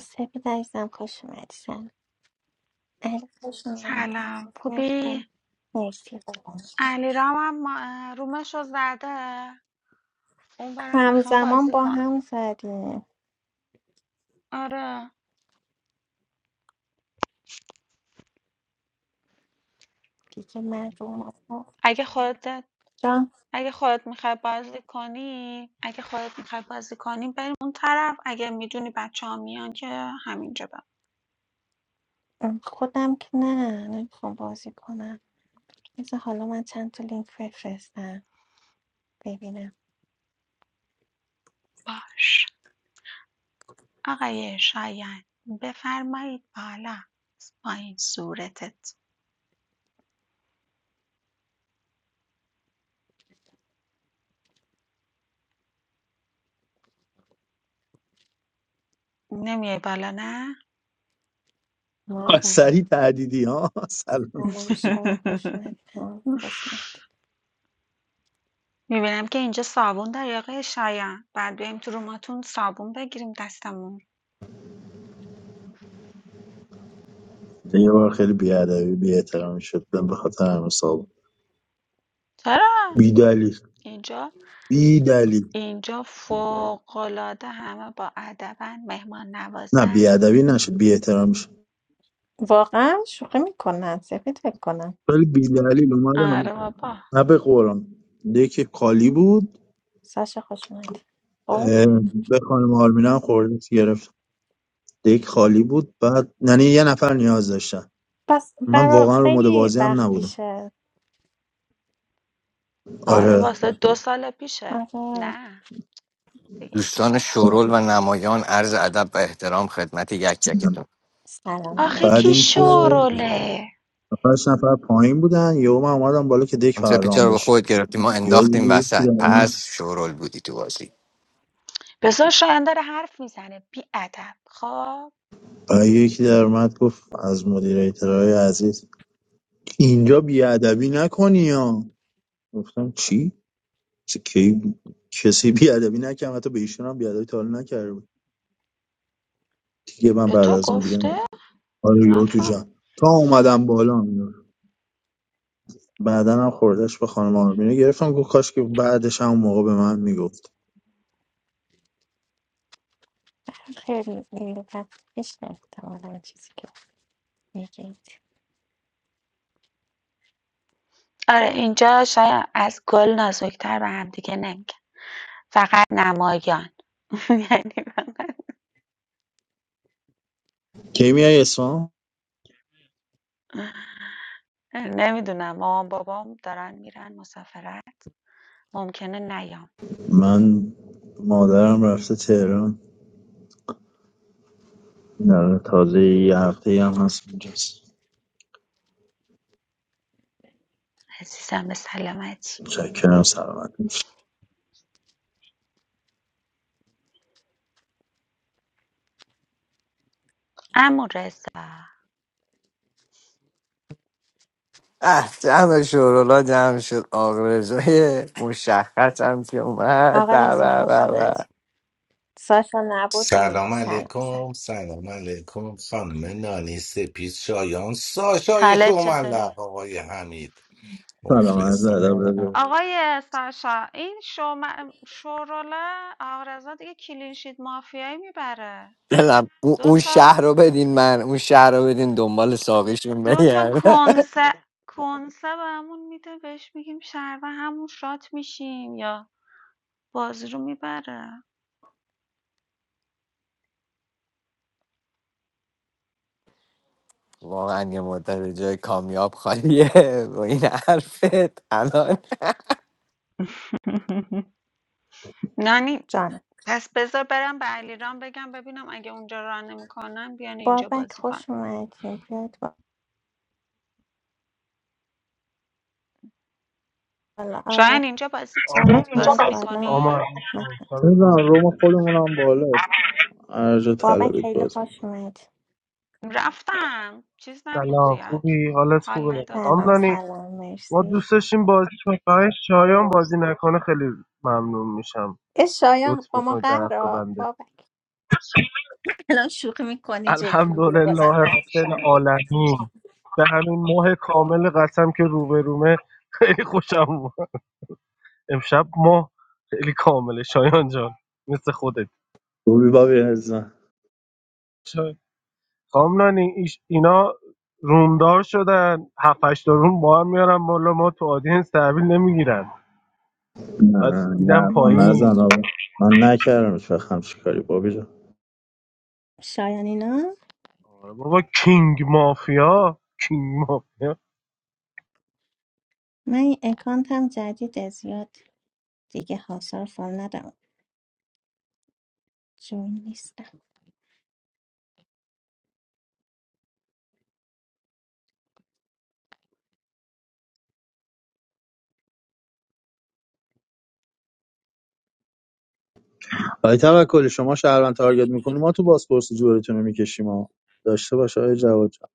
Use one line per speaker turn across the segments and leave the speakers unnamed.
سپید عزیزم خوش اومدی سلام علی خوش اومدین
سلام
تشریف
خوبی
بیارید. مرسی
علیرام هم ما- رومشو زده اون برم میخوام
همزمان
بازی
با
کنم
هم زدیم
آره
دیگه من رو مطلب-
اگه خودت
جان
اگه خودت میخوای بازی کنی اگه خودت میخوای بازی کنی بریم اون طرف اگه میدونی بچه ها میان که همینجا بم
خودم که نه نمیخوام بازی کنم بذار حالا من چند تا لینک بفرستم ببینم
باش آقای شایان بفرمایید بالا از پایین صورتت نمیای بالا نه
سریع
مردم
تهدیدی ها سلام
سلام شما خوش اومدید هم خوش اومدید
می‌بینم که اینجا صابون داری آقای شایان بعد بیایم تو روماتون صابون بگیریم دستمون
یه بار خیلی بیادبی بی احترامی شد من به خاطر همین صاحب
چرا
بی دلیل
اینجا
بی دلیل
اینجا فوق‌العاده همه با ادبن مهمان
نه
نوازن
بیادبی نشد بی احترامی شد
واقعا شوخی میکنن سفید فکر کنم
ولی بی دلیل اومدم
آره بابا
نه به قرآن دک خالی بود
ساشا خوش اومدید خب
اه، به خانم آرمینا هم خوردیت گرفت دک خالی بود بعد یعنی یه نفر نیاز داشتن
پس
من
برا
واقعا رو مد
خیلی
بازی هم
وقت
نبودم
پیشه
آره
آره
واسه دو سال پیشه
آره
نه دیگه
دوستان
اینجوز
شورول و نمایان عرض ادب و احترام خدمت یک یکتون
سلام
آخه
بعد
علیکم
کی
اینکه
خوش اومدید
شوروله
پنج نفر پایین بودن یهو من اومدم بالا که دک
اون پیچه
فرام
رو به
بشه
خود گرفتی ما
یادی
انداختیم وسط
میفته
پس شورول بودی تو بازی
بذار شایان داره حرف میزنه بی ادب خب
آه، یکی در اومد گفت از مدیریترهای عزیز اینجا بیادبی نکنی ها گفتم چی؟ چه کی بود؟ کسی بیادبی نکرد حتی به ایشون هم بیادبی تا حالا نکرده بود دیگه من
به
بعد
تو
از اون دیگه
گفته
نه. آره یهو تو
نفهم.
جمع تا اومدم بالا میدونم بعدا هم خوردش به خانم آرمینو گرفتم گفت کاش که بعدش هم اون موقع به من میگفت
خیلی خیلی وقت پیش احتمالا چیزی که میگید
آره اینجا شاید از گل نازک‌تر به همدیگه نمیگن فقط نمایان یعنی فقط
کی میای اسفان
نمیدونم مامان بابام دارن میرن مسافرت ممکنه نیام
من مادرم رفته تهران نه تازه یه هفته ای هم هست اونجاست
عزیزم به سلامتی
متشکرم سلامت
عمو رضا
اه جمع شورولا جمع شد آقرزای مشخص هم که اومد
آقا
به
رضا
به
خوش
به به.
اومدید ساشا نبودی
سلام
سلام سلام
علیکم سلام علیکم خانم نانی سپید شایان ساشای
حالت چطوری
شوملق آقای حمید
سلام عرض ادب رضا
مخلصم
آقای ساشا این شوم... شوروله آقا رضا دیگه کلینشیت مافیایی میبره
دلم اون
دو
اون
تا
شهر رو بدین من اون شهر رو بدین دنبال ساقیشون
دو تا
بگرد
کنسه کنسه بهمون میده بهش میگیم شهر و همون شات میشیم یا بازی رو میبره
واقعا یه مدت جای کامیاب خالیه با این حرفت الان
نانی
جانم
پس بذار برم به علیرام بگم ببینم اگه اونجا ران نمیکنن بیان اینجا
بابک
بازی کن
خوش اومدین بیاید بالا آره
شاید اینجا بازی
آمین. بریم
جواد
اینجا
بازی
بیاید
بزن
بالا
آمار
میکنی
علیکم.
مد کنید
شبتون
نمیدونم
بخیر
روم خودمون هم بالاست هر جا
بابک
طلبید
خیلی
باز می‌کنم.
خوش اومد
رفتم چیز نبود
سلام
زیاد
خوبی حالت
حال
خوبه
نداد
سلام
اومد
آملانی
سلام
ما
مرسی
دوست داشتیم بازی کنیم فقط شایان بازی نکنه خیلی ممنون میشم
ای شایان
لطف
با ما
میکنید در حق
قهرا
بنده
بابک الان شوخی میکنی جدی میگیره
الحمدلله
بازم قهر
رب
کنم
العالمین به همین ماه کامل قسم که روبرومه خیلی خوشم اومد امشب ماه خیلی کامله شایان جان مثل خودت
روبی بابی عزیزم
خانم نانی ایش اینا رومدار شدن هفت هشت تا روم با هم میارن بالا ما تو آدینس تحویل نمیگیرن بعد
نه
میدم
نه من
یا
پایین
نزن آقا من نکردم هیچ وقت همچین کاری بابی جان
شایان اینا
آره بابا کینگ مافیا کینگ مافیا
من این اکانتم جدیده زیاد دیگه حاصل فال ندارم جوین نیستم
آقای توکلی شما شهروند تارگت میکنی ما تو بازپرسی جورتون رو میکشیم ها داشته باشه آقای جواد جان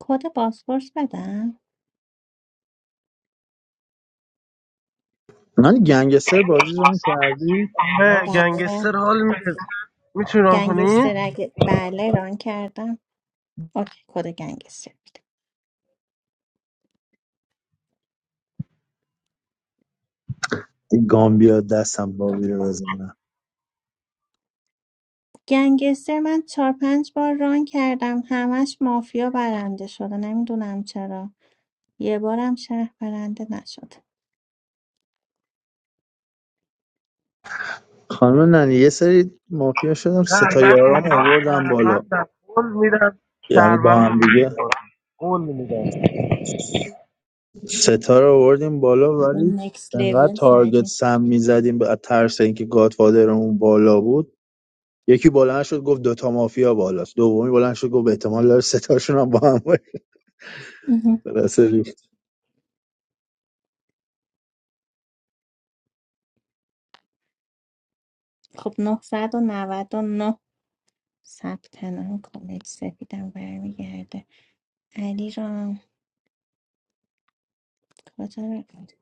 کد پاسپورت بدم
من گنگستر بازی ران کردی
آره،
بله
گنگستر حال میده میتونی ران کنی؟ نه
گنگستر اگه بله ران کردم اوکی کد گنگستر بده
این گامبیا دستم بابی رو بزنم
گنگستر من چهار پنج بار ران کردم همش مافیا برنده شده نمیدونم چرا یه بارم شهر برنده نشده
خانم ننی یه سری مافیا شدم سه تا
من
یارام
اینا
آوردم بالا
شهروندم قول میدم
یعنی با
شهروند رو
هم
میکنم.
دیگه
کنم قول میدم
ستا رو آوردیم بالا
به
ولی
نکس
انقدر
لیول
تارگت
زدیم
سم میزدیم به ترس اینکه گادفادرمون بالا بود یکی بلند شد گفت دوتا مافیا بالاست دومی بلند شد گفت احتمال داره ستاشون هم با هم باشه.
اها.
خلاصه ریخت.
خب نهصد و نود و نه ثبت نام کنید سپیدم برمیگرده علی رام کجا رفت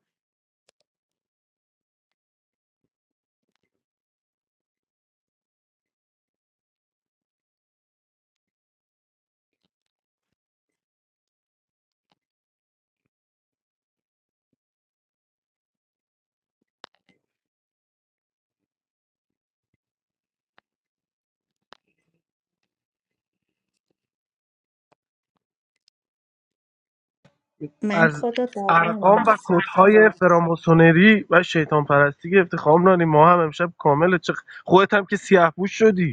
من
از
کد رو دادم آه،
ارقام و
ثبت نام.
کودهای فراماسونری و شیطان پرستی گرفتی خامنانی ما هم امشب کامل چه خودت هم که سیاه پوش شدی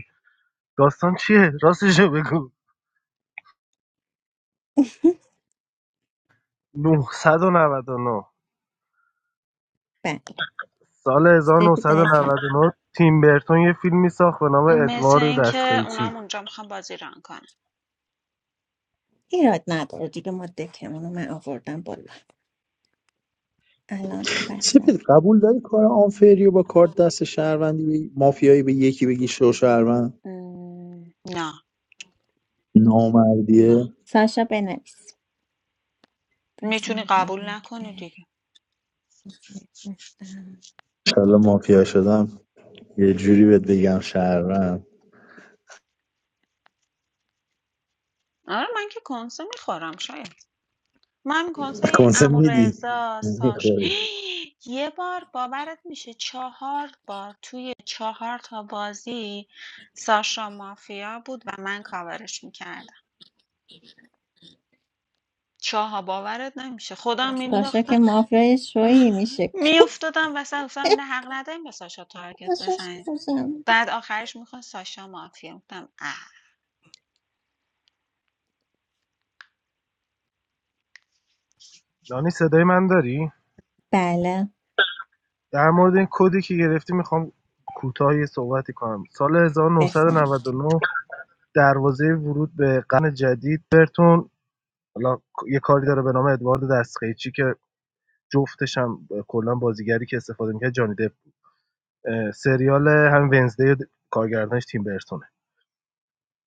داستان چیه؟ راستشو بگو نهصد و نود و نه
بله
سال
سپید عزیزم
1999 تیم برتون یه فیلمی ساخت به نام
مثل
ادوارد
اینکه
دستقیچی
اونام اونجا میخوام بازی ران کنن
ایراد نداره دیگه ما دکمون رو من آوردم بالا الان
سپید
بخون
قبول داری کار آنفری و با کارت دست شهروندی به- مافیایی به یکی بگی شو شهروند
م، نه نه
نامردیه
ساشا بنویس
میتونی
بذار یه
قبول
لینک
نکنی
به
دیگه
بفرستم.
انشالله مافیا شدم یه جوری بهت بگم شهروند
آره من که کنسه میخورم شاید من کنسه
کنسه میدی
عمورضا ساش
میخوری
یه بار باورت میشه چهار بار توی چهار تا بازی ساشا مافیا بود و من کاورش میکردم چهار باورت نمیشه خودم
ساشا
مینداختم
که مافیای شویی میشه
میافتادم وسط گفتم نه حق نداریم به ساشا تارگت
ساشا
بزنیم
خوشم.
بعد آخرش میخواد ساشا مافیا گفتم اه
نانی صدای من داری؟
بله
در مورد این کدی که گرفتی میخوام کوتاه یه صحبتی کنم سال
بفهم
1999 دروازه ورود به قرن جدید برتون حالا یه کاری داره به نام ادوارد دستقیچی که جفتش هم کلا بازیگری که استفاده میکرد جانی دپ سریال هم ونزدی کارگردانش تیم برتون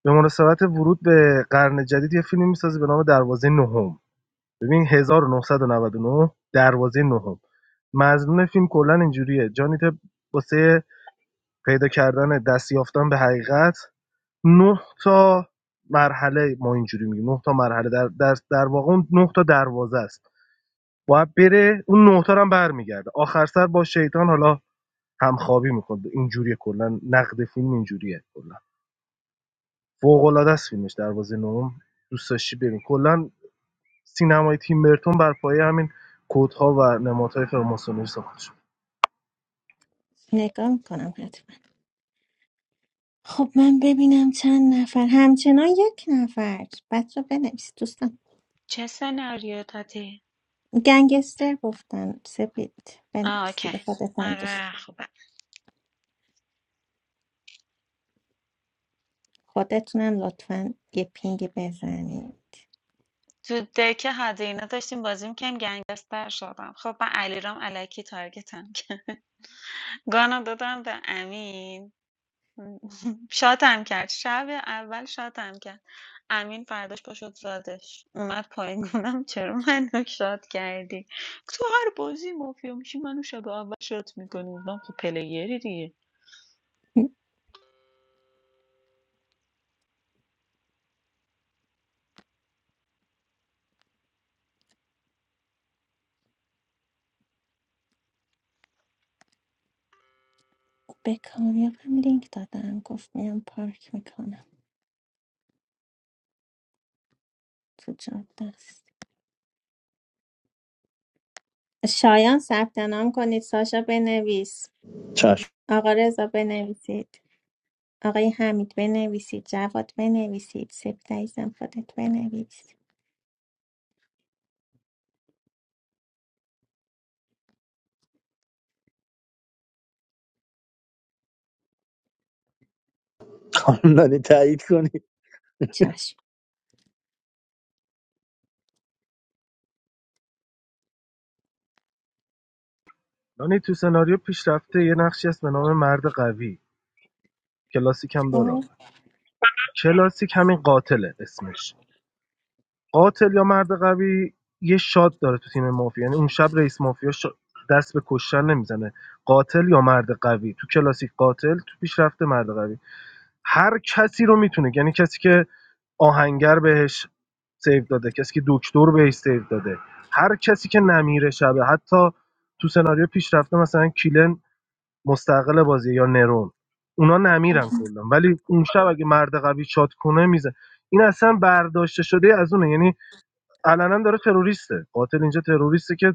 به مناسبت ورود به قرن جدید یه فیلمی میسازه به نام دروازه نهم ببین 1999 دروازه نهم مضمون فیلم کلا اینجوریه جانی تپ واسه پیدا کردن دستیافتن به حقیقت نه تا مرحله ما اینجوری میگیم نه تا مرحله در در, در واقع اون نه تا دروازه است باید بره اون نه تا رو هم برمیگرده آخر سر با شیطان حالا همخوابی میکنه اینجوریه کلا نقد فیلم اینجوریه کلا فوق‌العاده است فیلمش دروازه نهم دوست داشتی ببین کلا سینمای تیم برتون بر پایه همین کدها و نمادهای فراماسونری ساخته شد
نگاه میکنم حتما خب من ببینم چند نفر همچنان یک نفر بچه بنویس دوستان
چه سناریو دادی
گنگستر گفتم سپید
آه
بنویس
اوکی
دیگه خودتم دوست
آره خوبه
خودتونم لطفا یه پینگ بزنید
تو دک هزینه داشتیم بازی می‌کردیم گنگستر شدم خب من علیرام الکی تارگتم کرد گانا دادم به امین شاتم کرد شب اول شاتم کرد امین فرداش پاشد زادش اومد پایین گفتم چرا منو شات کردی تو هر بازی مافیا میشی منو شب اول شات میکنی گفتم خب پلیری دیگه
به کامیابم لینک دادم گفت میام پارک میکنم تو جاده است شایان ثبت نام کنید ساشا بنویس
چشم
آقا رضا بنویسید آقای حمید بنویسید جواد بنویسید سپید عزیزم خودت بنویس
خانم نانی تایید کنی
چشم
نانی تو سناریو پیشرفته یه نقشی هست به نام مرد قوی کلاسیک هم داره
خب
حالا کلاسیک همین قاتله اسمش قاتل یا مرد قوی یه شاد داره تو تیم مافیا یعنی اون شب رئیس مافیا شا- دست به کشتن نمیزنه قاتل یا مرد قوی تو کلاسیک قاتل تو پیشرفته مرد قوی هر کسی رو میتونه یعنی کسی که آهنگر بهش سیو داده کسی که دکتر بهش سیو داده هر کسی که نمیره شبه حتی تو سناریو پیشرفته مثلا کیلن مستقل بازی یا نرون اونا نمیرن کلا ولی اون شب اگه مرد قوی شات کنه میزه این اصلا برداشته شده از اونه یعنی علنا داره تروریسته قاتل اینجا تروریسته که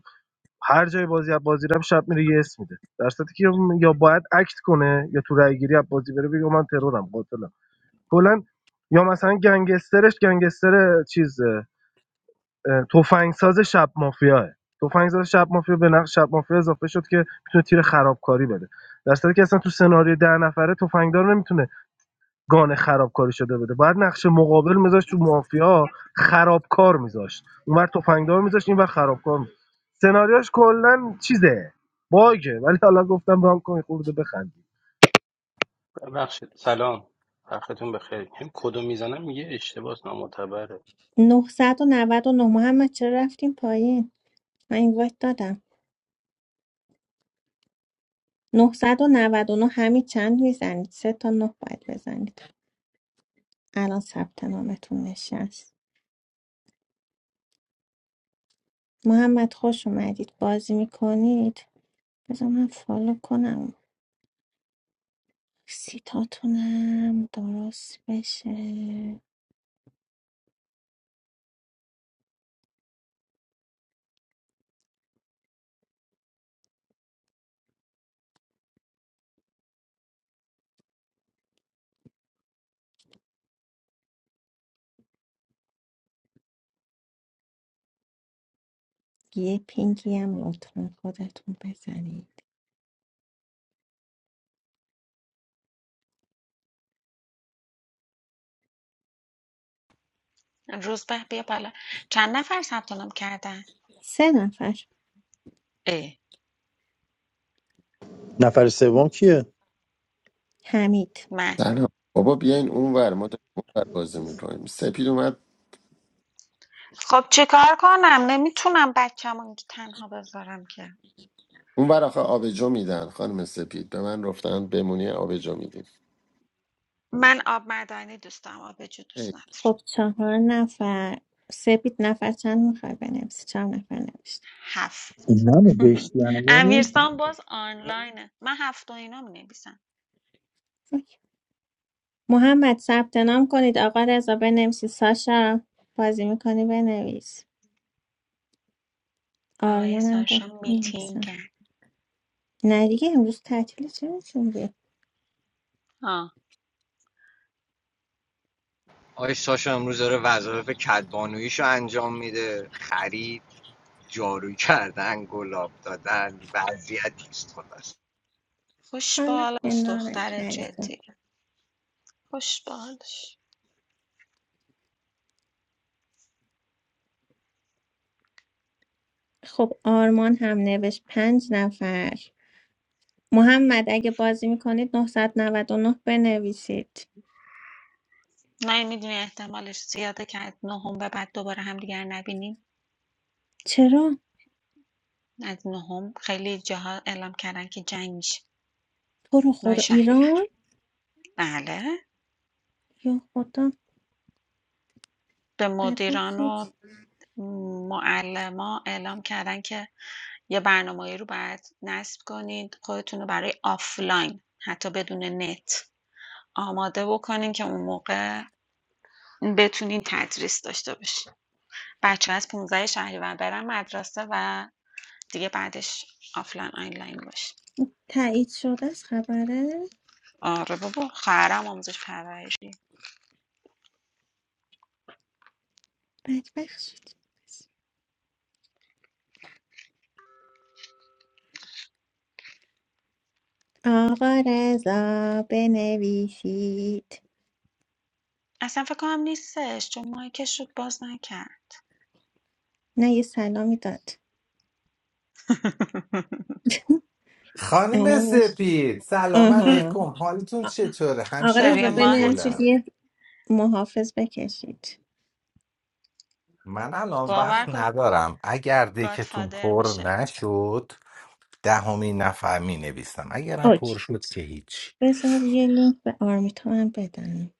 هر جای بازی از بازی رم شب میره یه اسم میده در صورتی که یا باید اکت کنه یا تو رای گیری از بازی بره بگه من ترورم قاتلم کلا یا مثلا گنگسترش گنگستر چیزه اه، تفنگساز شب مافیاه تفنگساز شب مافیا به نقش شب مافیا اضافه شد که میتونه تیر خرابکاری بده در صورتی که اصلا تو سناریو ده نفره تفنگدار نمیتونه گان خرابکاری شده بده باید نقش مقابل میذاشت تو مافیا خرابکار میذاشت اونور تفنگدار میذاشت اینور خرابکار میذاشت سناریوش کلا چیزه باگه ولی حالا گفتم رام کنی خورده بخند
ببخشید سلام وقتتون بخیر هم کدو میزنم میگه اشتباس نامعتبره
999 محمد چرا رفتیم پایین من این وایت دادم ۹۹۹ همین چند میزنید سه تا نه باید بزنید الان ثبت نامتون نشست محمد خوش اومدید بازی میکنید بذار من فالو کنم سیتاتونم درست بشه یه پینگی هم لطفا خودتون بزنید
روز به بیا بالا چند نفر ثبت نام کردن
سه نفر
اه
نفر سوم کیه
حمید
سلام بابا بیاین اونور ما داریم اونور بازی میکنیم سپید اومد
خب چیکار کنم نمیتونم بچه‌مو اینجا تنها بذارم که
اونور آخه آبجو میدن خانم سپید به من رفتن بمونی آبجو میدیم
من آب معدنی دوست دارم آبجو دوست ندارم
خب چهار نفر سپید نفر چند میخوای بنویسی چهار نفر نوشت
هفت
اینا نوشتی هنوز
امیرسان باز آنلاینه من هفت و اینا می
محمد ثبت نام کنید آقا رضا بنویسید ساشا بازی میکنی بنویس
آقای
آرمانم گفت
ساشا
بنویسم
میتینگن
نه دیگه امروز تعطیل چه می‌تونی؟
ها
آقای ساشا امروز داره وظایف کدبانویشو انجام میده خرید جارو کردن گلاب دادن وضعیت است خلاص
خوش
حالا
بال دوست
کنار
دختر
خریدم
جدی خوش بالش
خب آرمان هم نوشت پنج نفر محمد اگه بازی میکنید 999 بنویسید
نه میدونی احتمالش زیاده که از نهم به بعد دوباره هم همدیگر نبینیم
چرا
از نهم خیلی جاها اعلام کردن که جنگ میشه
تو رو
نوع
خدا
شهریور
ایران
بله
یا خدا
به
بدون
مدیران و
خود
معلما اعلام کردن که یه برنامه‌ای رو باید نصب کنید خودتون رو برای آفلاین حتی بدون نت آماده بکنین که اون موقع بتونین تدریس داشته باشین بچه از 15 شهریور برن مدرسه و دیگه بعدش آفلاین آنلاین باشه
تایید شده از خبره
آره بابا خواهرم آموزش پرورشی
بدبخت شد آقا رضا بنویسید
اصلا فکر کنم نیستش چون مایکش رو باز نکرد
نه یه سلامی داد
خانم
الان میشه.
سپید سلام
آها
علیکم حالتون
آ-
چطوره
آقا
برای
رضا
روی
همشهری
بنویسید
گلم
ماهتون
یه محافظ بکشید
من الان وقت
باور کن
ندارم اگر دکتون
گادفادر
پر
میشه
نشد دهمین نفر می نویسم اگرم پر
اوکی
شد که هیچ
بذار یه لینک به آرمیتا هم بدم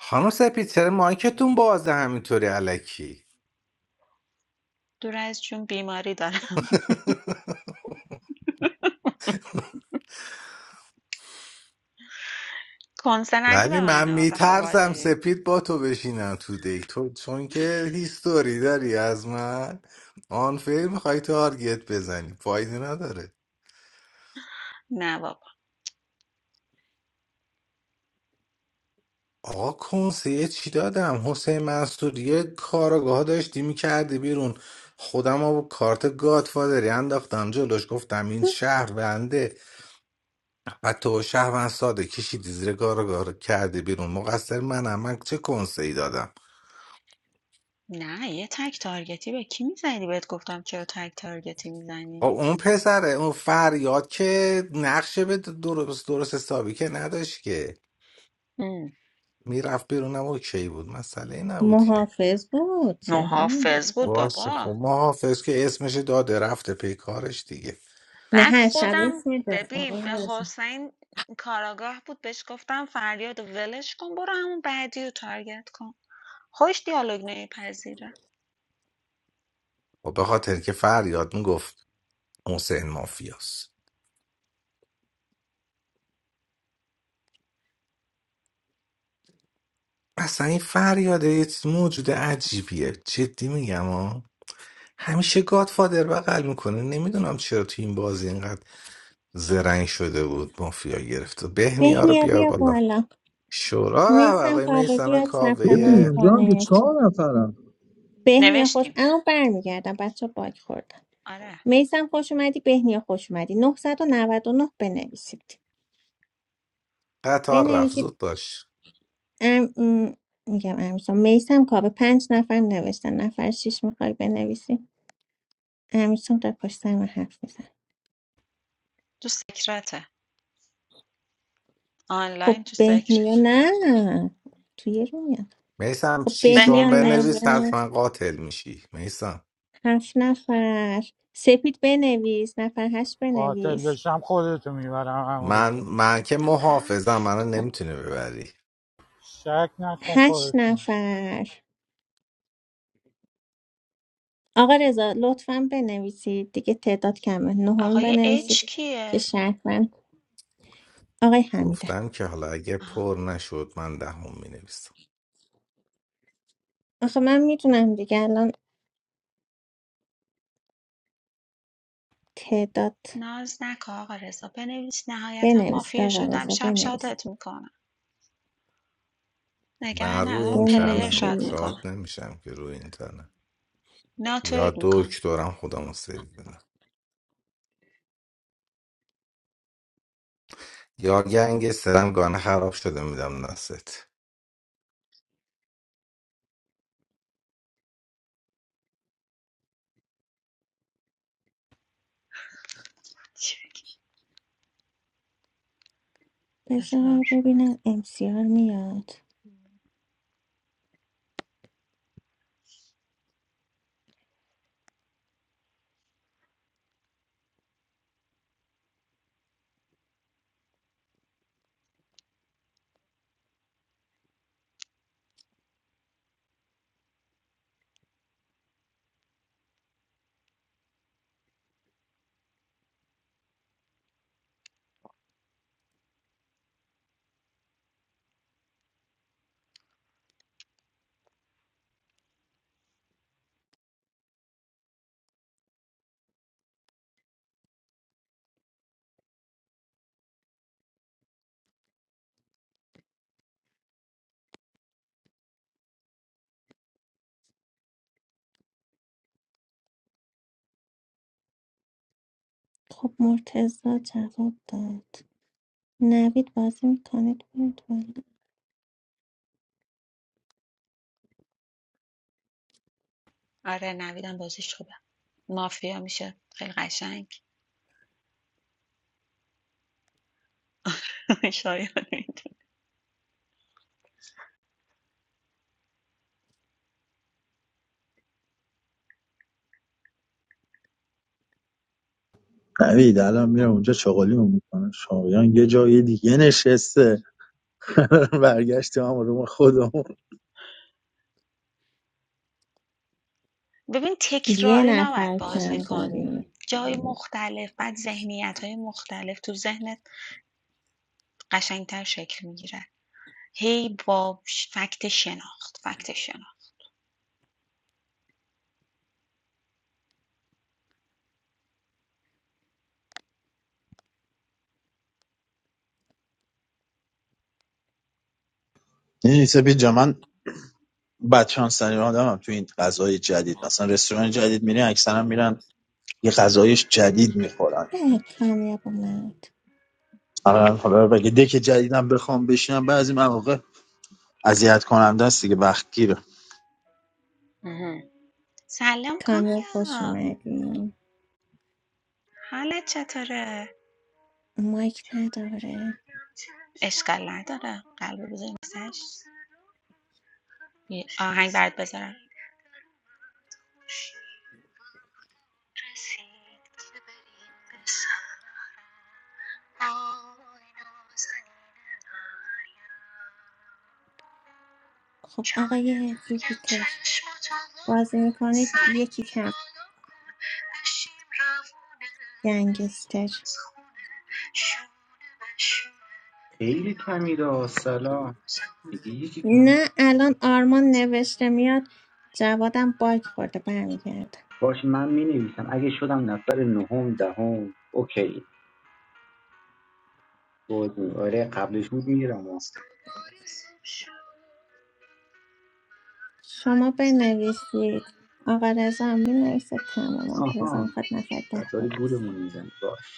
خانم سپید چرا مایکتون بازه همینطوری علکی
دور از جون بیماری دارم کنسه ندی به
ولی
من
من
ها داخل
میترسم
بازی
سپید با تو بشینم تو دیک تو چون که هیستوری داری از من آنفیر میخوای تارگت بزنی فایده نداره
نه بابا
آقا کنسیه چی دادم حسین منصور یه کاراگاه داشتی میکردی بیرون خودم با کارت گادفادری انداختم جلوش گفتم این شهر بنده و تو شهر من ساده کشیدی زیر کاراگاه رو کردی بیرون مقصر منم من چه کنسه ای دادم
نه یه تک تارگتی به کی میزنی بهت گفتم چرا تک تارگتی
خب
میزنی
اون پسره اون فریاد که نقشه به درست درست حسابی که نداشت که میرفت بیرونم اوکی بود مسئله ای نبود که
محافظ بود چرا؟
محافظ بود
باشه
بابا
خب محافظ که اسمش داده رفته پی کارش دیگه
نه
بعد
هر شب
چیکار؟
خودم
اسم میده آقا
ببین به
رضا
حسین کاراگاه بود بهش گفتم فریاد و ولش کن برو همون بعدی رو تارگت کن خوش دیالوگ پذیره
خب به خاطر که فریاد میگفت حسین مافیاست اصلا این فریاده یه چیز موجود عجیبیه جدی میگم ها همیشه گادفادر بغل میکنه نمیدونم چرا تو این بازی اینقدر زرنگ شده بود مافیا گرفت بهنیا رو
بهنیا
بیار
بیا
بالا
بالا
شورا و
میسم
آقای
کابه
میسم
بیاد ثبت
ببین
نام
کاوه
اونجا هم که
کنید
چهار نفرم
بهنیا خوش
نوشتیم
اما برمیگردم بچه باگ خوردم
آره
میسم خوش اومدی بهنیا خوش اومدی 999 بنویسید
قطار رفت
بنویسید
زود باش
ام... ام، میگم امیرسام میسم کابه پنج نفر نوشتن نفر شیش میخوای بنویسی امیرسام در پشت سر من حرف میزن
تو سکرته
خب
آنلاین تو
بهنیا
سکرت
نه توی رو میاد
میسم
خب
بهنیا
شیشون
بهنیا
نوشت
بنویس
نوشت
حتما قاتل میشی میسم
هفت نفر سپید بنویس نفر هشت
قاتل
بنویس
بشم خودتو میبرم
من
امورزا
من که
گفتم
محافظم
هفت
منو نمیتونه ببری
شک نکن
هشت
خودتون
نفر آقا رضا لطفا بنویسید دیگه تعداد کمه نهم
آقای بزنید اچ که-
بنویسید که
کیه؟
شهروند آقای حمیدم
گفتم که حالا اگه
آها.
پر نشد من دهم مینویسم
آخه من میتونم دیگه الان تعداد
ناز نکن آقا رضا بنویس نهایتا
بنویسید
مافیا
آقا
شدم
رضا
شب
بنویسید
شاتت میکنم
من
نگران
روی
ندارم
این
پلیر
تنم
شاد
بنویسید
شاد
میکنم
نمیشم که روی این تنم
ناتوید
یا
میکنم
دکترم خودمو سیو بدم یا گنگ سرم گانه خراب شده میدم نست
چی؟ بذار
بذار ببینم امسیار میاد خب مرتزا جواب داد نوید بازی میکنید بود والا.
آره نویدم بازیش خوبه مافیا میشه خیلی قشنگ شاید می‌دونه.
نوید الان میرم اونجا چغالیمو میکنم شایان یه جای دیگه نشسته برگشتیم هم رو خودمون
ببین
یه
تکراری نباید
نفر کم
بازی کنی
داریم
جای مختلف بعد ذهنیت های مختلف تو ذهنت قشنگتر شکل میگیره هی با ش- فکت شناخت فکت شناخت
یعنی سپید جا من بدشانس ترین آدمم تو این غذای جدید مثلا رستوران جدید میرین اکثرا میرن یه غذای جدید میخورن
نه کامیاب اومد
حالا حالا اگه دک جدیدم بخوام بشینم بعضی مواقع اذیت کننده است دیگه وقت گیره
سلام
کامیاب خوش
کامیا
اومدیم
حالت چطوره؟
مایک نداره
اشکال نداره قلب بذاریم سش یه آهنگ برات بذارم
خب آقای جوپیتر بازی میکنید یکی کم گنگستر
Hey, little Kamira. Assalaam. What is it?
نه الان آرمان نوشته میاد جوادم باگ خورده برمیگرده
Bosh. I'm Mini Visa. If I'm not on the phone, okay. Bosh. Are you available, Kamira? Mo.
شما بنویسید آقا رضا هم مینویسه تمام آقا
Aha.
رضا میخواد نفر
I'm
ده
sorry,
بود
I'm not busy. Bosh.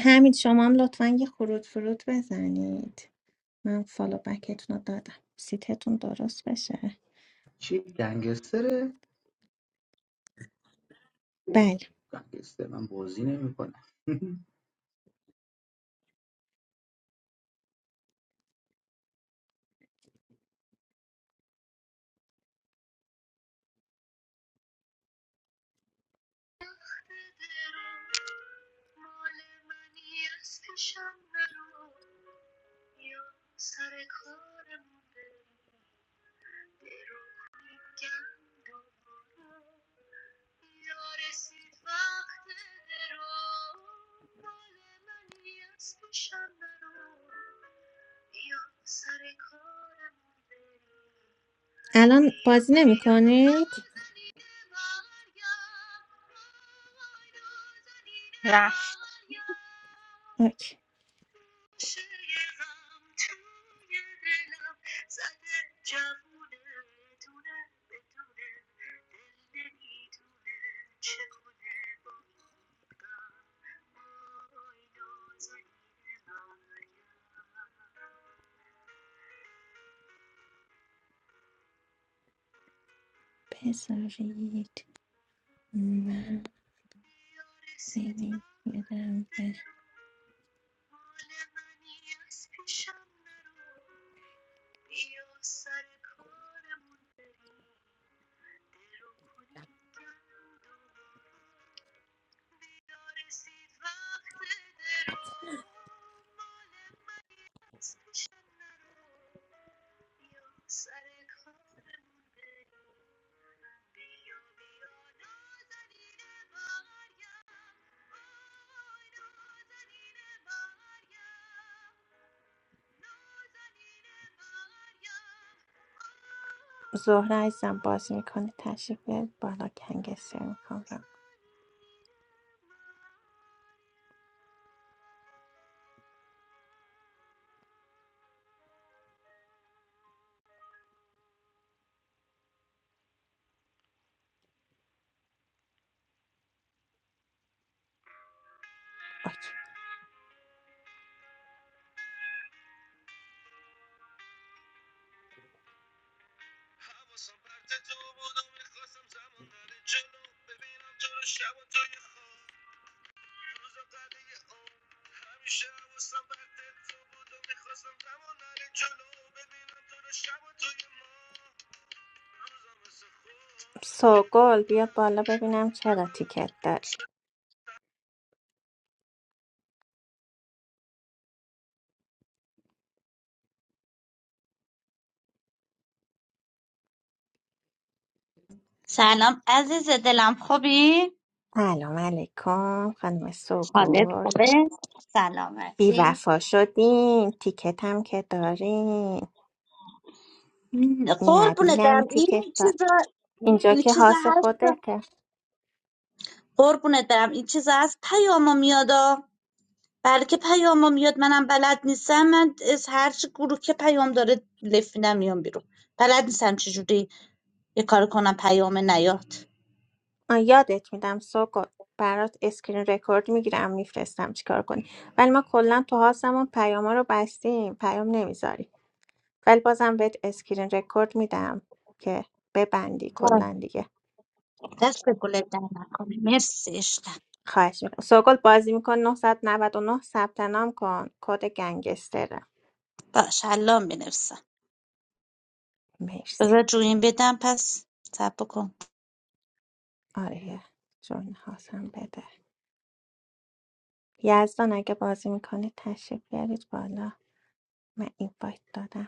همین شما هم لطفا یه خروج فرود بزنید من فالو بکتون رو دادم سیتتون درست بشه
What gangster?
بله
Gangster. I'm busy.
الان بازی نمی کنید اوکی بذارید من بدم به زهره عزیزم بازی میکنه تشریف بیارید بالا کنگسه میکنم اوکی. سوگل بیا بالا ببینم چرا تیکت داری
سلام عزیز دلم خوبی؟
سلام علیکم خانم
حالت
سوگل
خوبه؟
بی
سلامتی
وفا شدین تیکت هم که دارین
قربونت
نبینم
برم این
تیکت دار
چیزا
اینجا
این
که
چیزا
حاس
هست
خودته
قربونت برم این چیزا هست پیامو میادا بلکه پیامو میاد منم بلد نیستم من از هر چی گروه که پیام داره لفینم میام بیرون بلد نیستم چجوری یه کار کنم پیام نیاد
آ یادت میدم سوگل برات اسکرین رکورد میگیرم میفرستم چیکار کنی ولی ما کلا تو هاستمون پیاما رو بستیم پیام نمیذاری ولی بازم بهت اسکرین رکورد میدم که ببندی
آه،
کلا دیگه
دست به گلت در نکنه مرسی عشقم
خواهش میکنم سوگل بازی میکن 999 ثبت نام کن کد گنگستره
باش الان بنویسم
مرسی
بذار جوین بدم پس صبر کن
آره یه جون هاستم بده یزدان اگه بازی میکنه تشریف بیارید بالا من این دادم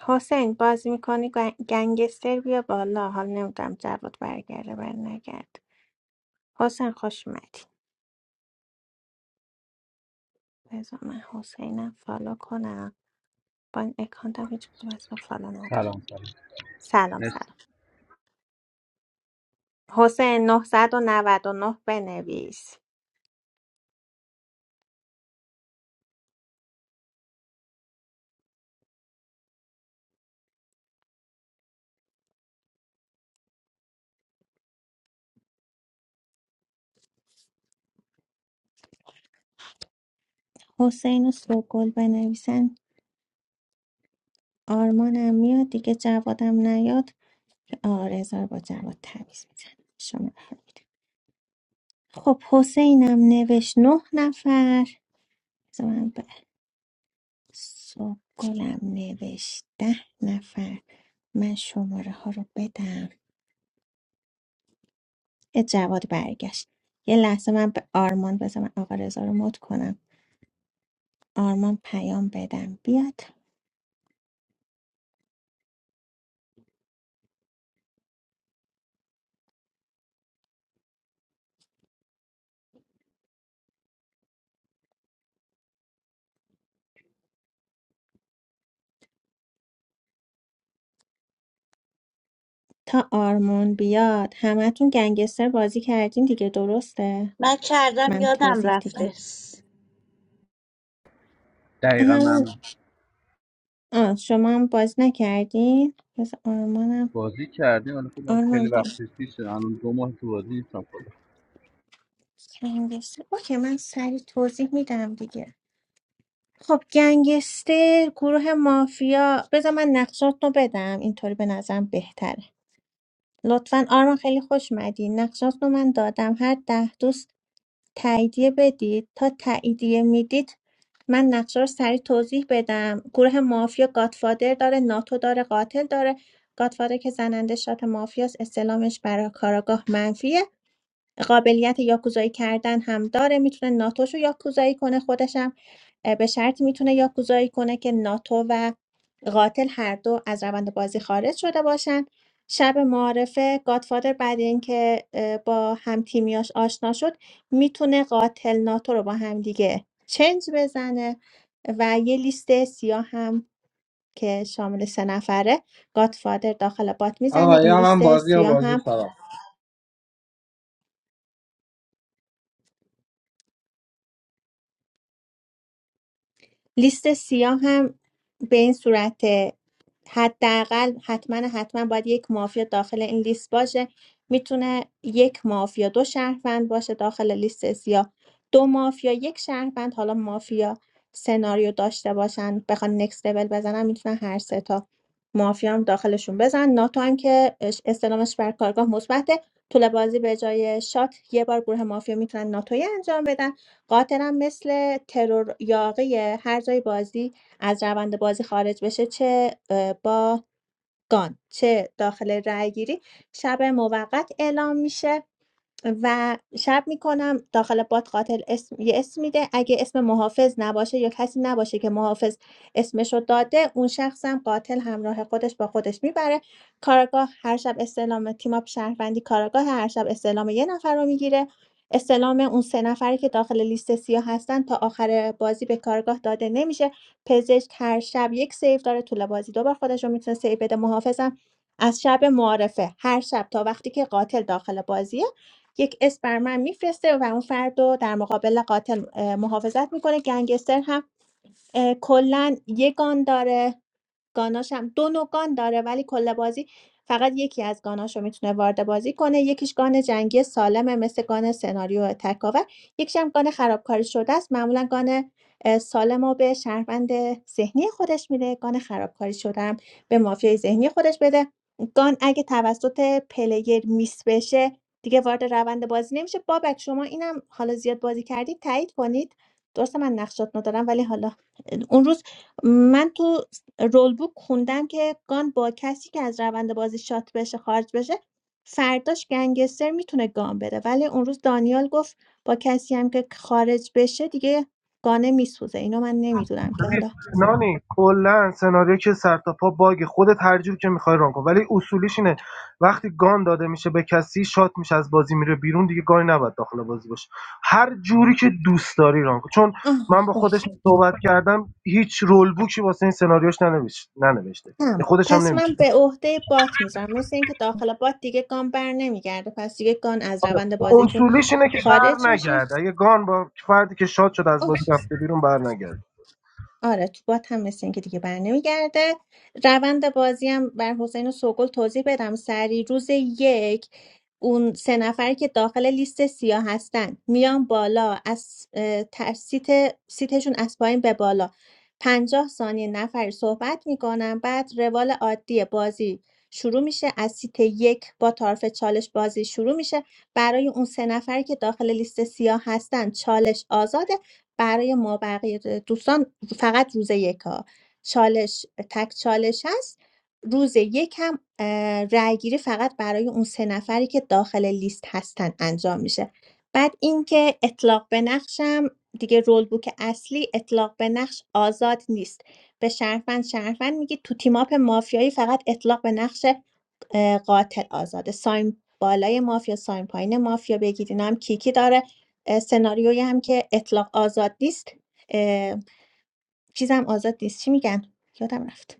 حسین بازی میکنی گنگستر بیا بالا حال نمیدونم جواد برگرده بر نگرد حسین خوش اومدی بذار من حسینم فالو کنم با این اکانتم هیچ کدوم از اینا فالو ندارم
سلام سلام
سلام
مرسی
سلام حسین 999 بنویس حسین و سوگل بنویسن آرمانم میاد دیگه جوادم نیاد که آرزار با جواد تمیز میزن شما رو خدا. می‌دونم. خب حسینم نوشت نه نفر بذار من سوگلم نوشت ده نفر من شماره ها رو بدم اه، جواد برگشت یه لحظه من به آرمان بزنم من آقا رضا رو مد کنم آرمان پیام بدم بیاد تا آرمان بیاد همتون گنگستر بازی کردین دیگه درسته
من کردم
من
یادم
توضیح دیگه
رفته س-
دقیقا
همون
من
آه شما هم بازی نکردین بس آرمانم
بازی کردیم ولی خب من خیلی
آرمان بیا
وقتی پیش الان دو ماه تو بازی نیستم خدا
گنگستر اوکی من سری توضیح میدم دیگه خب گنگستر گروه مافیا بذار من نقشات رو بدم اینطوری به نظرم بهتره لطفا آرمان خیلی خوش مدی نقشات رو من دادم هر ده دوست تاییدیه بدید تا تاییدیه میدید من نقشه رو سریع توضیح بدم گروه مافیا گاتفادر داره ناتو داره قاتل داره گاتفادر که زننده شات مافیاس استلامش برای کاراگاه منفیه قابلیت یاکوزایی کردن هم داره میتونه ناتوشو یاکوزایی کنه خودشم اه، به شرطی میتونه یاکوزایی کنه که ناتو و قاتل هر دو از روند بازی خارج شده باشن شب معارفه گادفادر بعد اینکه اه، با هم تیمیاش آشنا شد میتونه قاتل ناتو رو با هم دیگه چنج بزنه و یه لیست سیاه هم که شامل سه نفره گادفادر داخل بات میزنه
آقا
این
یا من
لیست
بازی یا
سیاه
بازی
هم
خراب
لیست سیاه هم به این صورت حداقل حتما حتما باید یک مافیا داخل این لیست باشه میتونه یک مافیا دو شهروند باشه داخل لیست سیاه دو مافیا یک شهروند حالا مافیا سناریو داشته باشن بخوان نکست لول بزنن میتونن هر سه تا مافیا هم داخلشون بزن ناتو هم که اش- استلامش بر کارگاه مثبته طول بازی به جای شات یه بار گروه مافیا میتونن ناتوی انجام بدن قاطرم مثل ترور یاقیه هر جای بازی از روند بازی خارج بشه چه اه، با گان چه داخل رأیگیری شب موقت اعلام میشه و شب میکنم داخل باد قاتل اسم یه اسم میده اگه اسم محافظ نباشه یا کسی نباشه که محافظ اسمشو داده اون شخصم قاتل همراه خودش با خودش میبره کاراگاه هر شب استعلام تیم اپ شهروندی کاراگاه هر شب استعلام یه نفر رو میگیره استعلام اون سه نفری که داخل لیست سیاه هستن تا آخر بازی به کارگاه داده نمیشه پزشک هر شب یک سیف داره طول بازی دوبار خودش رو میتونه سیف بده محافظم از شب معارفه هر شب تا وقتی که قاتل داخل بازیه یک اسم بر من میفرسته و اون فرد رو در مقابل قاتل محافظت میکنه گنگستر هم اه، کلا یگان داره گاناش هم دو نوع گان داره ولی کل بازی فقط یکی از گاناشو میتونه وارد بازی کنه یکیش گان جنگی سالمه مثل گان سناریو تکاور یکیش هم گان خرابکاری شده است معمولا گان اه، سالم رو به شهروند ذهنی خودش میده گان خرابکاری شده هم به مافیای ذهنی خودش بده گان اگه توسط پلیر میس بشه دیگه وارد روند بازی نمیشه بابک شما اینم حالا زیاد بازی کردید تایید کنید درسته من نقشات ندارم ولی حالا اون روز من تو رول بوک خوندم که گان با کسی که از روند بازی شات بشه خارج بشه فرداش گنگستر میتونه گان بده ولی اون روز دانیال گفت با کسی هم که خارج بشه دیگه گانه میسوزه اینو من نمیدونم که
ببین
حالا
نانی کلا سناریو که سر تا پا باگ خودت هر جور که میخوای ران کن ولی اصولیش اینه وقتی گان داده میشه به کسی شات میشه از بازی میره بیرون دیگه گانی نباید داخل بازی باشه هر جوری که دوست داری ران کن چون
آه
من با
اوکی
خودش صحبت کردم هیچ رول بوکی واسه این سناریوش ننوشت ننوشته
تمام
خودش هم
پس
نمیگه
من به عهده بات میذارم مثل اینکه داخل بات دیگه گان بر نمیگرده پس دیگه گان از روند بازیتون
اصولیش اینه که
خارج
بر
میشه
نگرد اگه گان با فردی که شات شده از بازی
اوکی
رفته بیرون بر نگرد
آره تو بات هم مثل اینکه دیگه برنمیگرده روند بازی هم بر حسین و سوگل توضیح بدم سری روز یک اون سه نفری که داخل لیست سیاه هستن میان بالا از اه، تر- سیت سیتشون از پایین به بالا پنجاه ثانیه نفری صحبت میکنن بعد روال عادی بازی شروع میشه از سیت یک با طرف چالش بازی شروع میشه برای اون سه نفری که داخل لیست سیاه هستن چالش آزاده برای ما بقیه دوستان فقط روز یکا چالش تک چالش هست روز یک هم اه، رای گیری فقط برای اون سه نفری که داخل لیست هستن انجام میشه بعد اینکه اطلاق به نقشم دیگه رول بوک اصلی اطلاق به نقش آزاد نیست به شرفن شرفن میگی تو تیماپ مافیایی فقط اطلاق به نقش اه، قاتل آزاده سایم بالای مافیا سایم پایین مافیا بگید اینا هم کیکی داره اه، سناریویی هم که اطلاق آزاد نیست چیزم آزاد نیست چی میگن یادم رفت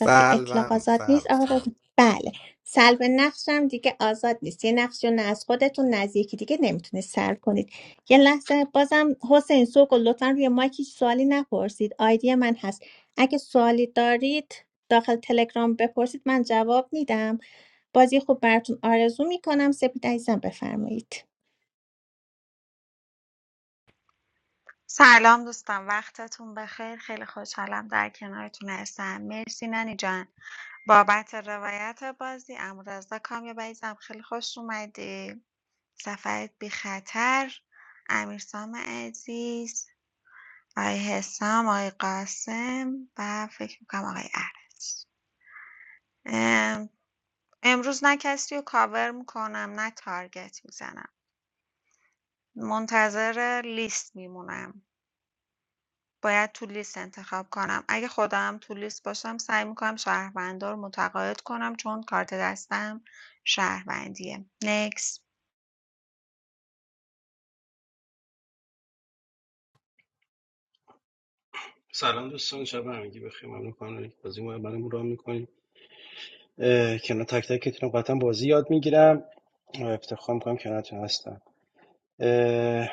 وقتی اطلاق آزاد نیست
سلب
آقا
سلب
بله سلب نقشم دیگه آزاد نیست یه نقشی رو نه از خودتون نه از یکی دیگه نمیتونید سلب کنید یه لحظه بازم حسین سوگل لطفا روی مایک هیچ سوالی نپرسید آیدی من هست اگه سوالی دارید داخل تلگرام بپرسید من جواب میدم بازی خوب براتون آرزو میکنم سپید عزیزم بفرمایید
سلام دوستان وقتتون بخیر خیلی خوشحالم در کنارتون هستم مرسی ننی جان بابت روایت بازی امورزا کامیاب عزیزم خیلی خوش اومدی سفرت بی خطر امیرسام عزیز آقای حسام آقای قاسم و فکر میکنم آقای عرز ام، امروز نه کسی رو کاور میکنم نه تارگت میزنم منتظر لیست میمونم باید تو لیست انتخاب کنم. اگه خودم تو لیست باشم سعی میکنم شهروندا رو متقاعد کنم چون کارت دستم شهروندیه. Next.
سلام دوستان شب همگی بخیر ممنون کنم که بازی ما برام راه میکنید کنار تک تکتون قطعا بازی یاد میگیرم و افتخار میکنم کنارتون هستم اه،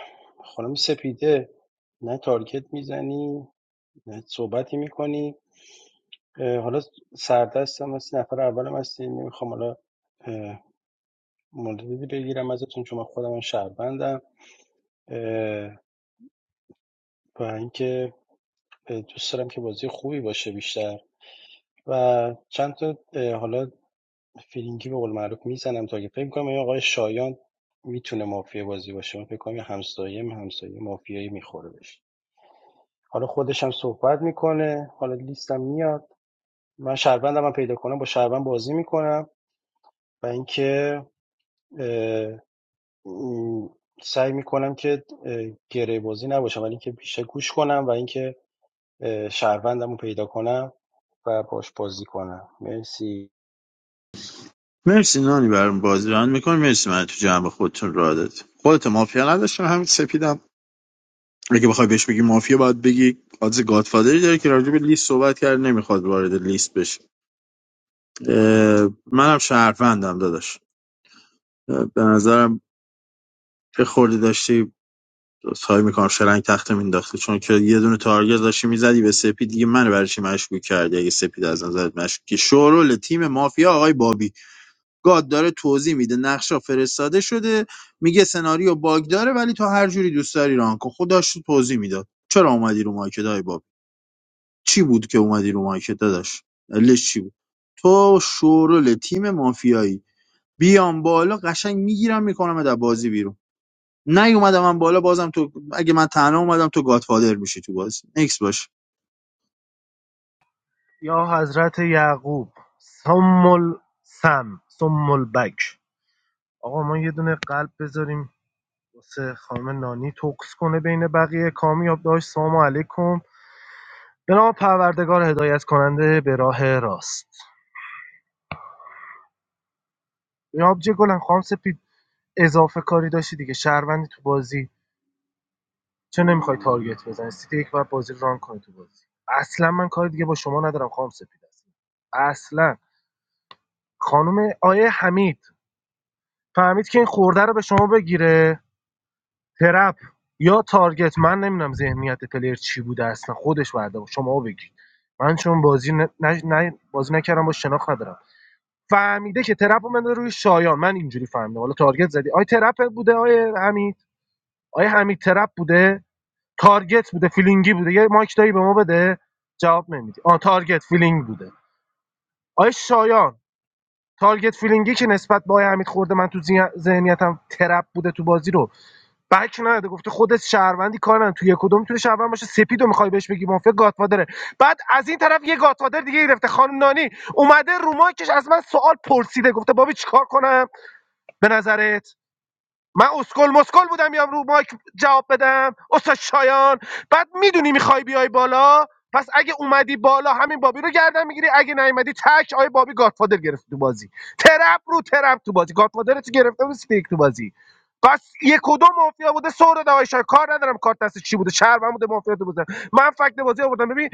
خانم سپیده نه تارگت میزنی نه صحبتی میکنی حالا سردستم هستی نفر اولم هستی نمیخوام حالا اه، موردی بگیرم ازتون چون من خودم هم شهروندم اه، و اینکه دوست دارم که بازی خوبی باشه بیشتر و چند تا حالا فیلینگی به قول معروف میزنم تا که فکر کنم این آقای شایان میتونه مافیا بازی باشه من فکر کنم یه همسایه همسایه مافیایی میخوره بشه حالا خودش هم صحبت میکنه حالا لیستم میاد من شهروندم هم پیدا کنم با شهروند بازی میکنم و اینکه سعی میکنم که اه، گره بازی نباشم ولی اینکه بیشتر گوش کنم و اینکه اه، پیدا کنم و باش بازی کنم مرسی
مرسی نانی برام بازی ران میکنی مرسی من تو جمع خودتون را داد خودت مافیا نداشتم همین سپیدم اگه بخوای بهش بگی مافیا باید بگی آدز گادفادری داره که راجع به لیست صحبت کرد نمیخواد وارد لیست بشه اه، منم شهروندم داداش اه، به نظرم یه خوردی داشتی سعی میکنم شلنگ تخته مینداختی چون که یه دونه تارگت داشتی میزدی به سپید دیگه من برای چی مشکوک کردی اگه سپید از نظرت مشکوکی شورول تیم مافیا آقای بابی گاد داره توضیح میده نقشا فرستاده شده میگه سناریو باگ داره ولی تو هر جوری دوست داری ران کن خودش تو توضیح میداد چرا اومدی رو مایک دای بابی چی بود که اومدی رو مایکت داداش دلیلش چی بود تو شورل تیم مافیایی بیام بالا قشنگ میگیرم میکنم در بازی بیرون نیومدم من بالا بازم تو اگه من تنها اومدم تو گادفادر میشی تو بازی نکس باش
یا حضرت یعقوب سم سم سم البک آقا ما یه دونه قلب بذاریم واسه خانم نانی توکس کنه بین بقیه کامیاب داشت سلام علیکم به نام پروردگار هدایت کننده به راه راست جناب جه گلم خام سپید اضافه کاری داشتی دیگه شهروندی تو بازی چه نمیخوای تارگت بزنی سیتی یک بعد بازی ران کنی تو بازی اصلا من کاری دیگه با شما ندارم خام سپید اصلا اصلا خانم آیه حمید فهمید که این خورده رو به شما بگیره ترپ یا تارگت من نمیدونم ذهنیت پلیر چی بوده اصلا خودش بعد شما بگید من چون بازی ن... نه... نه... بازی نکردم با شناخت ندارم فهمیده که ترپ من بندازه روی شایان من اینجوری فهمیدم حالا تارگت زدی آی ترپ بوده آی حمید آی حمید ترپ بوده تارگت بوده فیلینگی بوده یه مایک دایی به ما بده جواب نمیدی آ تارگت فیلینگ بوده آی شایان تارگت فیلینگی که نسبت به آی حمید خورده من تو ذهن- ذهنیتم ترپ بوده تو بازی رو بک نده گفته خودت شهروندی کار نداره. تو یک کدوم میتونه شهروند باشه سپیدو میخوای بهش بگی مافیا گاتفادره بعد از این طرف یه گاتفادر دیگه گرفته خانم نانی اومده رو مایکش از من سوال پرسیده گفته بابی چیکار کنم به نظرت من اسکل مسکل بودم بیام رو مایک جواب بدم استاد شایان بعد میدونی میخوای بیای بالا پس اگه اومدی بالا همین بابی رو گردن میگیری اگه نیومدی تک آیه بابی گادفادر گرفت تو بازی ترپ رو ترپ تو بازی گادفادر تو گرفته بود استیک تو بازی پس یک و دو مافیا بوده سر داده آیه شایان. کار ندارم کارت دست چی بوده شهر من بوده مافیا تو بوده من فکت بازی آوردم ببین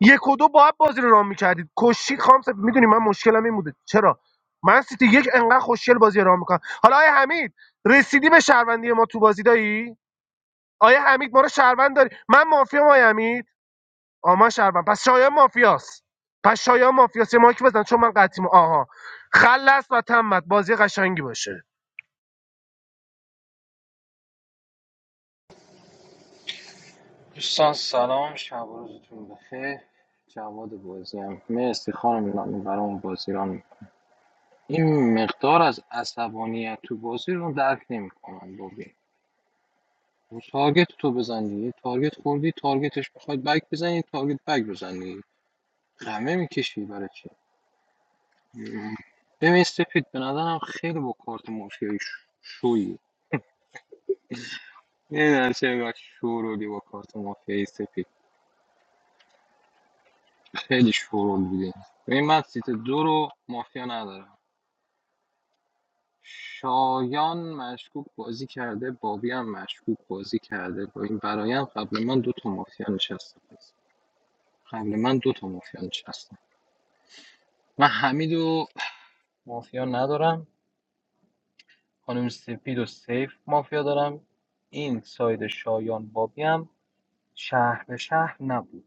یک و دو باید بازی رو رام میکردید کشید خام میدونی من مشکلم این بوده چرا من سیتی یک انقدر خوشگل بازی رام میکنم حالا آیه حمید رسیدی به شهروندی ما تو بازی دایی آیا حمید ما رو شهروند داری من مافیا ما حمید آ من شهروند پس شایان مافیاست پس شایان مافیاست یه ماکی بزن چون من قطیم آها خلص و تمت بازی قشنگی باشه
دوستان سلام شب و روزتون بخیر جواد بازی هم مرسی خانم نانی برام بازی ران می‌کنی. این مقدار از عصبانیت تو بازی رو درک نمیکنم ببین اون تارگت تو بزن دیگه تارگت خوردی تارگتش بخواد بک بزنی تارگت بک بزن دیگه خمه میکشی برای چی مم. ببین سپید به نظرم خیلی با کارت مافیایی ش- شویی نمیدونم چه اینقدر شورولی با کارت مافیایی سپید خیلی شورول بودی ببین من سیت دو رو مافیا ندارم شایان مشکوک بازی کرده بابی هم مشکوک بازی کرده با این برایند قبل من دو تا مافیا نشسته قبل من دو تا مافیا نشسته من حمید و مافیا ندارم خانم سپید و سیف مافیا دارم این ساید شایان بابی هم شهر به شهر نبود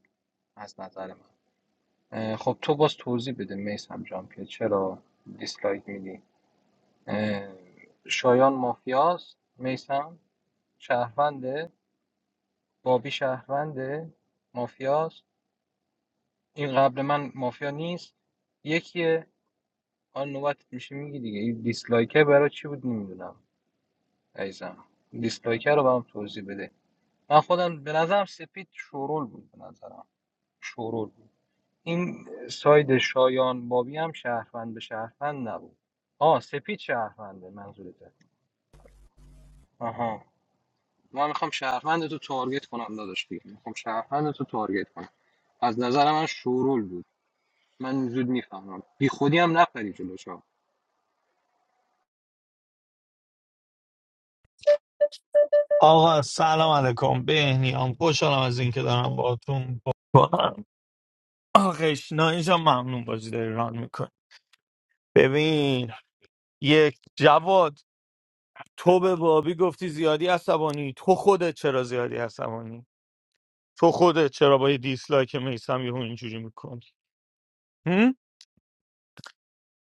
از نظر من اه، خب تو باز توضیح بده میسم جان که چرا دیسلایک میدی اه، شایان مافیاست میسم شهرونده بابی شهرونده مافیاست این قبل من مافیا نیست یکیه آن نوبت میشه میگی دیگه این دیسلایکه برای چی بود نمیدونم عزیزم دیسلایکه رو برام توضیح بده من خودم به نظرم سپید شورول بود به نظرم شورول بود این ساید شایان بابی هم شهروند به شهروند نبود آه سپید شهرونده منظورته آها ما میخوام شهروند تو تارگت کنم داداش دیگه میخوام شهروند تو تارگت کنم از نظر من شورول بود من زود میفهمم بی خودی هم نپری جلوشم
آقا سلام علیکم بهنیام خوشحالم از اینکه دارم باهاتون کنم آقا اشنا اینجا ممنون بازی داری ران میکنی ببین یک جواد تو به بابی گفتی زیادی عصبانی تو خودت چرا زیادی عصبانی تو خودت چرا با یه دیسلایک میسم یهو اینجوری میکنی هم؟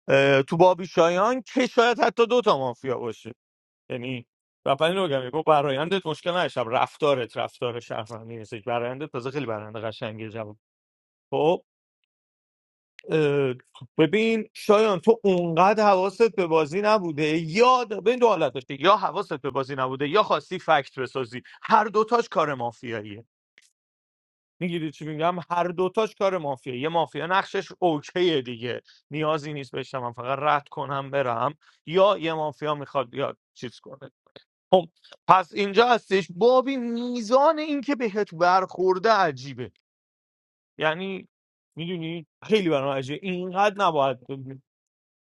اه، تو بابی شایان که شاید حتی دوتا مافیا باشه یعنی رفتنی رو بگم یکو برایندت مشکل نشم رفتارت رفتار شهروندی نیست برایندت تازه خیلی برایند قشنگیه جواد خب اه، ببین شایان تو اونقدر حواست به بازی نبوده یا ببین دو حالت داشته یا حواست به بازی نبوده یا خواستی فکت بسازی هر دوتاش کار مافیاییه میگیری چی میگم هر دوتاش کار مافیاییه یه مافیا نقشش اوکیه دیگه نیازی نیست بشم من فقط رد کنم برم یا یه مافیا میخواد یا چیز کنه خب پس اینجا هستش بابی میزان اینکه بهت برخورده عجیبه یعنی میدونی خیلی برام عجیبه اینقدر نباید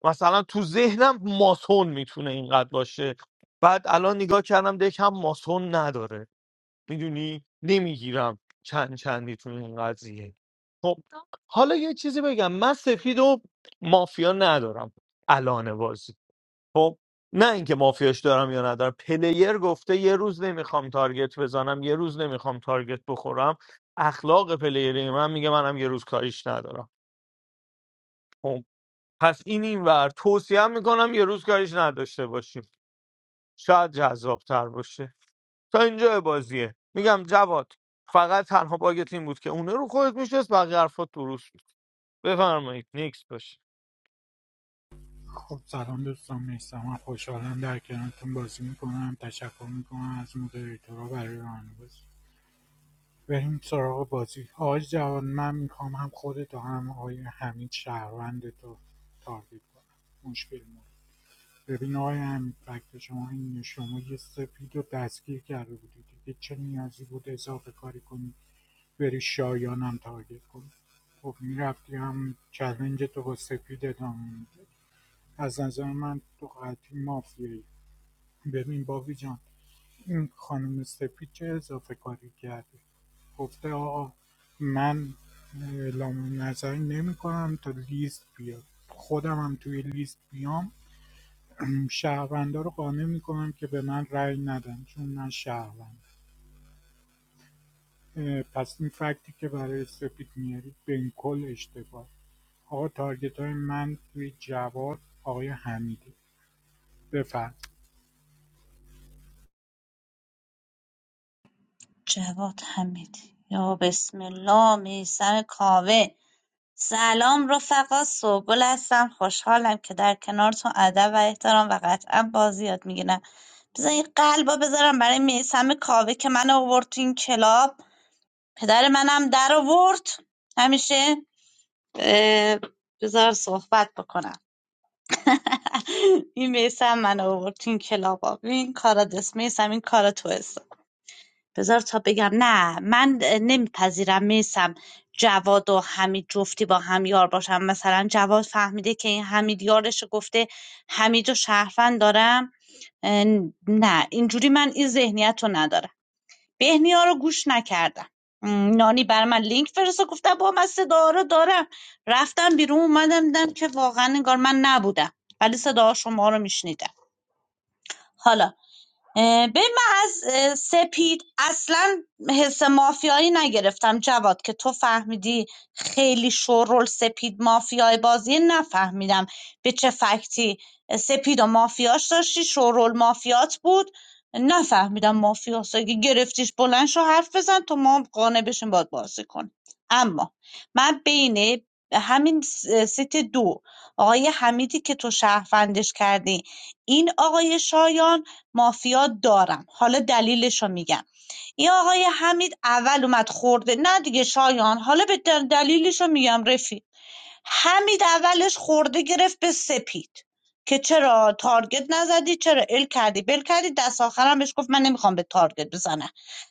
مثلا تو ذهنم ماسون میتونه اینقدر باشه بعد الان نگاه کردم دک هم ماسون نداره میدونی نمیگیرم چند چندی تو این قضیه خب حالا یه چیزی بگم من سفید و مافیا ندارم الان بازی خب نه اینکه مافیاش دارم یا ندارم پلیر گفته یه روز نمیخوام تارگت بزنم یه روز نمیخوام تارگت بخورم اخلاق پلیری من میگه منم یه روز کاریش ندارم خب، پس این این توصیه میکنم یه روز کاریش نداشته باشیم شاید جذابتر باشه تا اینجا بازیه میگم جواد فقط تنها باگت این بود که اونه رو خودت میشست بقیه حرفات درست بود بفرمایید نیکس باشه
خب سلام دوستان میستم من خوشحالم در کنارتون بازی میکنم تشکر میکنم از مدیریتورا برای رانه بازی بریم سراغ بازی آقای جوان من میخوام هم خودت و هم آقای همین شهروند تو تارگیت کنم مشکل ما ببین آقای همین فکت شما این شما یه سپید رو دستگیر کرده بودی دیگه چه نیازی بود اضافه کاری کنی بری شایانم تارگت کنی خب میرفتی هم چلنج تو با سپید ادامه میده از نظر من تو قطعی مافیایی ببین باوی جان این خانم سپید چه اضافه کاری کرده گفته آقا من اعلام نظری نمی کنم تا لیست بیاد خودم هم توی لیست بیام شهروندا رو قانع می کنم که به من رأی ندن چون من شهروند پس این فکتی که برای سپید میارید بین کل اشتباه آقا تارگتای من توی جواد آقای حمیده بفرم
جواد حمیدی یا بسم الله میسر کاوه سلام رفقا سوگل هستم خوشحالم که در کنارتون ادب و احترام و قطعا بازی یاد میگیرم بذار این قلبا بذارم برای میسم کاوه که من آورد تو این کلاب پدر منم در آورد همیشه اه، بذار صحبت بکنم این میسم من آورد تو این کلاب آب. این کارا دست میسم این کارا تو است. بذار تا بگم نه من نمیپذیرم میسم جواد و حمید جفتی با هم یار باشم مثلا جواد فهمیده که این حمید یارش گفته حمید و شهروند دارم اه، نه اینجوری من این ذهنیت رو ندارم بهنیا رو گوش نکردم م، نانی بر من لینک فرستاد گفتم با من صدا رو دارم رفتم بیرون اومدم دیدم که واقعا انگار من نبودم ولی صدا شما رو میشنیدم حالا به من از اه، سپید اصلا حس مافیایی نگرفتم جواد که تو فهمیدی خیلی شورول سپید مافیای بازی نفهمیدم به چه فکتی سپید و مافیاش داشتی شورول مافیات بود نفهمیدم مافیاس اگه گرفتیش بلند شو حرف بزن تو ما هم قانع بشیم باید بازی کن اما من بین همین س- سیت دو آقای حمیدی که تو شهروندش کردی این آقای شایان مافیا دارم حالا دلیلش رو میگم این آقای حمید اول اومد خورده نه دیگه شایان حالا به دلیلش رو میگم رفیق حمید اولش خورده گرفت به سپید که چرا تارگت نزدی چرا ال کردی بل کردی دست آخرم بهش گفت من نمیخوام به تارگت بزنم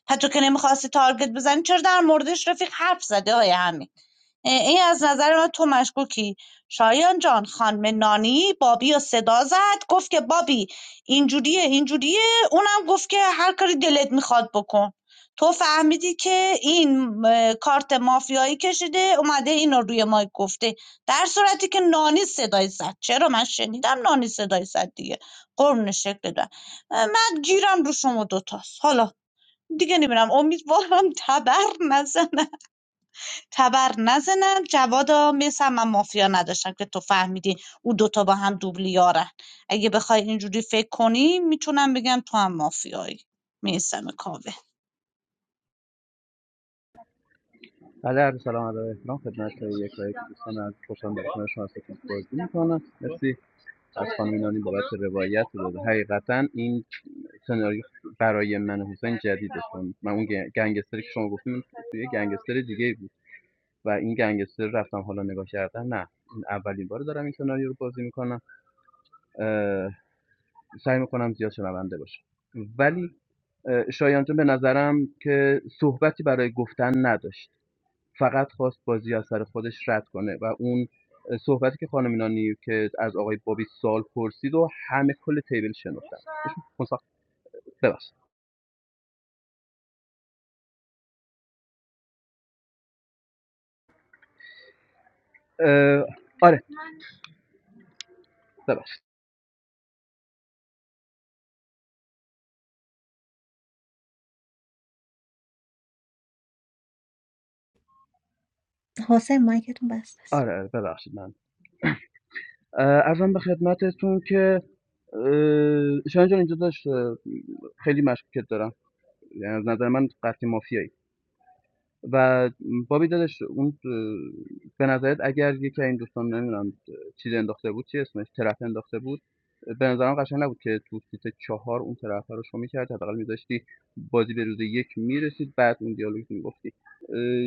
حتی که نمیخواستی تارگت بزنی چرا در موردش رفیق حرف زده آقای حمید این از نظر من تو مشکوکی شایان جان خانم نانی بابی رو صدا زد گفت که بابی اینجوریه اینجوریه اونم گفت که هر کاری دلت میخواد بکن تو فهمیدی که این کارت مافیایی کشیده اومده اینو روی مایک گفته در صورتی که نانی صدای زد چرا من شنیدم نانی صدای زد دیگه قرون شکل دارم من گیرم رو شما دوتاست حالا دیگه نمیرم امیدوارم تبر نزنه تبر نزنم جوادا مثل من مافیا نداشتم که تو فهمیدی او دوتا با هم دوبل اگه بخوای اینجوری فکر کنی میتونم بگم تو هم مافیایی میسم کاوه
ولی عرض سلام ادب و احترام خدمت یک و یک دوستان از خوشم به کنار شما سکن بازی میکنم مرسی از خانم نانی بابت روایت بود حقیقتا این سناریو برای من و حسین جدیده چون من اون گن- گنگستری که شما گفتیم توی گنگستر دیگه بود و این گنگستر رفتم حالا نگاه کردم نه این اولین بار دارم این سناریو رو بازی میکنم سعی میکنم زیاد شنونده باشم ولی شایان جان به نظرم که صحبتی برای گفتن نداشت فقط خواست بازی از سر خودش رد کنه و اون اه، صحبتی که خانم ایرانی که از آقای بابی سال پرسید و همه کل تیبل شنفتن ببخشید اه، آره ببخشید
حسین مایکتون بسته است
آره آره، ببخشید من ارزم به خدمتتون که اه، شایان جان اینجا داشت خیلی مشکوکت دارم یعنی از نظر من قطعی مافیایی و بابی داداش اون اه، به نظرت اگر یکی این دوستان نمیدونم چیز انداخته بود چی اسمش طرف انداخته بود به نظرم قشنگ نبود که تو سیت چهار اون طرف رو شو میکرد حداقل میذاشتی بازی به روز یک میرسید بعد اون دیالوگ میگفتی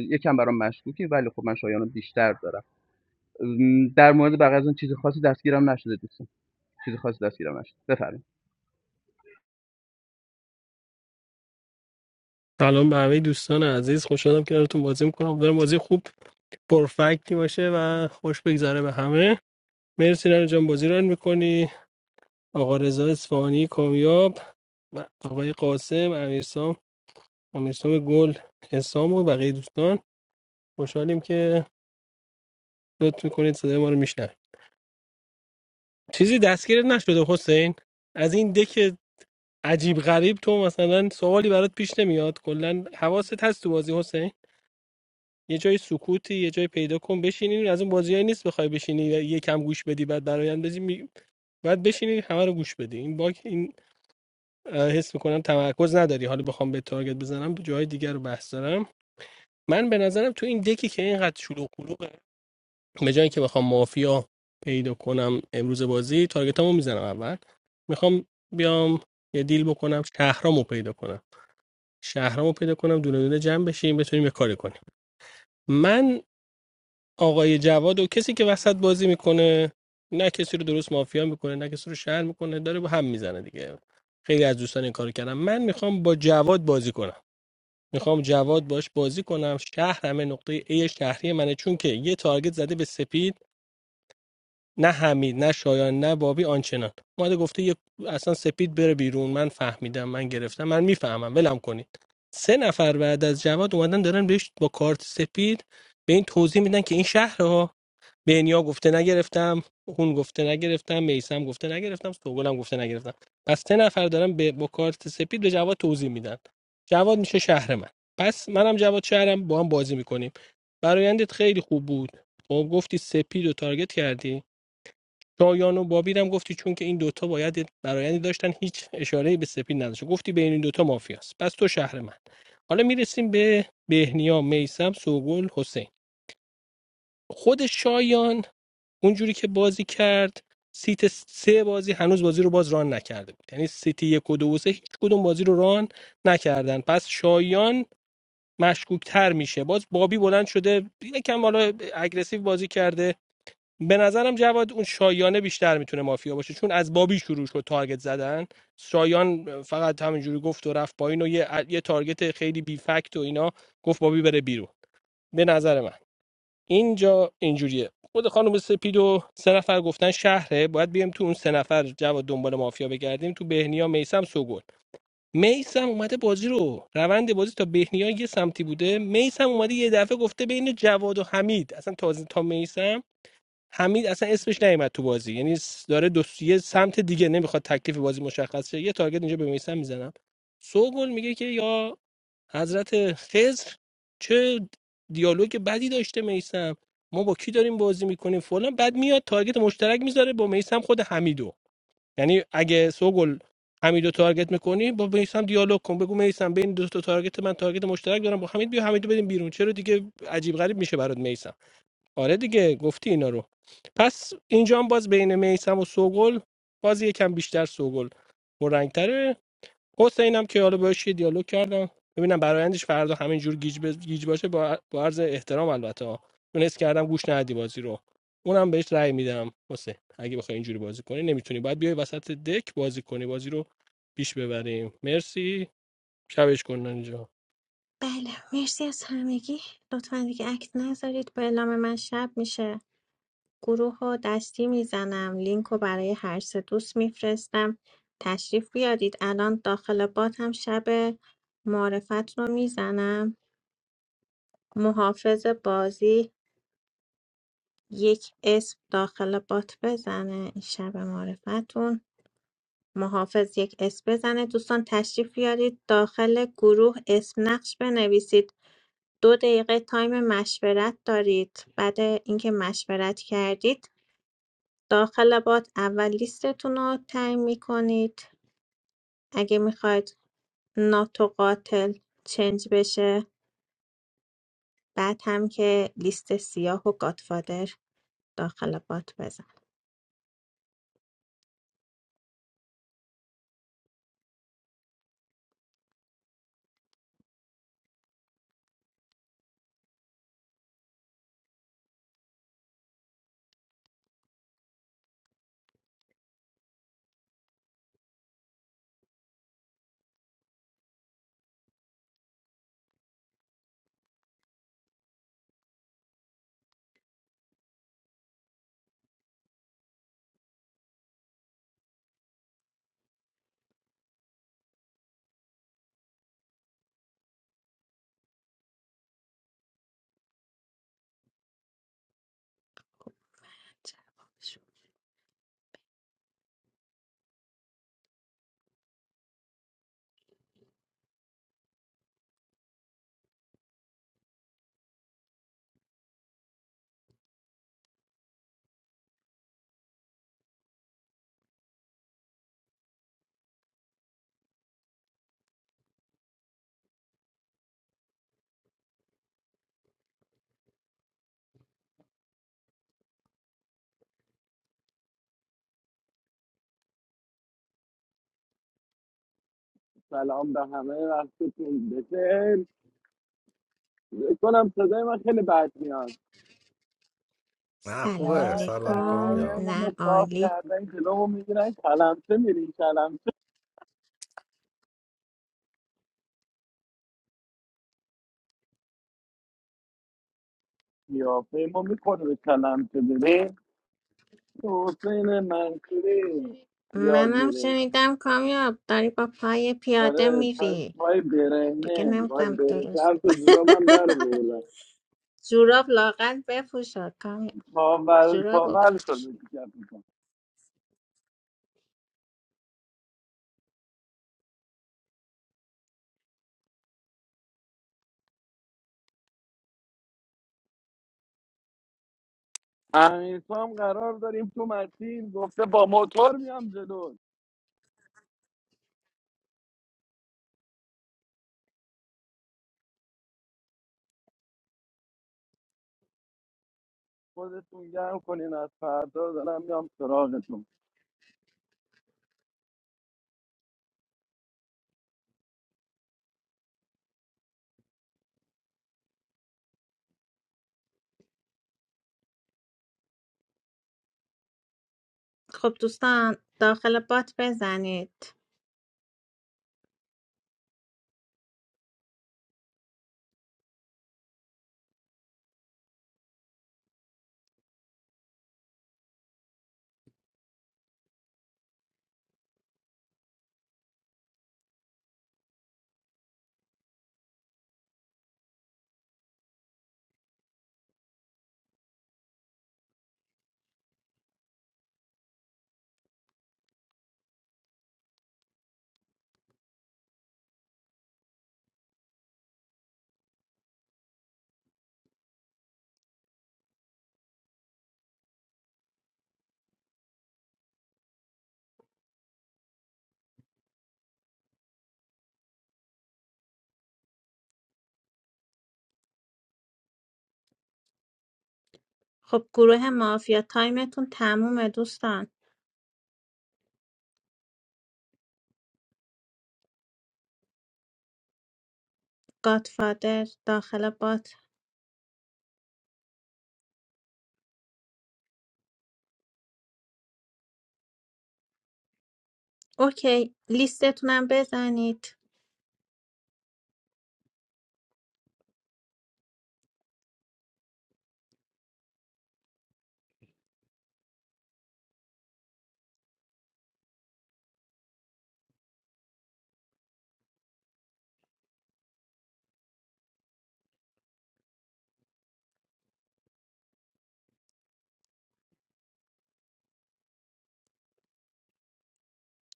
یکم برام مشکوکی ولی خب من شایان رو بیشتر دارم در مورد بقیه از اون چیز خاصی دستگیرم نشده دوستان چیز خاصی دستگیرم نشده بفرمایید
سلام به همه دوستان عزیز خوشحالم کنارتون بازی میکنم امیدوارم بازی خوب پرفکتی باشه و خوش بگذره به همه مرسی رنو جان بازی ران میکنی آقا رضا اصفهانی کامیاب و آقای قاسم امیرسام امیرسام گل حسام و بقیه دوستان خوشحالیم که لطف میکنید صدای ما رو میشنوید چیزی دستگیرت نشده حسین از این دک عجیب غریب تو مثلا سوالی برات پیش نمیاد کلا حواست هست تو بازی حسین یه جای سکوتی یه جای پیدا کن بشینین از اون بازیایی نیست بخوای بشینی یا یه کم گوش بدی بعد برایند بدی می... بعد بشینی همه رو گوش بدی این باگ این اه، حس میکنم تمرکز نداری حالا بخوام به تارگت بزنم تو جای دیگر رو بحث دارم من به نظرم تو این دکی که اینقدر شلوغ و قلوغه به جای که بخوام مافیا پیدا کنم امروز بازی تارگتامو میزنم اول میخوام بیام یه دیل بکنم شهرامو پیدا کنم شهرامو پیدا کنم دونه دونه جمع بشیم بتونیم یه کاری کنیم من آقای جواد و کسی که وسط بازی میکنه نه کسی رو درست مافیا میکنه نه کسی رو شهر میکنه داره با هم میزنه دیگه خیلی از دوستان این کارو کردم من میخوام با جواد بازی کنم میخوام جواد باش بازی کنم شهر همه نقطه ای شهری منه چون که یه تارگت زده به سپید نه حمید نه شایان نه بابی آنچنان اومده گفته یه اصلا سپید بره بیرون من فهمیدم من گرفتم من میفهمم ولم کنید سه نفر بعد از جواد اومدن دارن بهش با کارت سپید به این توضیح میدن که این شهرها بهنیا گفته نگرفتم اون گفته نگرفتم میسم گفته نگرفتم سوگلم گفته نگرفتم پس سه نفر دارن به با کارت سپید به جواد توضیح میدن جواد میشه شهر من پس منم جواد شهرم با هم بازی میکنیم برایندت خیلی خوب بود خب گفتی سپید و تارگت کردی شایان و بابیرم گفتی چون که این دوتا باید برایندی داشتن هیچ اشاره به سپید نداشت گفتی بین این دوتا مافیاست پس تو شهر من حالا میرسیم به بهنیا میسم سوگل حسین خود شایان اونجوری که بازی کرد سیت سه بازی هنوز بازی رو باز ران نکرده بود یعنی سیتی یک و دو و سه هیچ کدوم بازی رو ران نکردن پس شایان مشکوکتر میشه باز بابی بلند شده یکم حالا اگریسیو بازی کرده به نظرم جواد اون شایانه بیشتر میتونه مافیا باشه چون از بابی شروع شد تارگت زدن شایان فقط همینجوری گفت و رفت پایین و یه, یه تارگت خیلی بی فکت و اینا گفت بابی بره بیرون به نظر من اینجا اینجوریه خود خانم سپید و سه نفر گفتن شهره باید بیم تو اون سه نفر جواد دنبال مافیا بگردیم تو بهنیا میسم سوگل میسم اومده بازی رو روند بازی تا بهنیا یه سمتی بوده میسم اومده یه دفعه گفته بین جواد و حمید اصلا تازه تا میسم حمید اصلا اسمش نیومد تو بازی یعنی داره دو یه سمت دیگه نمیخواد تکلیف بازی مشخص شه یه تارگت اینجا به میسم میزنم سوگل میگه که یا حضرت خضر چه دیالوگ بدی داشته میسم ما با کی داریم بازی میکنیم فلان بعد میاد تارگت مشترک میذاره با میسم خود حمیدو یعنی اگه سوگل حمیدو تارگت میکنی با میسم دیالوگ کن بگو میسم بین دو تا تارگت من تارگت مشترک دارم با حمید بیا حمیدو بدیم بیرون چرا دیگه عجیب غریب میشه برات میسم آره دیگه گفتی اینا رو پس اینجا هم باز بین میسم و سوگل باز یکم بیشتر سوگل پررنگتره حسینم که حالا باش یه دیالوگ کردم ببینم برایندش فردا همینجور گیج, بز- گیج باشه با, با عرض احترام البته ها چون حس کردم گوش ندی بازی رو اونم بهش رأی میدم حسین اگه بخوای اینجوری بازی کنی نمیتونی باید بیای وسط دک بازی کنی بازی رو پیش ببریم مرسی شبش کن اینجا
بله مرسی از همگی لطفا دیگه اکت نذارید با اعلام من شب میشه گروه و دستی میزنم لینک رو برای هر سه دوست میفرستم تشریف بیارید الان داخل بات هم شب معرفت رو میزنم محافظ بازی یک اسم داخل بات بزنه این شب معرفتون محافظ یک اسم بزنه دوستان تشریف بیارید داخل گروه اسم نقش بنویسید دو دقیقه تایم مشورت دارید بعد اینکه مشورت کردید داخل بات اول لیستتونو تعیین می‌کنید اگه میخواید ناتو قاتل چنج بشه بعد هم که لیست سیاه و گاتفادر داخل بات بزن
سلام به همه وقتتون بخیر فکر کنم صدای من خیلی بد میاد
نه
سلام
خوبه
آی،
سلام
علیکم
کام
دهنمون
نه
رو صاف
عالی
کردن جلومو میگیرن کلمچه میریم کلمچه قیافه ما میکنه به کلمچه بریم حسین منصوری یاد
منم
میره
شنیدم کامیاب داری با پای پیاده
آره پای
میری
پای
دیگه
برهنه وای
نمیدونم
برهنه
درست
کفش و جورابم در بردن
جوراب لاغر بپوشا کامیاب
پاول
جورابو
پاول
بپوش
شده دیگه کفشم. امیرسام قرار داریم تو مسیر گفته با موتور میام جلو خودتون گرم کنین از فردا دارم میام سراغتون
خب دوستان داخل بات بزنید خب گروه مافیا تایمتون تمومه دوستان گادفادر داخل بات اوکی لیستتونم بزنید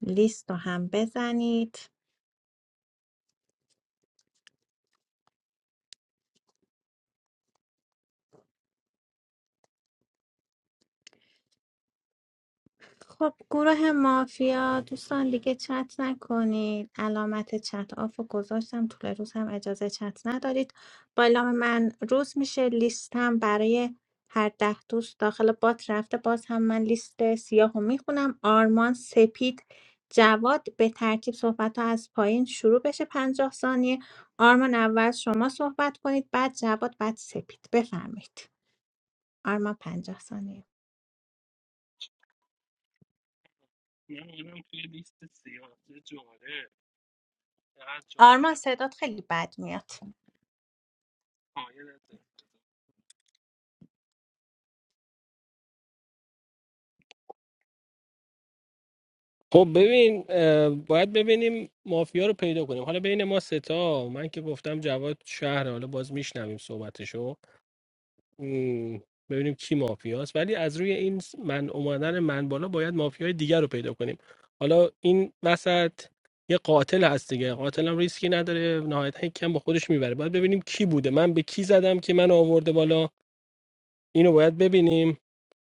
لیست رو هم بزنید خب گروه مافیا دوستان دیگه چت نکنید علامت چت آف رو گذاشتم طول روز هم اجازه چت ندارید با اعلام من روز میشه لیستم برای هر ده دوست داخل بات رفته باز هم من لیست سیاه رو میخونم آرمان سپید جواد به ترتیب صحبت ها از پایین شروع بشه پنجاه ثانیه آرمان اول شما صحبت کنید بعد جواد بعد سپید بفرمایید آرمان پنجاه ثانیه
توی لیست سیاسی جالب، چقدر
آرمان
جالب.
صدات خیلی بد میاد
آیه خب ببین اه، باید ببینیم مافیا رو پیدا کنیم حالا بین ما ستا من که گفتم جواد شهر حالا باز میشنویم صحبتشو م، ببینیم کی مافیاست ولی از روی این س- من اومدن من بالا باید مافیای دیگر رو پیدا کنیم حالا این وسط یه قاتل هست دیگه قاتل هم ریسکی نداره نهایتا کم با خودش میبره باید ببینیم کی بوده من به کی زدم که من آورده بالا اینو باید ببینیم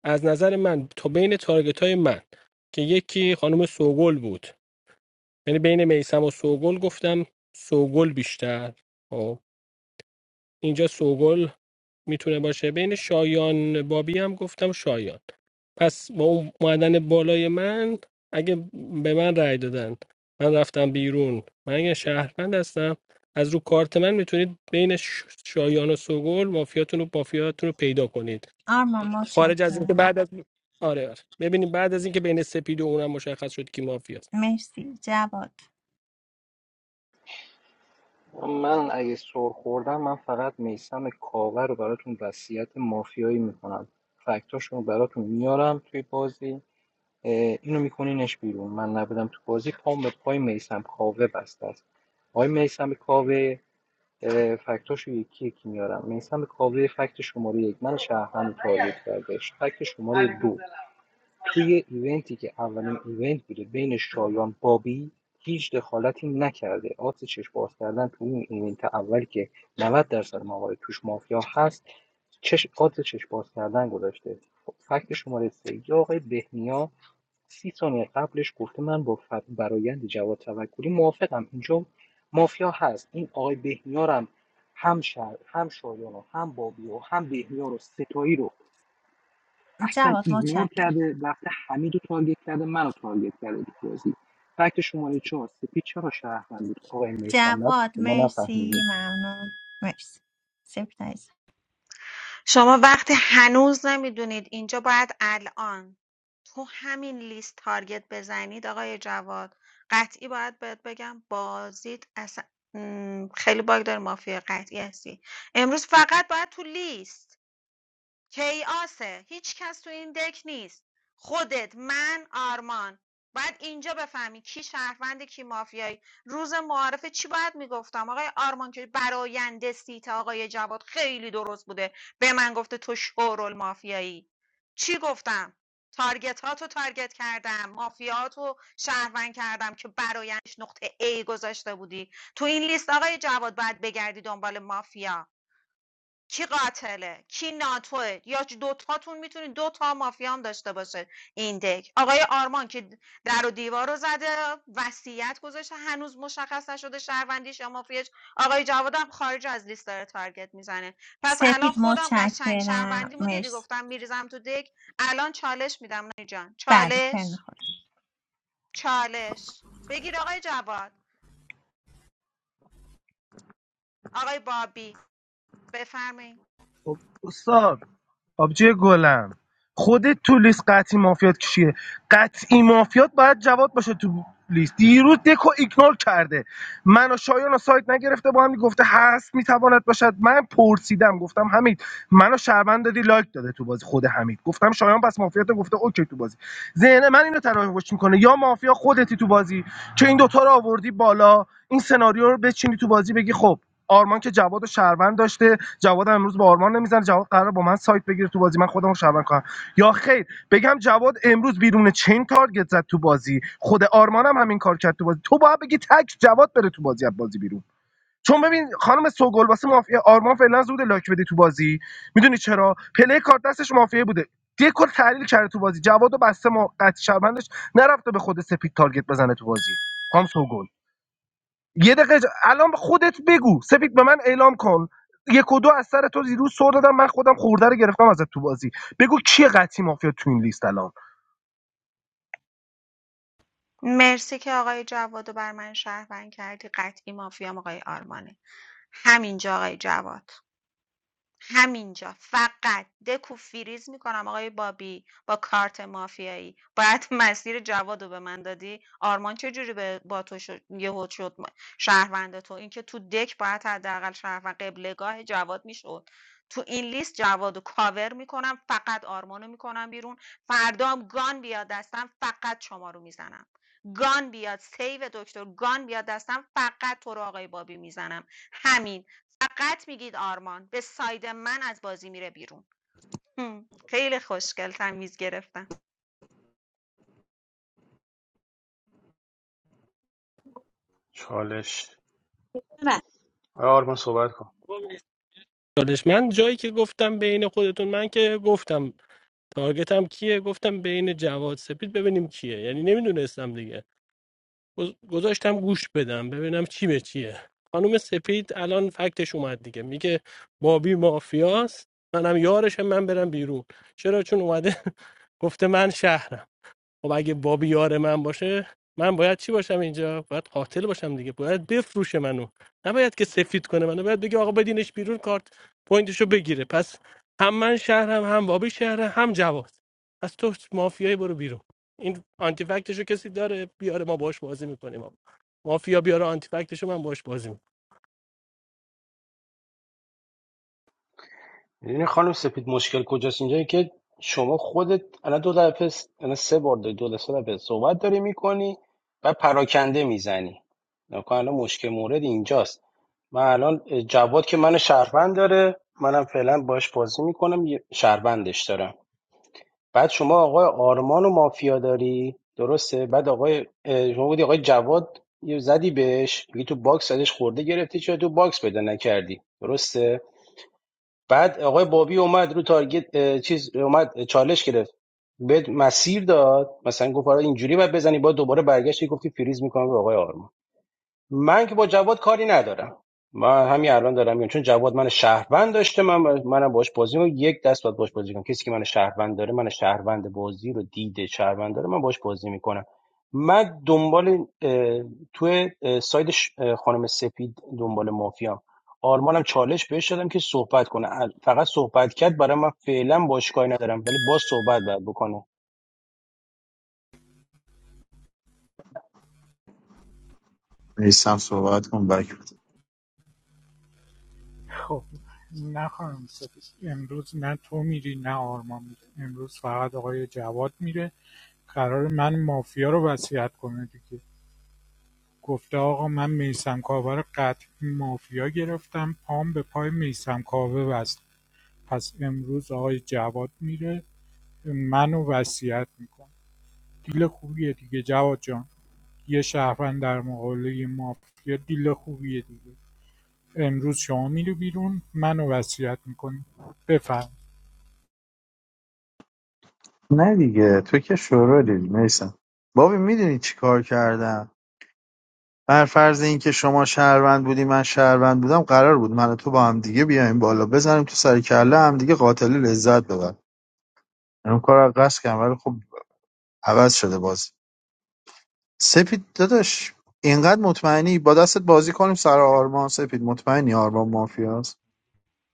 از نظر من تا بین تارگت های من که یکی خانم سوگل بود یعنی بین میسم و سوگل گفتم سوگل بیشتر خب اینجا سوگل میتونه باشه بین شایان بابی هم گفتم شایان پس با اون معدن بالای من اگه به من رأی دادن من رفتم بیرون من اگه شهروند هستم از رو کارت من میتونید بین ش- شایان و سوگل مافیاتون و مافیاتون رو پیدا کنید
آرمان
خارج از اینکه بعد
متشکرم
از آره آره ببینید بعد از اینکه بین سپید و اونم مشخص شد کی مافیاست
مرسی جواد
من اگه سر خوردم من فقط میسم کاوه رو براتون وصیت مافیایی میکنم فکتاشون رو براتون میارم توی بازی اینو میکنینش بیرون من نبودم تو بازی پام به پای میسم کاوه بسته است آقای میسم کاوه اه، فکتاشو یکی یکی میارم میسم کاوه فکت شماره یک من شهرم تاریخ کردش فکت شماره دو توی ایونتی که اولین ایونت بوده بین شایان بابی هیچ دخالتی نکرده آت چشم باز کردن تو اون ایونت اول که 90 درصد موارد توش مافیا هست چش آت چشم باز کردن گذاشته فکت شماره سه یا آقای بهنیا سی ثانیه قبلش گفته من با ف- برایند جواد توکلی موافقم اینجا مافیا هست این آقای بهنیا رو هم هم, هم شایان و هم بابی و هم بهنیا رو ستایی رو اصلا
جواد
ایگنور
متشکرم
کرده رفته حمید رو تارگت کرده منو تارگت کرده تو بازی فکت شماره چهار سپید چرا شهروند بود آقای میسم نبود
جواد
که ما
مرسی
نفهمیدیم
ممنون مرسی سپید عزیزم.
شما وقتی هنوز نمیدونید اینجا باید الان تو همین لیست تارگت بزنید آقای جواد قطعی باید بهت بگم بازید اصلا م، خیلی باگ داره مافیا قطعی هستی امروز فقط باید تو لیست کیاسه هیچ کس تو این دک نیست خودت من آرمان باید اینجا بفهمی کی شهروند کی مافیایی روز معارفه چی باید میگفتم آقای آرمان که براینده سیت آقای جواد خیلی درست بوده به من گفته تو شورول مافیایی چی گفتم تارگت ها تو تارگت کردم مافیات رو شهروند کردم که برایندش نقطه A گذاشته بودی تو این لیست آقای جواد باید بگردی دنبال مافیا کی قاتله کی ناتوه یا دوتاتون میتونید دو تا مافیا هم داشته باشه این دک آقای آرمان که در و دیوار رو زده وصیت گذاشته هنوز مشخص نشده شهروندیش یا مافیاش آقای جواد خارج از لیست داره تارگت میزنه پس الان
سپید
خودم قشنگ
متشکرم
شهروندی بود دیدی
مرسی
گفتم میریزم تو دک الان چالش میدم نانی جان
بعد ترن
چالش
خود
چالش بگیر آقای جواد آقای بابی بفرمایید
خب استاد آبجی گلم خودت تو لیست قطعی مافیات کشیه قطعی مافیات باید جواد باشه تو لیست دیروز دکو ایگنور کرده من و شایان و سایت نگرفته با هم گفته هست میتواند باشد من پرسیدم گفتم حمید منو شرمند دادی لایک داده تو بازی خود حمید گفتم شایان پس مافیات گفته اوکی تو بازی ذهن من اینو تراوش میکنه یا مافیا خودتی تو بازی که این دوتا رو آوردی بالا این سناریو رو بچینی تو بازی بگی خب آرمان که جواد و شهروند داشته جواد امروز با آرمان نمیزنه جواد قرار با من سایت بگیره تو بازی من خودمو رو شهروند کنم یا خیر بگم جواد امروز بیرون چین تارگت زد تو بازی خود آرمان هم همین کار کرد تو بازی تو باید بگی تک جواد بره تو بازی از بازی بیرون چون ببین خانم سوگل واسه مافیا آرمان فعلا زود لاک بده تو بازی میدونی چرا پله کارت دستش مافیا بوده دکور تحلیل کرده تو بازی جواد بسته ما قطعی شهروندش نرفته به خود سپید تارگت بزنه تو بازی خام سوگل یه دقیقه اج- الان خودت بگو سپید به من اعلام کن یک و دو از سر تو دیروز سر دادم من خودم خورده رو گرفتم ازت تو بازی بگو کیه قطعی مافیا تو این لیست الان
مرسی که آقای جواد رو بر من شهروند کردی قطعی مافیام آقای آرمانه همینجا آقای جواد همینجا فقط دکو فریز میکنم آقای بابی با کارت مافیایی باید مسیر جوادو به من دادی آرمان چجوری به با تو شد یهو شد م- شهروند تو اینکه تو دک باید حداقل شهروند قبلگاه جواد میشد تو این لیست جوادو رو کاور میکنم فقط آرمانو میکنم بیرون فردا هم گان بیاد دستم فقط شما رو میزنم گان بیاد سیو دکتر گان بیاد دستم فقط تو رو آقای بابی میزنم همین فقط میگید آرمان به ساید من از بازی میره بیرون هم. خیلی خوشگل تمیز گرفتم
چالش آقای آرمان صحبت کن
چالش من جایی که گفتم بین خودتون من که گفتم تارگت هم کیه گفتم بین جواد سپید ببینیم کیه یعنی نمیدونستم دیگه گز- گذاشتم گوش بدم ببینم چی به چیه خانم سپید الان فکتش اومد دیگه میگه بابی مافیاست منم یارشم من برم بیرون چرا چون اومده گفته من شهرم خب اگه بابی یار من باشه من باید چی باشم اینجا باید قاتل باشم دیگه باید بفروشه منو نباید که سفید کنه منو باید بگه آقا بدینش بیرون کارت پوینتشو بگیره پس هم من شهرم هم بابی شهرم هم جواد پس تو مافیایی برو بیرون این آنتی فکتشو کسی داره بیاره ما باش بازی میکنیم آقا مافیا بیاره آنتی فکتشو من باش بازی میکنم
میدونی خانم سپید مشکل کجاست اینجایی که شما خودت الان دو دفعه س- الان سه بار داری دو سه دفعه صحبت داری میکنی و پراکنده میزنی نکن الان مشکل مورد اینجاست من الان جواد که من شهروند داره منم فعلا باش بازی میکنم شهروندش دارم بعد شما آقای آرمان و مافیا داری درسته بعد آقای اه، شما بودی آقای جواد یه زدی بهش میگی تو باکس ازش خورده گرفتی چرا تو باکس پیدا نکردی درسته بعد آقای بابی اومد رو تارگت اه، چیز اومد اه، چالش گرفت بهت مسیر داد مثلا گفت آره اینجوری باید بزنی بعد دوباره برگشتی گفتی فریز میکنم رو آقای آرمان من که با جواد کاری ندارم من همین الان دارم میگم چون جواد من شهروند داشته من منم باش بازی رو یک دست باید باش بازی کنم کسی که من شهروند داره من شهروند بازی رو دیده شهروند داره من باش بازی میکنم من دنبال اه، توی اه، ساید ش- اه، خانم سپید دنبال مافیام آرمانم چالش بهش دادم که صحبت کنه ال- فقط صحبت کرد برای من فعلا باش کاری ندارم ولی باز صحبت باید بکنه
میسم صحبت کن بک بده.
خب نه خانم سفید امروز نه تو میری نه آرمان میره امروز فقط آقای جواد میره قرار من مافیا رو وصیت کنه دیگه گفته آقا من میسم کاوه رو قطعی مافیا گرفتم پام به پای میسم کاوه وصل پس امروز آقای جواد میره منو وصیت میکنه دیل خوبیه دیگه جواد جان یه شهروند در مقابل مافیا دیل خوبیه دیگه امروز شما میری بیرون منو وصیت میکنی بفرم
نه دیگه تو که شورالی میسم بابی میدونی چی کار کردم بر فرض اینکه شما شهروند بودی من شهروند بودم قرار بود من و تو با هم دیگه بیایم بالا بزنیم تو سر کله هم دیگه قاتل لذت ببر من اون کار رو قصد کردم ولی خب عوض شده باز سپید داداش اینقدر مطمئنی با دستت بازی کنیم سر آرمان سپید مطمئنی آرمان مافیاست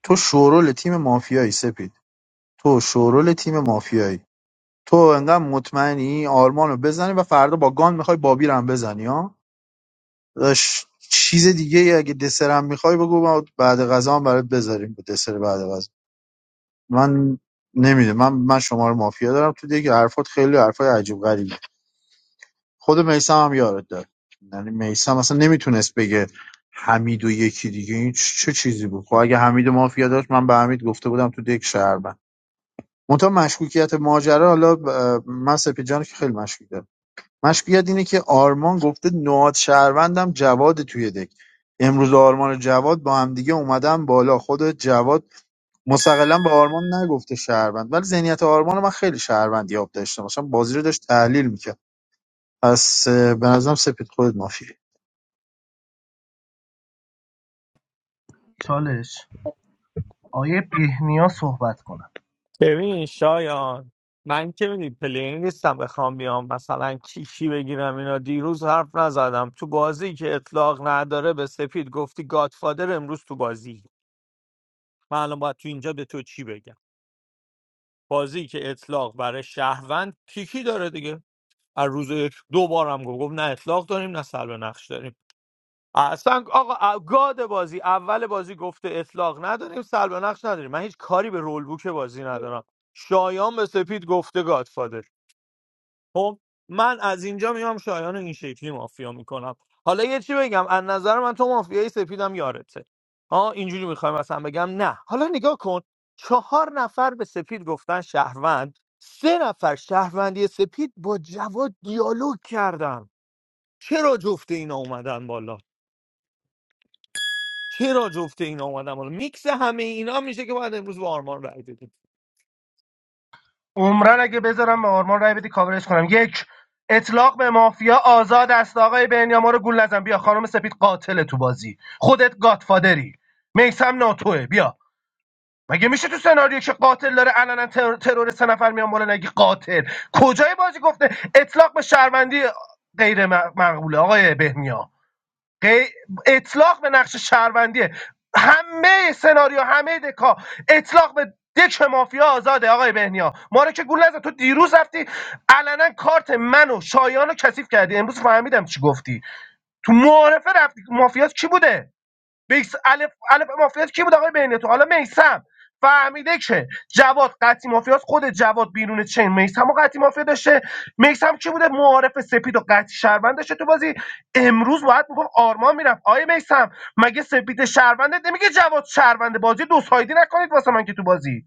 تو شورول تیم مافیایی سپید تو شورول تیم مافیایی تو انقدر مطمئنی آرمانو بزنی و فردا با گان میخوای بابی رو هم بزنی ها داداش، چیز دیگه ای اگه دسرم میخوای بگو ما بعد غذا هم برات بذاریم دسر بعد غذا من نمیده من من شما رو مافیا دارم تو دیگه حرفات خیلی حرفای عجیب غریبی خود میسم هم یارت داد یعنی میسم اصلا نمیتونست بگه حمید و یکی دیگه این چه چیزی بود خب اگه حمید مافیا داشت من به حمید گفته بودم تو دک شهروند منتها مشکوکیت ماجرا حالا ب- من سپید جان رو که خیلی مشکوک دارم مشکوکیت اینه که آرمان گفته نواد شهروندم جواد توی دک امروز آرمان و جواد با هم دیگه اومدن بالا خود جواد مستقلا به آرمان نگفته شهروند ولی ذهنیت آرمان رو من خیلی شهروندی یاب داشتم مثلا بازی رو داشت تحلیل میکرد پس اه، به نظرم سپید خودت مافیه
چالش آیه بهنیا صحبت کنم
ببین شایان من که میدی پلیر نیستم بخوام بیام مثلا کیکی بگیرم اینا دیروز حرف نزدم تو بازی که اطلاق نداره به سپید گفتی گادفادر امروز تو بازی من الان باید تو اینجا به تو چی بگم بازی که اطلاق برای شهروند کیکی داره دیگه از روز یک دو بارم گفت گفت نه اطلاق داریم نه سلب نقش داریم اصلا آقا ا- گاد بازی اول بازی گفته اطلاق نداریم سلب نقش نداریم من هیچ کاری به رول بوک بازی ندارم شایان به سپید گفته گاد خب من از اینجا میام شایان رو این شکلی مافیا میکنم حالا یه چی بگم از نظر من تو مافیای سپیدم یارته ها اینجوری میخوایم مثلا بگم نه حالا نگاه کن چهار نفر به سپید گفتن شهروند سه نفر شهروندی سپید با جواد دیالوگ کردن چرا جفت اینا اومدن بالا چرا جفت اینا اومدن بالا میکس همه اینا میشه که باید امروز با آرمان رای بدیم
عمرن اگه بذارم به آرمان رای بدی کاورش کنم یک اطلاق به مافیا آزاد است آقای بنیا ما رو گول نزن بیا خانم سپید قاتل تو بازی خودت گاتفادری میسم ناتوه بیا مگه میشه تو سناریو که قاتل داره علنا تر... ترور سه نفر میان بالا نگی قاتل کجای بازی گفته اطلاق به شهروندی غیر م- مقبوله آقای بهنیا غی- اطلاق به نقش شهروندی همه سناریو همه دکا اطلاق به دک مافیا آزاده آقای بهنیا ما رو که گول نزن تو دیروز رفتی علنا کارت من و شایان رو کثیف کردی امروز فهمیدم چی گفتی تو معارفه رفتی مافیات کی بوده بیس الف الف مافیاس کی بود آقای بین تو حالا میسم فهمیده که جواد قطعی مافیاس خود جواد بیرون چین میسم و قطعی مافیا داشته میسم کی بوده معارف سپید و قطعی شهروند داشته تو بازی امروز باید میگم آرمان میرفت آیه میسم مگه سپید شهرونده نمیگه جواد شهرونده بازی دو سایدی نکنید واسه من که تو بازی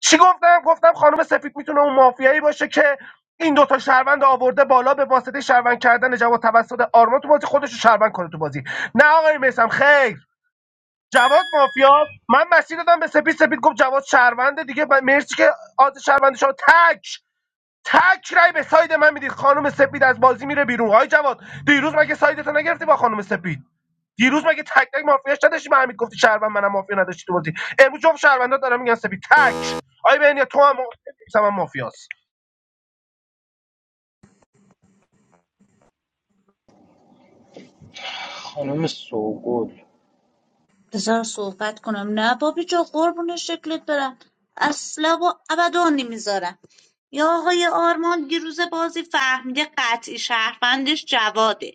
چی گفتم گفتم خانم سپید میتونه اون مافیایی باشه که این دوتا شهروند آورده بالا به واسطه شهروند کردن جواد توسط آرمان تو بازی خودش رو شهروند کنه تو بازی نه آقای میسم خیر جواد مافیا من مسیر دادم به سپید سپید گفت جواد شهرونده دیگه ب- مرسی که آز شهرونده شما تک تک رای به ساید من میدید خانم سپید از بازی میره بیرون های جواد دیروز مگه سایدتو نگرفتی با خانم سپید دیروز مگه تک تک مافیاش نداشتی به حمید گفتی شهروند منم مافیا نداشتی تو بازی امروز جفت شهروندا دارم میگن سپید تک آی بنیا تو هم مافیا هم مافیاست
خانم سوگل
بذار صحبت کنم نه بابی جا قربون شکلت برم اصلا و ابدا نمیذارم یا آقای آرمان دیروز بازی فهمیده قطعی شهروندش جواده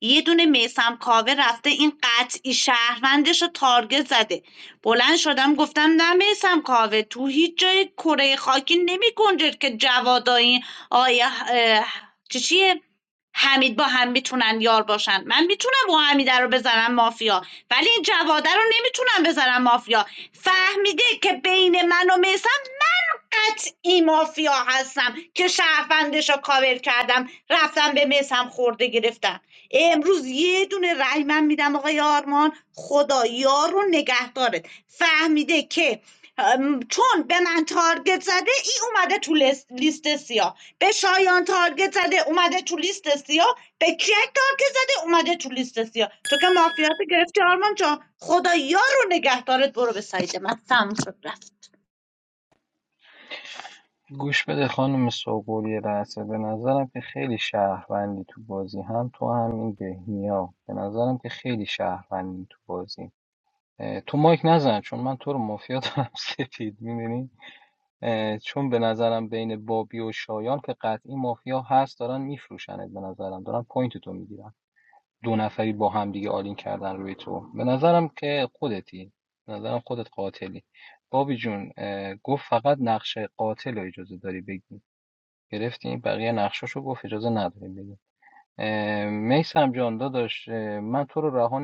یه دونه میسم کاوه رفته این قطعی شهروندش رو تارگت زده بلند شدم گفتم نه میسم کاوه تو هیچ جای کره خاکی نمی گنجد که جواد این آیا چیه حمید با هم میتونن یار باشن من میتونم با حمیده رو بزنم مافیا ولی این جواده رو نمیتونم بزنم مافیا فهمیده که بین من و میسم من قطعی مافیا هستم که شهروندش رو کاور کردم رفتم به میسم خورده گرفتم امروز یه دونه رای من میدم آقای آرمان خدا یار رو نگهدارت فهمیده که ام، چون به من تارگت زده ای اومده تو لیست لیست سیاه به شایان تارگت زده اومده تو لیست سیاه به کیک تارگت زده اومده تو لیست سیاه تو که مافیات گرفتی آرمان جان خدا یار رو نگهدارت برو به سعید من تم شد رفت
گوش بده خانم سوگل یه لحظه به نظرم که خیلی شهروندی تو بازی هم تو هم این بهنیا به نظرم که خیلی شهروندی تو بازی اه، تو مایک نزن چون من تو رو مافیا دارم سپید میدونی اه، چون به نظرم بین بابی و شایان که قطعی مافیا هست دارن میفروشنت به نظرم دارن پوینت تو میگیرن دو نفری بر روی تو برم که خودتی به نظرم خودت قاتلی بابی جون اه، گفت فقط نقش قاتل رو اجازه داری بگی گره نداری بگی میسر رهانم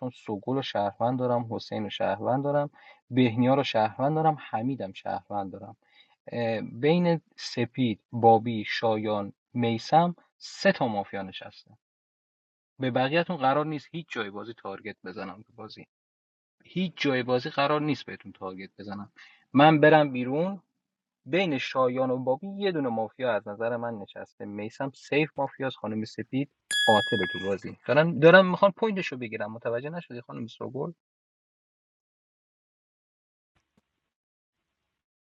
چون سوگل و شهروند دارم حسین و شهروند دارم بهنیا رو شهروند دارم حمیدم شهروند دارم اه، بین سپید بابی شایان میسم سه تا مافیا نشسته به بقیه‌تون قرار نیست هیچ جای بازی تارگت بزنم تو بازی هیچ جای بازی قرار نیست بهتون تارگت بزنم من برم بیرون بین شایان و بابی یه دونه مافیا از نظر من نشسته میسم سیف مافیاس خانم سپید قاتل تو بازی دارم دارم میخوان پوینتشو بگیرم متوجه نشدی خانم سوگل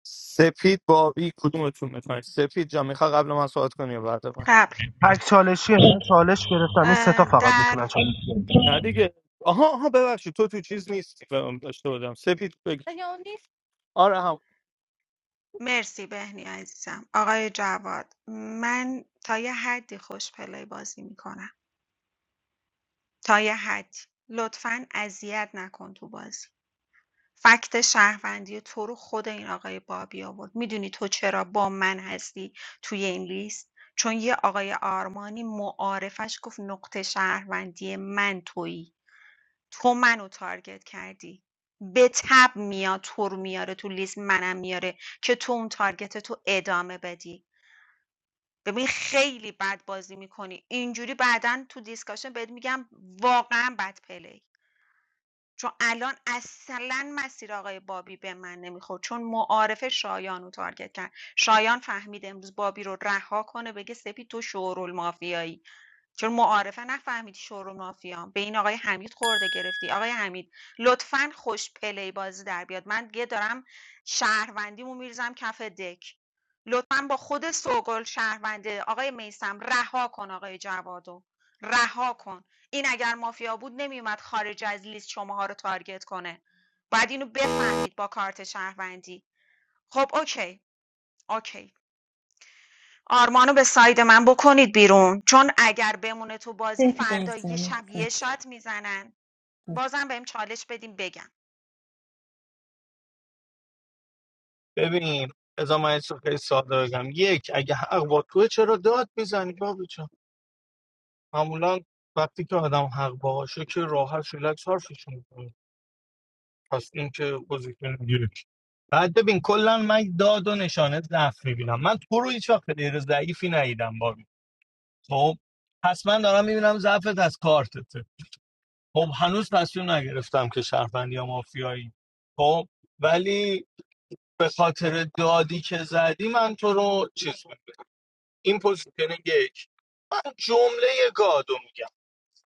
سپید بابی کدومتون میخواین سپید جا میخوای قبل من صحبت کنی یا بعد من
قبل
تک چالشیه من چالش گرفتم این سه تا
اه،
فقط
در
میتونن چالش
نه دیگه آها آها ببخشید تو تو چیز نیستی به داشته بودم سپید بگی آره هم
مرسی بهنی عزیزم آقای جواد من تا یه حدی خوش پلی بازی میکنم تا یه حدی لطفاً اذیت نکن تو بازی فکت شهروندی تو رو خود این آقای بابی آورد میدونی تو چرا با من هستی توی این لیست چون یه آقای آرمانی معارفش گفت نقطه شهروندی من تویی تو منو تارگت کردی به تب میاد تو رو میاره تو لیست منم میاره که تو اون تارگت تو ادامه بدی ببین خیلی بد بازی میکنی اینجوری بعدا تو دیسکاشن بهت میگم واقعا بد پلی چون الان اصلا مسیر آقای بابی به من نمیخورد چون معارف شایان رو تارگت کرد شایان فهمید امروز بابی رو رها کنه بگه سپید تو شورول مافیایی چون معارفه نفهمیدی شورو مافیا به این آقای حمید خورده گرفتی آقای حمید لطفاً خوش پلی بازی در بیاد من دیگه دارم شهروندیمو میریزم کف دک لطفاً با خود سوگل شهرونده آقای میسم رها کن آقای جوادو رها کن این اگر مافیا بود نمیومد خارج از لیست شماها رو تارگت کنه باید اینو بفهمید با کارت شهروندی خب اوکی اوکی آرمانو به ساید من بکنید بیرون چون اگر بمونه تو بازی
سپید
فردا
عزیزم
یه شب یه
مفرد
شات میزنن بازم بهم چالش بدیم بگم
ببین ازا من یه چیز خیلی ساده بگم یک اگه حق با توه چرا داد میزنی بابی جان معمولا وقتی که آدم حق باشه که راحت ریلکس حرفش میکنه پس این که پوزیشن یک بعد ببین کلا من داد و نشانه ضعف میبینم من تو رو هیچ وقت غیر ضعیفی ندیدم بابی خب پس من دارم میبینم ضعفت از کارتته خب هنوز تصمیم نگرفتم که شهروندی یا مافیایی خب ولی به خاطر دادی که زدی من تو رو چیز میکنم این پوزیشن یک من جمله گادو میگم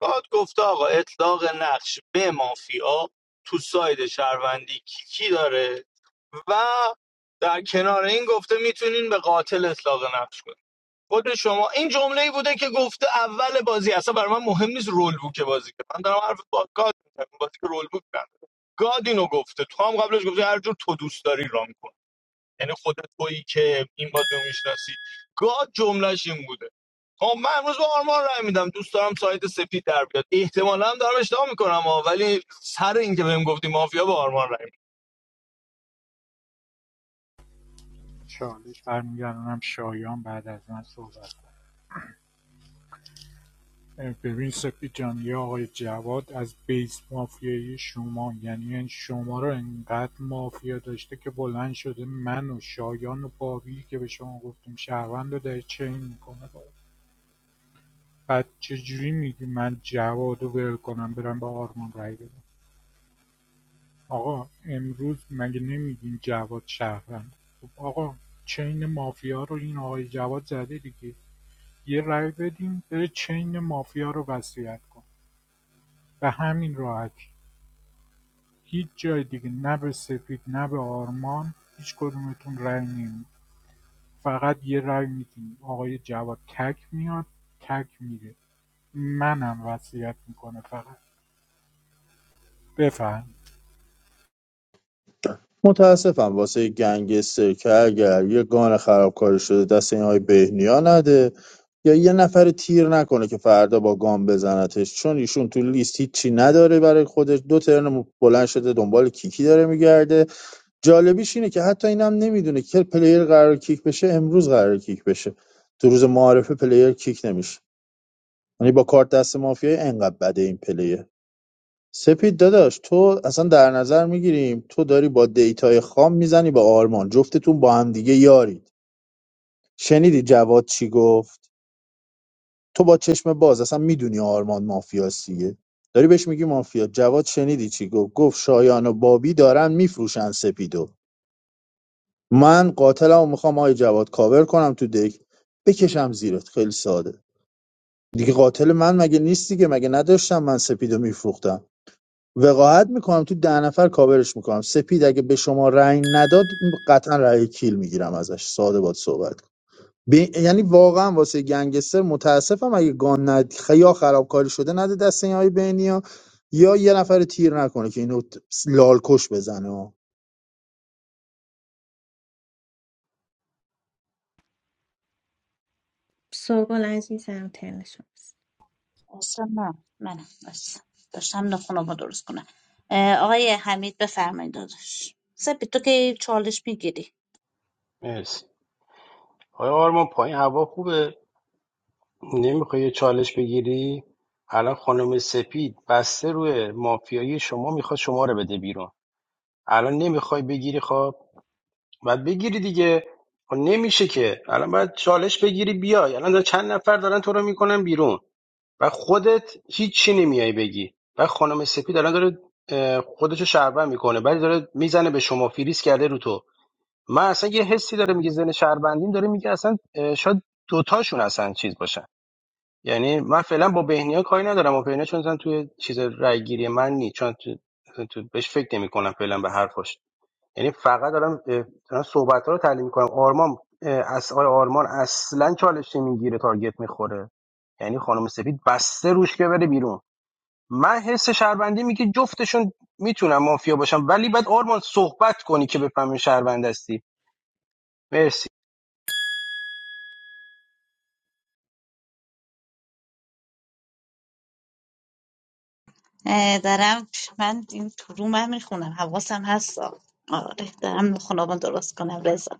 گاد گفته آقا اطلاق نقش به مافیا تو ساید شهروندی کیکی داره و در کنار این گفته میتونین به قاتل اطلاق نقش کنین. خود شما این جمله ای بوده که گفته اول بازی اصلا برای من مهم نیست رول بوک بازی که من دارم حرف با گاد میزنم بازی که رول بوک نداره گاد اینو گفته تو هم قبلش گفته هر جور تو دوست داری ران کن یعنی خودت تویی که این بازی رو میشناسی گاد جملهش این بوده خب من امروز با آرمان رای میدم دوست دارم سایت سپید در بیاد احتمالا هم دارم اشتباه میکنم ها، ولی سر اینکه بهم گفتی مافیا با آرمان رای میدم.
چالش برمیگردونم شایان بعد از من صحبت کنه. ببین سپید جان یا آقای جواد از بیس مافیای شما یعنی این شما رو انقدر مافیا داشته که بلند شده من و شایان و بابی که به شما گفتیم شهروند رو داره چین میکنه بعد چجوری میگی من جواد رو ول کنم برم با آرمان رای بدم آقا امروز مگه نمیگین جواد شهرونده خب آقا چین مافیا رو این آقای جواد زده دیگه یه رای بدیم بره چین مافیا رو وصیت کن و همین راحتی هیچ جای دیگه نه به سپید نه به آرمان هیچ کدومتون رای نمید فقط یه رای میدیم آقای جواد تک میاد تک میره منم وصیت میکنه فقط بفهم
متاسفم واسه گنگستر که اگر یه گان خرابکاری شده دست این های بهنیا نده یا یه نفر تیر نکنه که فردا با گام بزنتش چون ایشون تو لیست هیچی نداره برای خودش دو ترن بلند شده دنبال کیکی داره میگرده جالبیش اینه که حتی اینم نمیدونه که پلیر قرار کیک بشه امروز قرار کیک بشه تو روز معارفه پلیر کیک نمیشه یعنی با کارت دست مافیای انقدر بده این پلیر سپید داداش تو اصلا در نظر میگیریم تو داری با دیتای خام میزنی به آرمان جفتتون با هم دیگه یارید شنیدی جواد چی گفت تو با چشم باز اصلا میدونی آرمان مافیاست دیگه داری بهش میگی مافیا جواد شنیدی چی گفت گفت شایان و بابی دارن میفروشن سپیدو من قاتلم و میخوام آی جواد کاور کنم تو دک بکشم زیرت خیلی ساده دیگه قاتل من مگه نیست دیگه مگه نداشتم من سپیدو میفروختم وقاحت میکنم تو ده نفر کاورش میکنم سپید اگه به شما رأی نداد قطعا رأی کیل میگیرم ازش ساده باد صحبت کنم. به- یعنی واقعا واسه گنگستر متاسفم اگه گان ند... خ- یا خرابکاری شده نده دست این های بینی ها یا یه نفر تیر نکنه که اینو ت- لالکش بزنه ها.
سوگل عزیزم ترن شماست
اصلا نه منم بس داشتم نخونم رو درست کنم اه، آقای حمید بفرمایید داداش سپی تو که چالش میگیری
مرسی آیا آرمان پایین هوا خوبه نمیخوای یه چالش بگیری؟ الان خانم سپید بسته روی مافیایی شما میخواد شما رو بده بیرون الان نمیخوای بگیری خب باید بگیری دیگه خب نمیشه که الان باید چالش بگیری بیای الان چند نفر دارن تو رو میکنن بیرون و خودت هیچی نمیای بگی و خانم سپید الان داره اه، خودشو شربن میکنه ولی داره میزنه به شما فریز کرده رو تو من اصلا یه حسی داره میگه زن شهروندیم داره میگه اصلا اه، شاید دوتاشون اصلا چیز باشن یعنی من فعلا با بهنیا کاری ندارم و بهنیا چون مثلا توی چیز رای گیری من نیست، چون تو, تو بهش فکر نمی کنم فعلا به حرفاش یعنی فقط دارم اه، دارم صحبت رو تحلیل میکنم آرمان از آقای آرمان اصلا چالش نمیگیره تارگت میخوره یعنی خانم سپید بسته روش که بره بیرون من حس شهروندی میگه جفتشون میتونم مافیا باشم ولی بعد آرمان صحبت کنی که بفهمی شهروند هستی مرسی
اه، دارم من این تو رو من میخونم حواسم هست آره دارم خونابان درست کنم رضا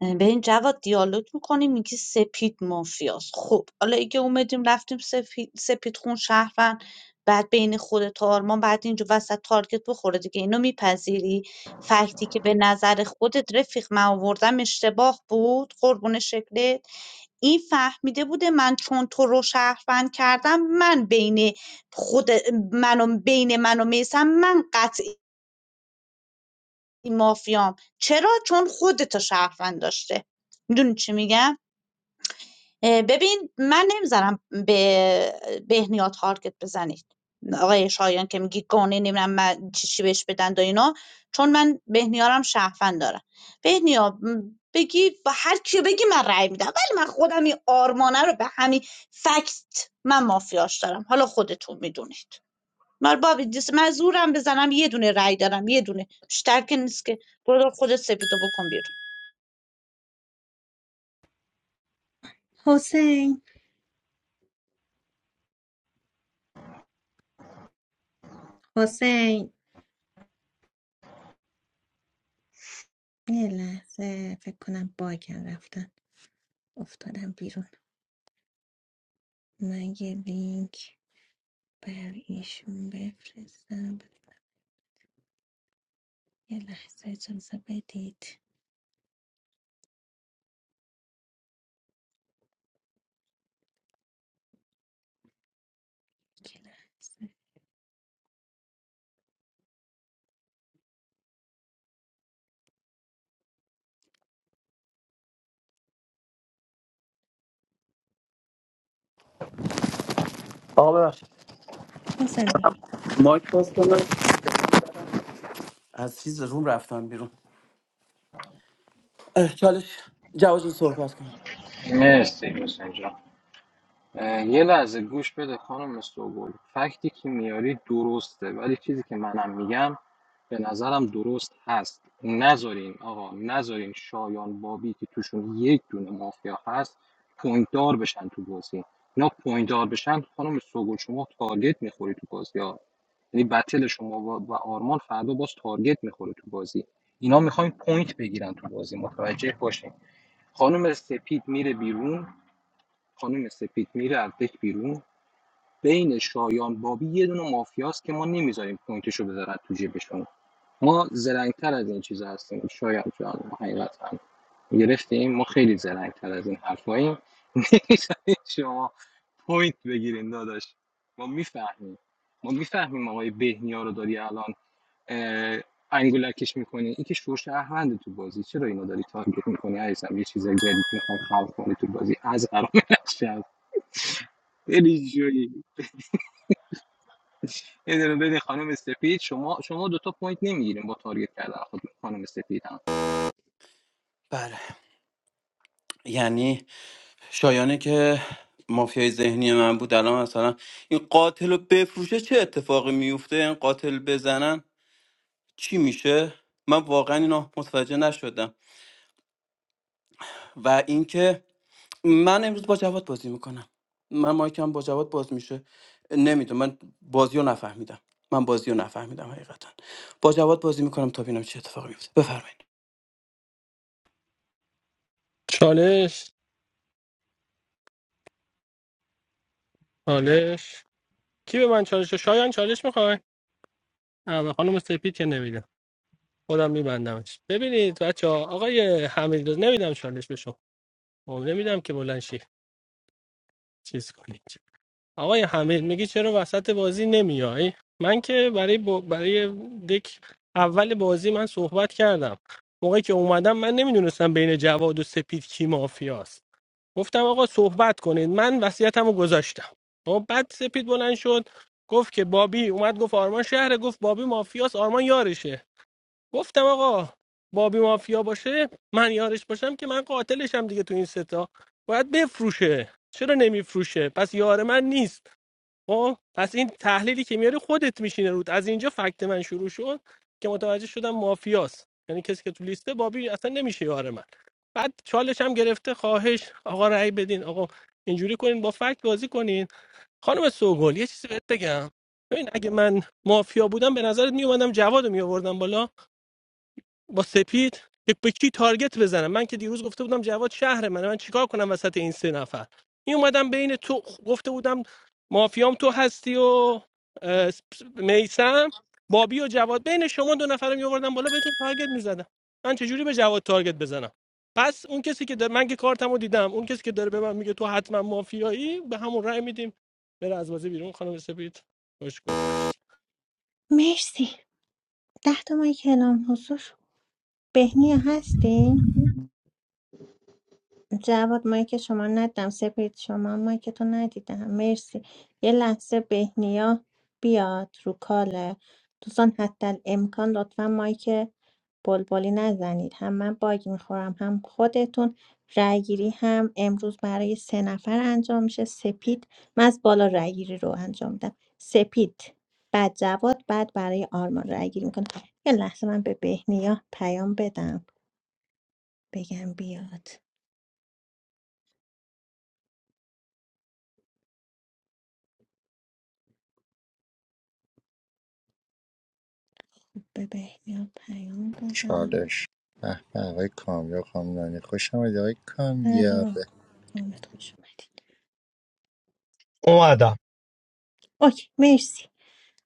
بریم جواد دیالوگ میکنیم میگی سپید مافیاست خب حالا اگه اومدیم رفتیم سپید, سپید خون شهروند بعد بین خودت و آرمان بعد اینجا وسط تارگت بخوره دیگه اینو میپذیری فکتی که به نظر خودت رفیق من آوردم اشتباه بود قربون شکلت این فهمیده بوده من چون تو رو شهروند کردم من بین خود منو بین من و میسم من قطعی مافیام چرا چون خودتو شهروند داشته میدونی چی میگم ببین من نمیذارم به بهنیا تارگت بزنید آقای شایان که میگی گونه نمیدونم من چی چی بهش بدن و اینا چون من بهنیارم شهروند دارم بهنیا م، بگی با هر کیو بگی من رأی میدم ولی من خودم این آرمانه رو به همین فکت من مافیاش دارم حالا خودتون میدونید من بابی دیس من زورم بزنم یه دونه رأی دارم یه دونه بیشتر که نیست که برو خودت سپیدو بکن بیرون
حسین حسین یه لحظه فکر کنم باگم رفتن افتادم بیرون من یه لینک بر ایشون بفرستم یه لحظه اجازه بدید حسین بفر
مایک از چیز روم رفتم بیرون چالش جواز صحبت کنی
مرسی حسین جان اه، یه لحظه گوش بده خانم سوگل فکتی که میاری درسته ولی چیزی که منم میگم به نظرم درست هست نذارین آقا نذارین شایان بابی که توشون یک دونه مافیا هست پوینت دار بشن تو بازی اینا پوینت دار بشن خانم سوگل شما تارگت میخوری تو بازی ها یعنی بتل شما و و آرمان فردا باز تارگت میخوره تو بازی اینا میخواین پوینت بگیرن تو بازی متوجه باشین خانم سپید میره بیرون خانم سپید میره از دک بیرون بین شایان بابی یه دونه مافیاست که ما نمیذاریم پوینتشو بذارن تو جیبشون ما زرنگتر از این چیز هستیم شاید جان حقیقتا گرفتیم ما خیلی زرنگتر از این حرفاییم نمی‌ذارید شما پوینت بگیرین داداش ما میفهمیم ما میفهمیم آقای بهنیا رو داری الان اه، انگولکش میکنی این که شهروند تو بازی چرا اینو داری تارگت میکنی عزیزم یه چیز جدید میخوام خلق کنی تو بازی از قرار نشد خیلی جویی یه دونه بده خانم سفید شما شما دو تا پوینت نمیگیریم با تارگت کردن خود خانم سفید
بله یعنی شایانه که مافیای ذهنی من بود الان مثلا این قاتل رو بفروشه چه اتفاقی میفته این قاتل بزنن چی میشه من واقعا اینا متوجه نشدم و اینکه من امروز با جواد بازی میکنم من مایکم با جواد باز میشه نمیدونم من بازی رو نفهمیدم من بازی رو نفهمیدم حقیقتا با جواد بازی میکنم تا ببینم چه اتفاقی میفته بفرمایید
چالش چالش کی به من چالش شایان چالش میخوای آ خانم سپید که نمی‌ده. خودم میبندمش ببینید بچه ها آقای حمید رضا، نمیدم چالش بشم نمیدم که بلند شی چیز کنید آقای حمید میگی چرا وسط بازی نمیای من که برای ب... برای دک اول بازی من صحبت کردم موقعی که اومدم من نمیدونستم بین جواد و سپید کی مافیاست گفتم آقا صحبت کنید من وصیتمو گذاشتم و بعد سپید بلند شد گفت که بابی اومد گفت آرمان شهره گفت بابی مافیاس آرمان یارشه گفتم آقا بابی مافیا باشه من یارش باشم که من قاتلشم دیگه تو این ستا باید بفروشه چرا نمیفروشه پس یار من نیست خب پس این تحلیلی که میاری خودت میشینه رود از اینجا فکت من شروع شد که متوجه شدم مافیاست یعنی کسی که تو لیسته بابی اصلا نمیشه یار من بعد چالش هم گرفته خواهش آقا رأی بدین آقا اینجوری کنین با فکت بازی کنین خانم سوگل یه چیزی بهت بگم ببین اگه من مافیا بودم به نظرت میومدم جواد میآوردم بالا با سپید که به کی تارگت بزنم من که دیروز گفته بودم جواد شهر منه من چیکار کنم وسط این سه نفر این اومدم بین تو گفته بودم مافیام تو هستی و اه، میسم بابی و جواد بین شما دو نفر رو میآوردم بالا بهتون تارگت میزدم من چجوری به جواد تارگت بزنم پس اون کسی که داره من که کارتمو دیدم اون کسی که داره به من میگه تو حتما مافیایی به همون رأی میدیم بره از بازی بیرون خانم سپید خوش گذشت
مرسی ده تا مایک کلام حضور بهنیا هستین. جواد مایک شما ندیدم سپید شما مایک تو ندیدم مرسی یه لحظه بهنیا بیاد رو کاله دوستان حتی امکان لطفا مایک بلبلی نزنید هم من باگ میخورم هم خودتون رأی گیری هم امروز برای سه نفر انجام میشه سپید من از بالا رأی گیری رو انجام میدم سپید بعد جواد بعد برای آرمان رأی گیری میکنم یه لحظه من به بهنیا پیام بدم بگم بیاد به بهنیا پیام دادم
چالش به به آقای کامیاب خانم نانی خوش آمدید آقای
الان
کامیابه
آمد خوش اومدید
اومدم
اوکی مرسی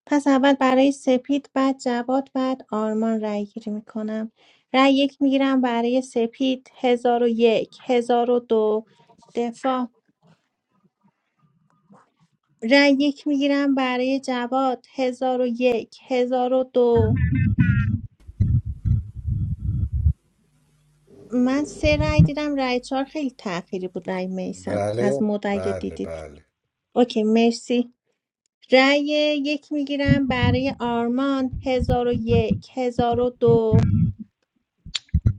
پس اول برای سپید بعد جواد بعد آرمان رأی گیری میکنم رأی یک میگیرم برای سپید هزار و یک هزار و دو دفاع رأی یک میگیرم برای جواد هزار و یک هزار و دو من سه رأی دیدم رأی چهار خیلی تأخیری بود رأی میسم از
بله
مد اگه
بله
دیدید
بله
اوکی مرسی رأی یک میگیرم برای آرمان هزار و یک هزار و دو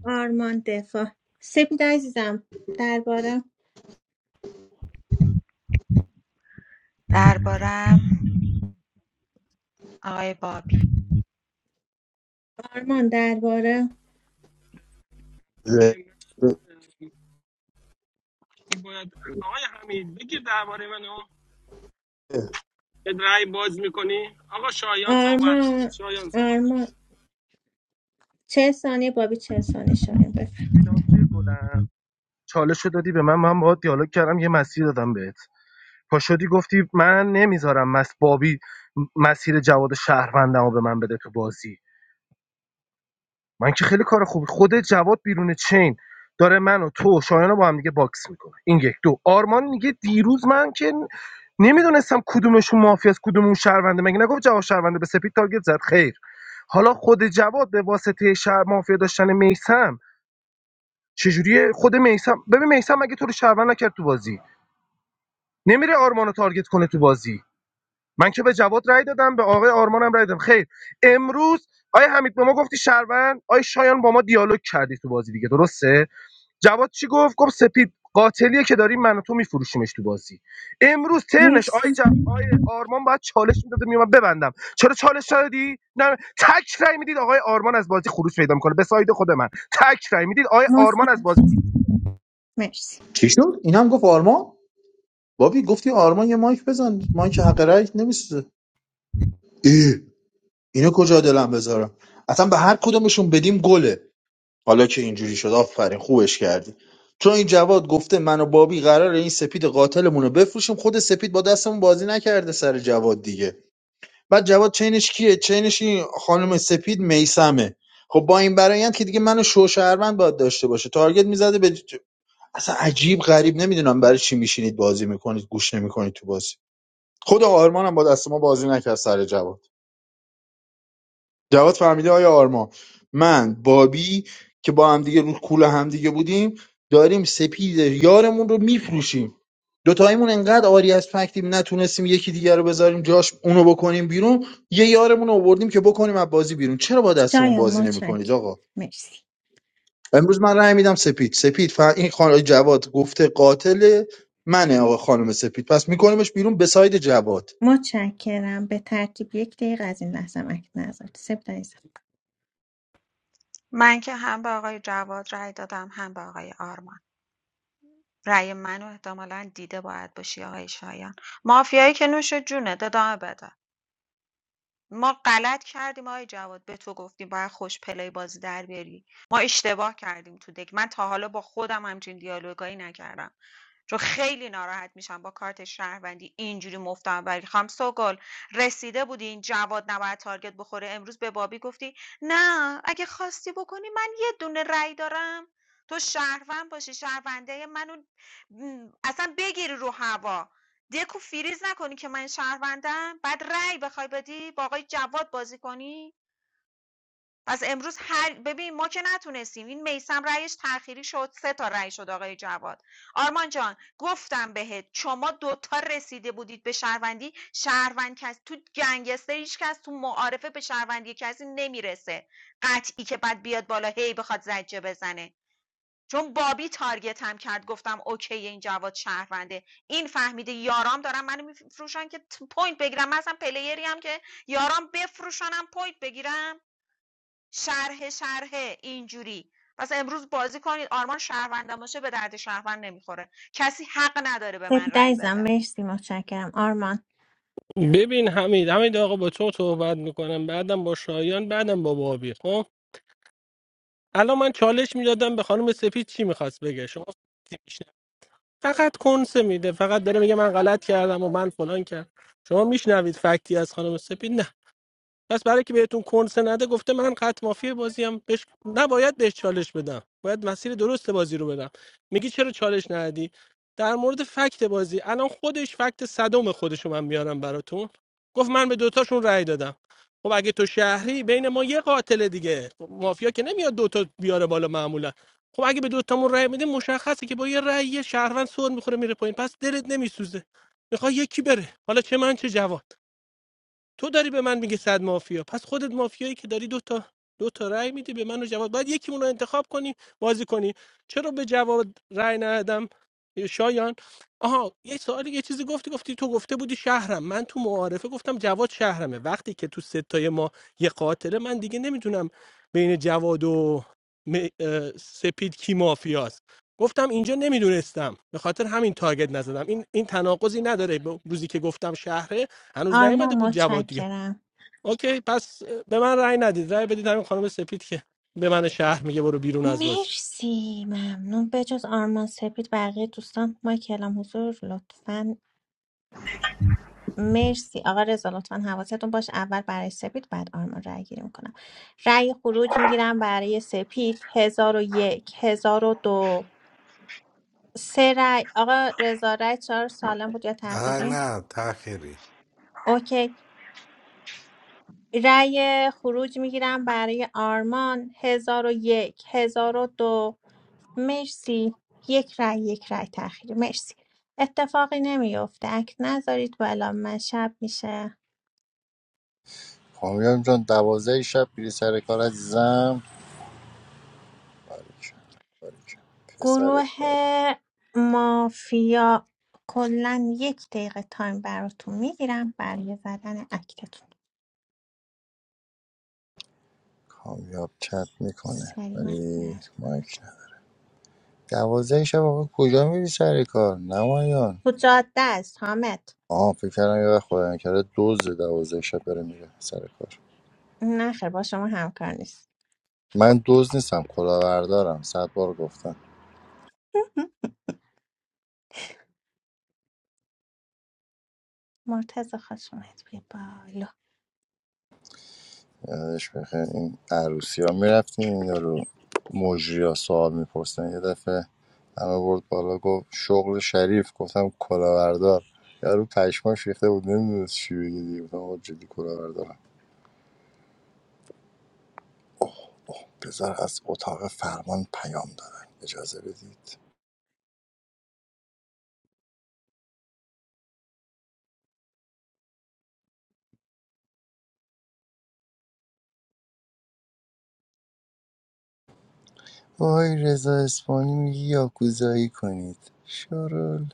آرمان دفاع سپید عزیزم درباره
دربارم آقای بابی
آرمان درباره
به
ره.
من اه، کی باید آقای حمید بگیر درباره منو به رأی باز میکنی آقا شایان صحبت کن
آرمان
شایان صحبت
آرمان چه ثانیه بابی چه ثانیه شایم بفرمید
بگیرن. چالش رو دادی به من من باهات دیالوگ کردم یه مسیر دادم بهت پاشدی گفتی من نمیذارم مس بابی مسیر جواد شهروندم رو به من بده تو بازی من که خیلی کار خوبی خود جواد بیرون چین داره منو تو و شایان با هم دیگه باکس میکنه این یک دو آرمان میگه دیروز من که نمیدونستم کدومشون مافی است کدومون شهرونده مگه نگفت جواد شهرونده به سپید تارگت زد خیر حالا خود جواد به واسطه شهر مافیا داشتن میسم چجوری خود میسم ببین میسم مگه تو رو شهروند نکرد تو بازی نمیره آرمانو تارگت کنه تو بازی من که به جواد رای دادم به آقای آرمانم رای دادم خیر امروز آیا حمید به ما گفتی شهروند آیا شایان با ما دیالوگ کردی تو بازی دیگه درسته جواد چی گفت گفت سپید قاتلیه که داریم من و تو میفروشیمش تو بازی امروز ترنش
مرسی
آی جف آی آرمان باید چالش میداده میومد ببندم چرا چالش ندادی نه تک رای میدید آقای آرمان از بازی خروج پیدا میکنه به ساید خود من تک رای میدید آقای آرمان از
متشکرم
بازی
مرسی
چی شد این هم گفت آرمان بابی گفتی آرمان یه مایک بزن مایک حق رأی نمیسوزه اینو کجا دلم بذارم اصلا به هر کدومشون بدیم گله حالا که اینجوری شد آفرین خوبش کردی چون این جواد گفته من و بابی قرار این سپید قاتلمون رو بفروشیم خود سپید با دستمون بازی نکرده سر جواد دیگه بعد جواد چینش کیه چینش این خانم سپید میسمه خب با این برایند که دیگه منو شوشهروند باید داشته باشه تارگت میزده به ج- اصلا عجیب غریب نمیدونم برای چی میشینید بازی میکنید گوش نمیکنید تو بازی خود آرمانم با دست ما بازی نکرد سر جواد جواد فهمیده آیا آرمان من بابی که با همدیگه رو کول همدیگه بودیم داریم سپید یارمون رو میفروشیم دوتاییمون انقدر آری از فکتیم نتونستیم یکی دیگر رو بذاریم جاش اونو بکنیم بیرون یه یارمون رو آوردیم که بکنیم از بازی بیرون چرا با دستمون
شایم
بازی نمیکنید
متشکرم
آقا
مرسی
امروز من رأی میدم سپید سپید ف... این خانم جواد گفته قاتل منه آقا خانم سپید پس میکنیمش بیرون به ساید جواد
متشکرم به ترتیب یک دقیقه از این لحظه اکت نذارید سپید عزیزم
من که هم به آقای جواد رأی دادم هم به آقای آرمان رأی منو احتمالاً دیده باید باشی آقای شایان مافیایی که نوش جونه ادامه بده ما غلط کردیم آقای جواد به تو گفتیم باید خوش پلی بازی در بیاری ما اشتباه کردیم تو دک من تا حالا با خودم همچین دیالوگایی نکردم چون خیلی ناراحت میشم با کارت شهروندی اینجوری مفتم ولی خام سوگل رسیده بودی این جواد نباید تارگت بخوره امروز به بابی گفتی نه اگه خواستی بکنی من یه دونه رأی دارم تو شهروند باشی شهرونده منو اصلا بگیری رو هوا دکو فریز نکنی که من شهروندم بعد رأی بخوای بدی با آقای جواد بازی کنی پس امروز هر ببین ما که نتونستیم این میسم رأیش تأخیری شد سه تا رأی شد آقای جواد آرمان جان گفتم بهت شما دوتا رسیده بودید به شهروندی شهروند کس تو گنگستر هیچ کس تو معارفه به شهروندی کسی نمیرسه قطعی که بعد بیاد بالا هی بخواد زجه بزنه چون بابی تارگتم کرد گفتم اوکی این جواد شهرونده این فهمیده یارام دارم منو میفروشن که ت- پوینت بگیرم من اصلا پلیری هم که یارام بفروشنم پوینت بگیرم شرح شرحه اینجوری پس امروز بازی کنید آرمان شهروندم باشه به درد شهروند نمیخوره کسی حق نداره به من
سپید
رأی
عزیزم
بده
مرسی متشکرم آرمان
کن. ببین حمید حمید آقا با تو صحبت میکنم بعدم با شایان بعدم با بابی خب الان من چالش میدادم به خانم سفید چی میخواست بگه شما فقط کنسه میده فقط داره میگه من غلط کردم و من فلان کردم شما میشنوید فکتی از خانم سپید پس برای که بهتون کنسه نده گفته من قط مافی بازی هم بهش نباید بهش چالش بدم باید مسیر درست بازی رو بدم میگی چرا چالش ندی در مورد فکت بازی الان خودش فکت صدم خودشو من میارم براتون گفت من به دوتاشون رأی دادم خب اگه تو شهری بین ما یه قاتل دیگه مافیا که نمیاد دوتا بیاره بالا معمولا خب اگه به دوتامون رأی میدیم مشخصه که با یه رأی یه شهروند سر میخوره میره پایین پس دلت نمیسوزه میخوای یکی بره حالا چه من چه جواد تو داری به من میگی صد مافیا پس خودت مافیایی که داری دو تا دو تا رأی میدی به من و جواد باید یکیمون رو انتخاب کنی بازی کنی چرا به جواد رأی ندادم شایان آها یه سوالی یه چیزی گفتی گفتی تو گفته بودی شهرم من تو معارفه گفتم جواد شهرمه وقتی که تو ستای ما یه قاتله من دیگه نمیدونم بین جواد و م- اه، سپید کی مافیاست گفتم اینجا نمیدونستم به خاطر همین تارگت نزدم این این تناقضی نداره با روزی که گفتم شهره هنوز
آرمان
نیومده بود جواد دیگه
متشکرم
اوکی پس به من رأی ندید رأی بدید همین خانم سپید که به من شهر میگه برو بیرون از بازی
مرسی ممنون به جز آرمان سپید بقیه دوستان ما کلام حضور لطفا مرسی آقا رضا لطفا حواستون باش اول برای سپید بعد آرمان رای گیری میکنم رای خروج میگیرم برای سپید هزار و یک هزار و دو سه رای آقا رضا رای چهار سالم بود یا
نه
تأخیری
نه تخیری
اوکی رأی خروج میگیرم برای آرمان هزار و یک هزار و دو مرسی یک رأی یک رأی تأخیری مرسی اتفاقی نمیفته اک نذارید بالا من شب میشه
کامیاب جان دوازده شب بیری سر کار عزیزم باریکن باریکن پسر
گروه
کار
مافیا کلا یک دقیقه تایم براتون میگیرم برای زدن اکتتون
کامیاب چت میکنه
سریع
ولی
مسئولیت
مایک
کنید
نه دوازده شب آقا کجا میری سر کار نمایان
حجات دست حامد
آها فکر کردم یه وقت خدایان کرده دوز دوازده شب بره میره سر کار
نه خیر با شما همکار نیست
من دوز نیستم کلاوردارم صد بار گفتم
مرتضی خوش اومد بیا بالا
یادش بخیر این عروسی ها میرفتیم اینا رو مجری ها سوال میپرسن یه دفعه همه برد بالا گفت شغل شریف گفتم کلاهبردار یارو پشماش ریخته بود نمیدونست چی بگه دیگه گفتم آقا جدی کلاهبردارم بذار از اتاق فرمان پیام دادن اجازه بدید وای رضا اسپانی میگه یاکوزایی کنید شرول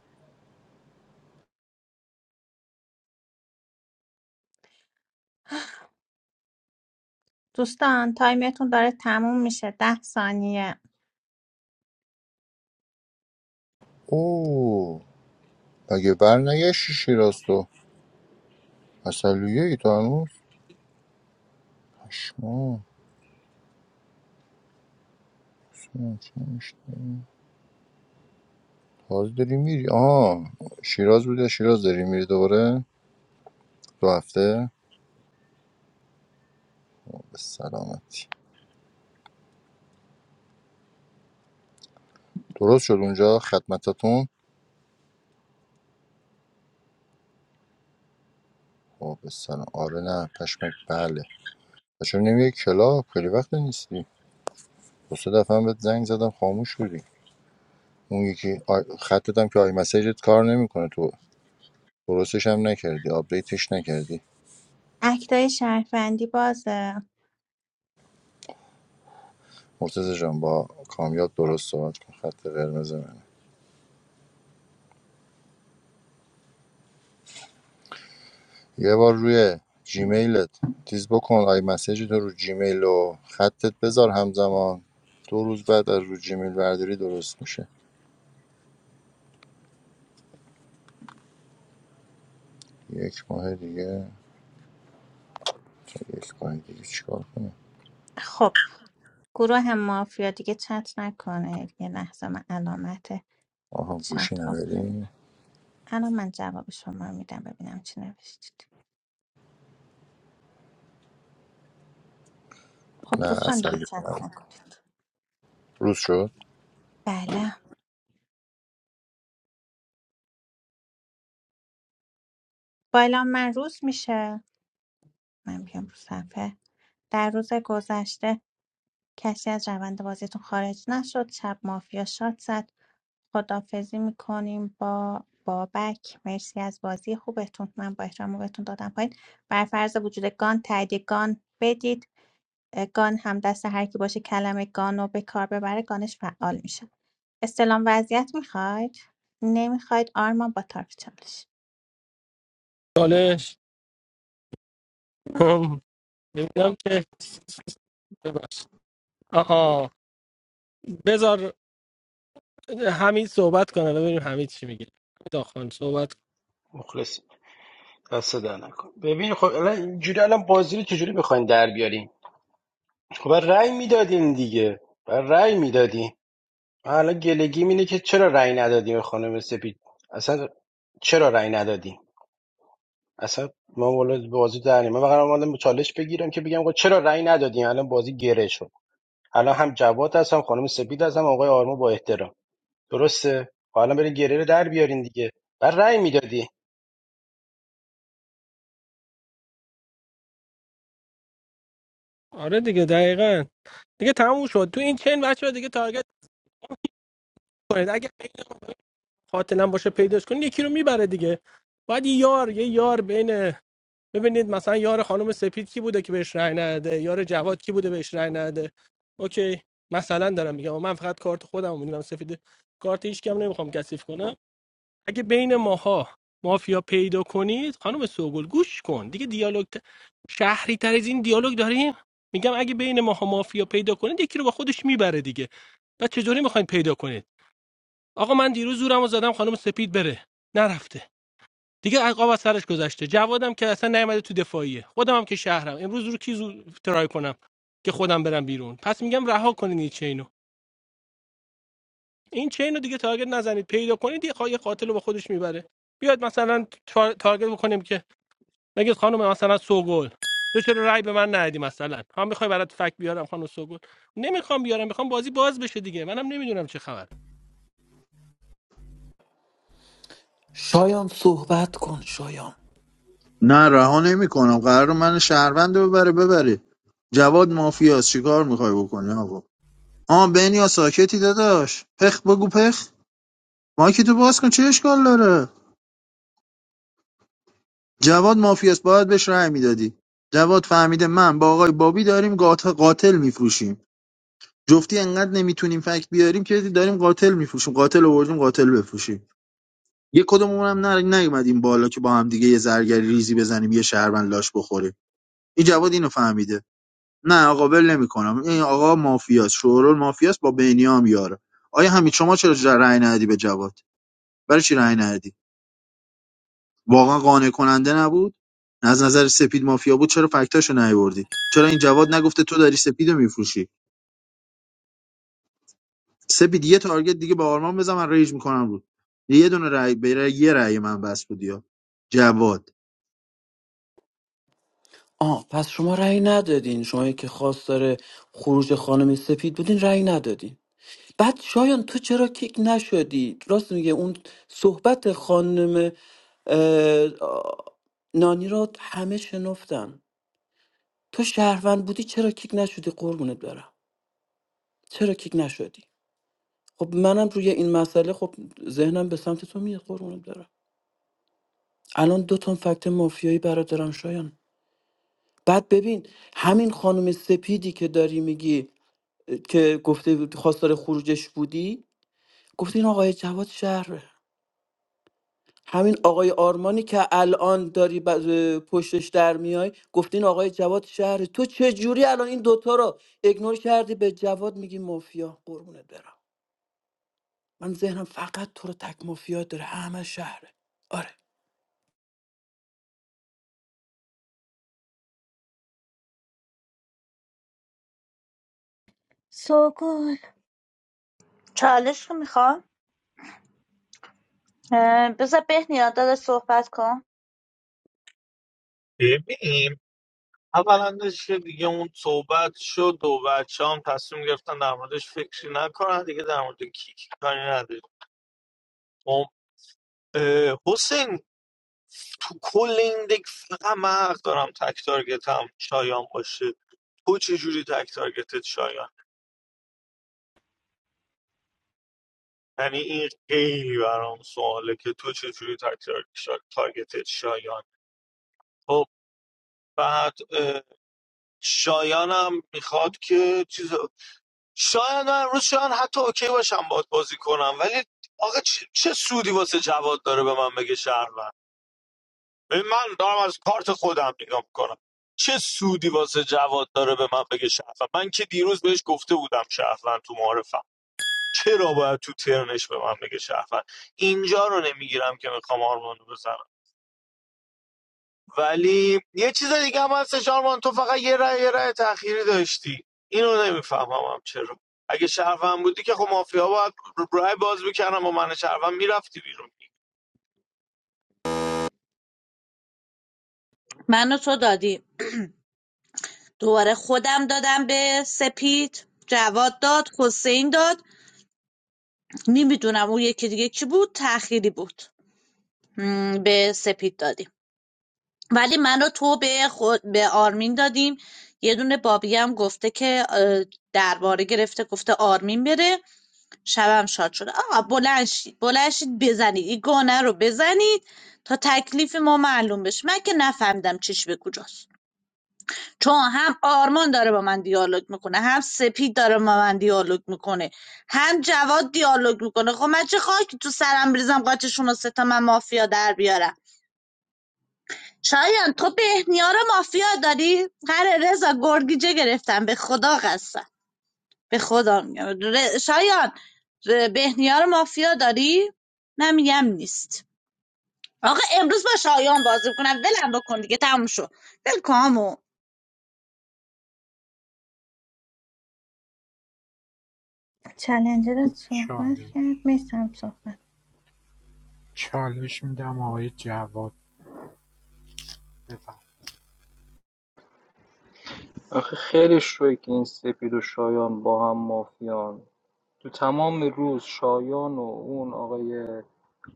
دوستان تایمتون داره تموم میشه ده ثانیه
اوه مگه بر نگشتی شیراز تو اصلیه ای تو هنوز پشمام باز داری میری آه شیراز بوده شیراز داری میری دوباره دو هفته به سلامتی درست شد اونجا خدمتتون خب به سلام آره نه پشمک بله و چون نمیای کلاب خیلی وقت نیستی دو سه دفعه هم بهت زنگ زدم خاموش بودی اون یکی آی... خطت هم که آی مسیجت کار نمیکنه تو درستش هم نکردی آپدیتش نکردی
اکتای شهروندی بازه
مرتضی جان با کامیاب درست صحبت کن خط قرمز من یه بار روی جیمیلت تیز بکن آی مسیج تو رو جیمیل و خطت بذار همزمان دو روز بعد از رو جیمیل برداری درست میشه یک ماه دیگه یک ماه دیگه چیکار کنیم
خب گروه مافیا دیگه چت نکنید یه لحظه من علامت
آها گوشی
چت آف
نداری
کنم. الان من جواب شما رو میدم ببینم چی نوشتید خب
نه
دوستان دیگه
اصلا
چت نکنید
روز شد
بله بالا من روز میشه من بیام رو صفحه در روز گذشته کسی از روند بازیتون خارج نشد شب مافیا شاد زد خداحافظی میکنیم با بابک مرسی از بازی خوبتون من با احترام رو بهتون دادم پایین بر فرض وجود گان تایید گان بدید اه، گان هم دست هر کی باشه کلمه گان رو به کار ببره گانش فعال میشه استلام وضعیت میخواید نمیخواید آرمان با طرف چالش
چالش هم. ببینم که ببخشید. آها بذار حمید صحبت کنه ببینیم حمید چی میگه داخل صحبت کن.
مخلص دست در نکن ببین خب الان اینجوری الان بازی رو چجوری میخواین در بیارین؟ خب رأی میدادیم دیگه و رأی میدادیم من الان گلگیم اینه که چرا رأی ندادیم به خانم سپید اصلا چرا رأی ندادیم اصلا ما والا بازی در نیم. من فقط اومدم چالش بگیرم که بگم آقا چرا رأی ندادیم الان بازی گره شد الان هم جواد هست، هم خانم سپید هستم آقای آرما با احترام درسته حالا برین گره رو در بیارین دیگه و رأی میدادی
آره دیگه دقیقا دیگه تموم شد تو این چین بچه دیگه تارگت کنید اگه قاتلا باشه پیداش کنید یکی رو میبره دیگه باید یه یار یه یار بین ببینید مثلا یار خانم سپید کی بوده که بهش رأی نده یار جواد کی بوده بهش رأی نده اوکی مثلا دارم میگم من فقط کارت خودم میدونم سفید کارت هیچ کم نمیخوام کثیف کنم اگه بین ماها مافیا پیدا کنید خانم سوگل گوش کن دیگه دیالوگ ت- شهری تر از این دیالوگ داریم میگم اگه بین ماها مافیا پیدا کنید یکی رو با خودش میبره دیگه و چجوری میخواین پیدا کنید آقا من دیروز زورم رو زدم خانم سپید بره نرفته دیگه عقاب از سرش گذشته جوادم که اصلا نیومده تو دفاعیه خودم هم که شهرم امروز رو کی زو ترای کنم که خودم برم بیرون پس میگم رها کنین این چینو این چینو دیگه تارگت نزنید پیدا کنید یه خواهی قاتل رو با خودش میبره بیاد مثلا تار... تارگت بکنیم که بگید خانم مثلا سوگل تو چرا رأی به من ندی مثلا هم میخوای برات فک بیارم خانم سوگل نمیخوام بیارم میخوام بازی باز بشه دیگه منم نمیدونم چه خبر
شایان صحبت کن شایان
نه رها نمیکنم قرار من شهروند رو ببره ببری جواد مافیاست چیکار میخوای بکنی آقا آ بنیا ساکتی داداش پخ بگو پخ مایک تو باز کن چه اشکال داره جواد مافیاست باید بهش رأی میدادی جواد فهمیده من با آقای بابی داریم قاتل قاتل میفروشیم جفتی انقدر نمیتونیم فکت بیاریم که داریم قاتل میفروشیم قاتل آوردیم قاتل بفروشیم یه کدومون هم نر- نیومدیم بالا که با هم دیگه یه زرگری ریزی بزنیم یه شهروند لاش بخوریم این جواد اینو فهمیده نه آقا ول نمیکنم این آقا مافیاست شورول مافیاست با بنیام یاره آیا همین شما چرا ج- رأی ندی به جواد برای چی رأی ندادی؟ واقعا قانع کننده نبود از نظر سپید مافیا بود چرا فکتاشو نیاوردی چرا این جواد نگفته تو داری سپیدو میفروشی سپید یه تارگت دیگه به آرمان بزن من ریج میکنم بود یه دونه رأی به رأی- یه رأی من بس بود یا جواد
آه پس شما رأی ندادین شما که خواستار خروج خانم سپید بودین رأی ندادین بعد شایان تو چرا کیک نشدی راست میگه اون صحبت خانم اه، آه، نانی را همه شنفتن تو شهروند بودی چرا کیک نشدی قربونت برم چرا کیک نشدی خب منم روی این مسئله خب ذهنم به سمت تو میاد قربونت برم الان دو تا فکت مافیایی برات دارم شایان بعد ببین همین خانم سپیدی که داری میگی که گفته خواستار خروجش بودی گفته این آقای جواد شهر. همین آقای آرمانی که الان داری ب- پشتش در میای گفته این آقای جواد شهر. تو چه جوری الان این دوتا رو اگنور کردی به جواد میگی مافیا قربونت برم من ذهنم فقط تو رو تک مافیا داره همه شهره آره
سوگل
چالش رو میخوام بذار بهنیا داداش صحبت کن
ببین اولندش که دیگه اون صحبت شد و بچه هم تصمیم گرفتن در موردش فکری نکنن دیگه در مورد کیکی کاری نداریم خب، اه، حسین تو کل این دک فقط من حق دارم تک تارگت هم شایان باشه تو چجوری تک تارگتت شایان یعنی این خیلی برام سواله که تو چجوری تک تار- شا- تارگتت شایان خب بعد اه، شایانم میخواد که چیز شاید من امروز شاید حتی اوکی باشم باد بازی کنم ولی آقا چه, چه سودی واسه جواد داره به من بگه شهروند ببین من دارم از کارت خودم نگاه میکنم چه سودی واسه جواد داره به من بگه شهروند من که دیروز بهش گفته بودم شهروند تو معارفم چرا باید تو ترنش به من بگه شهروند اینجا رو نمیگیرم که میخوام آرمانو بزنم ولی یه چیز دیگه هم هست شارمان تو فقط یه رای یه رای تأخیری داشتی اینو نمیفهمم هم چرا اگه شهروند بودی که خب مافیا باید رأی باز میکردم و من شهروند میرفتی بیرون
من و تو دادیم دوباره خودم دادم به سپید جواد داد حسین داد نمیدونم اون یکی دیگه کی بود تأخیری بود م، به سپید دادیم ولی من و تو به, خود به آرمین دادیم یه دونه بابی هم گفته که اه، درباره گرفته گفته آرمین بره شبم شاد شده آقا بلند شید بلند شید بزنید این گانه رو بزنید تا تکلیف ما معلوم بشه من که نفهمیدم چیش به کجاست چون هم آرمان داره با من دیالوگ میکنه هم سپید داره با من دیالوگ میکنه هم جواد دیالوگ میکنه خب من چه خاکی تو سرم بریزم قاچشون رو ستا من مافیا در بیارم شایان تو بهنیا رو مافیا داری هر رضا گرگیجه گرفتم به خدا قسم به خدا میگم شایان ر- بهنیا رو مافیا داری من نیست آقا امروز با شایان بازی میکنم ولم بکن دیگه تموم شد ول کن
چلنجرت صحبت
چالش
کرد میسم صحبت
چالش میدم آقای جواد بفهم
آخه خیلی شوی که این سپید و شایان با هم مافیان تو تمام روز شایان و اون آقای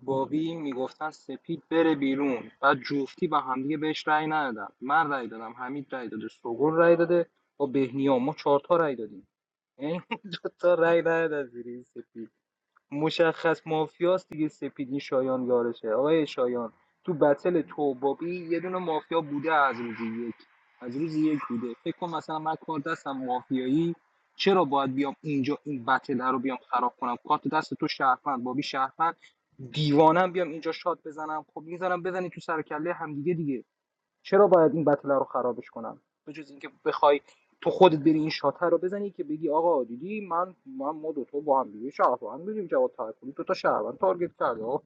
باقی میگفتن سپید بره بیرون بعد جفتی به همدیگه بهش رأی ندادم من رأی دادم حمید رأی داده سوگل رأی داده با بهنیا ما چهار تا رأی دادیم یعنی دو تا رأی ندادن زیر این سپید مشخص مافیاست دیگه سپید این شایان یارشه آقای شایان تو بتل تو بابی یه دونه مافیا بوده از روز یک از روز یک بوده فکر کن مثلا من کار دستم مافیایی چرا باید بیام اینجا این بتل رو بیام خراب کنم کارت دست تو شهروند بابی شهروند دیوانم بیام اینجا شات بزنم خب میذارم بزنی تو سر کله همدیگه دیگه چرا باید این بتله رو خرابش کنم به جز اینکه بخوای تو خودت بری این شاتر رو بزنی که بگی آقا دیدی من من ما دو تو با هم دیگه شهروند بودیم جواد تاکلی دو تا شهروند تارگت کرد آقا.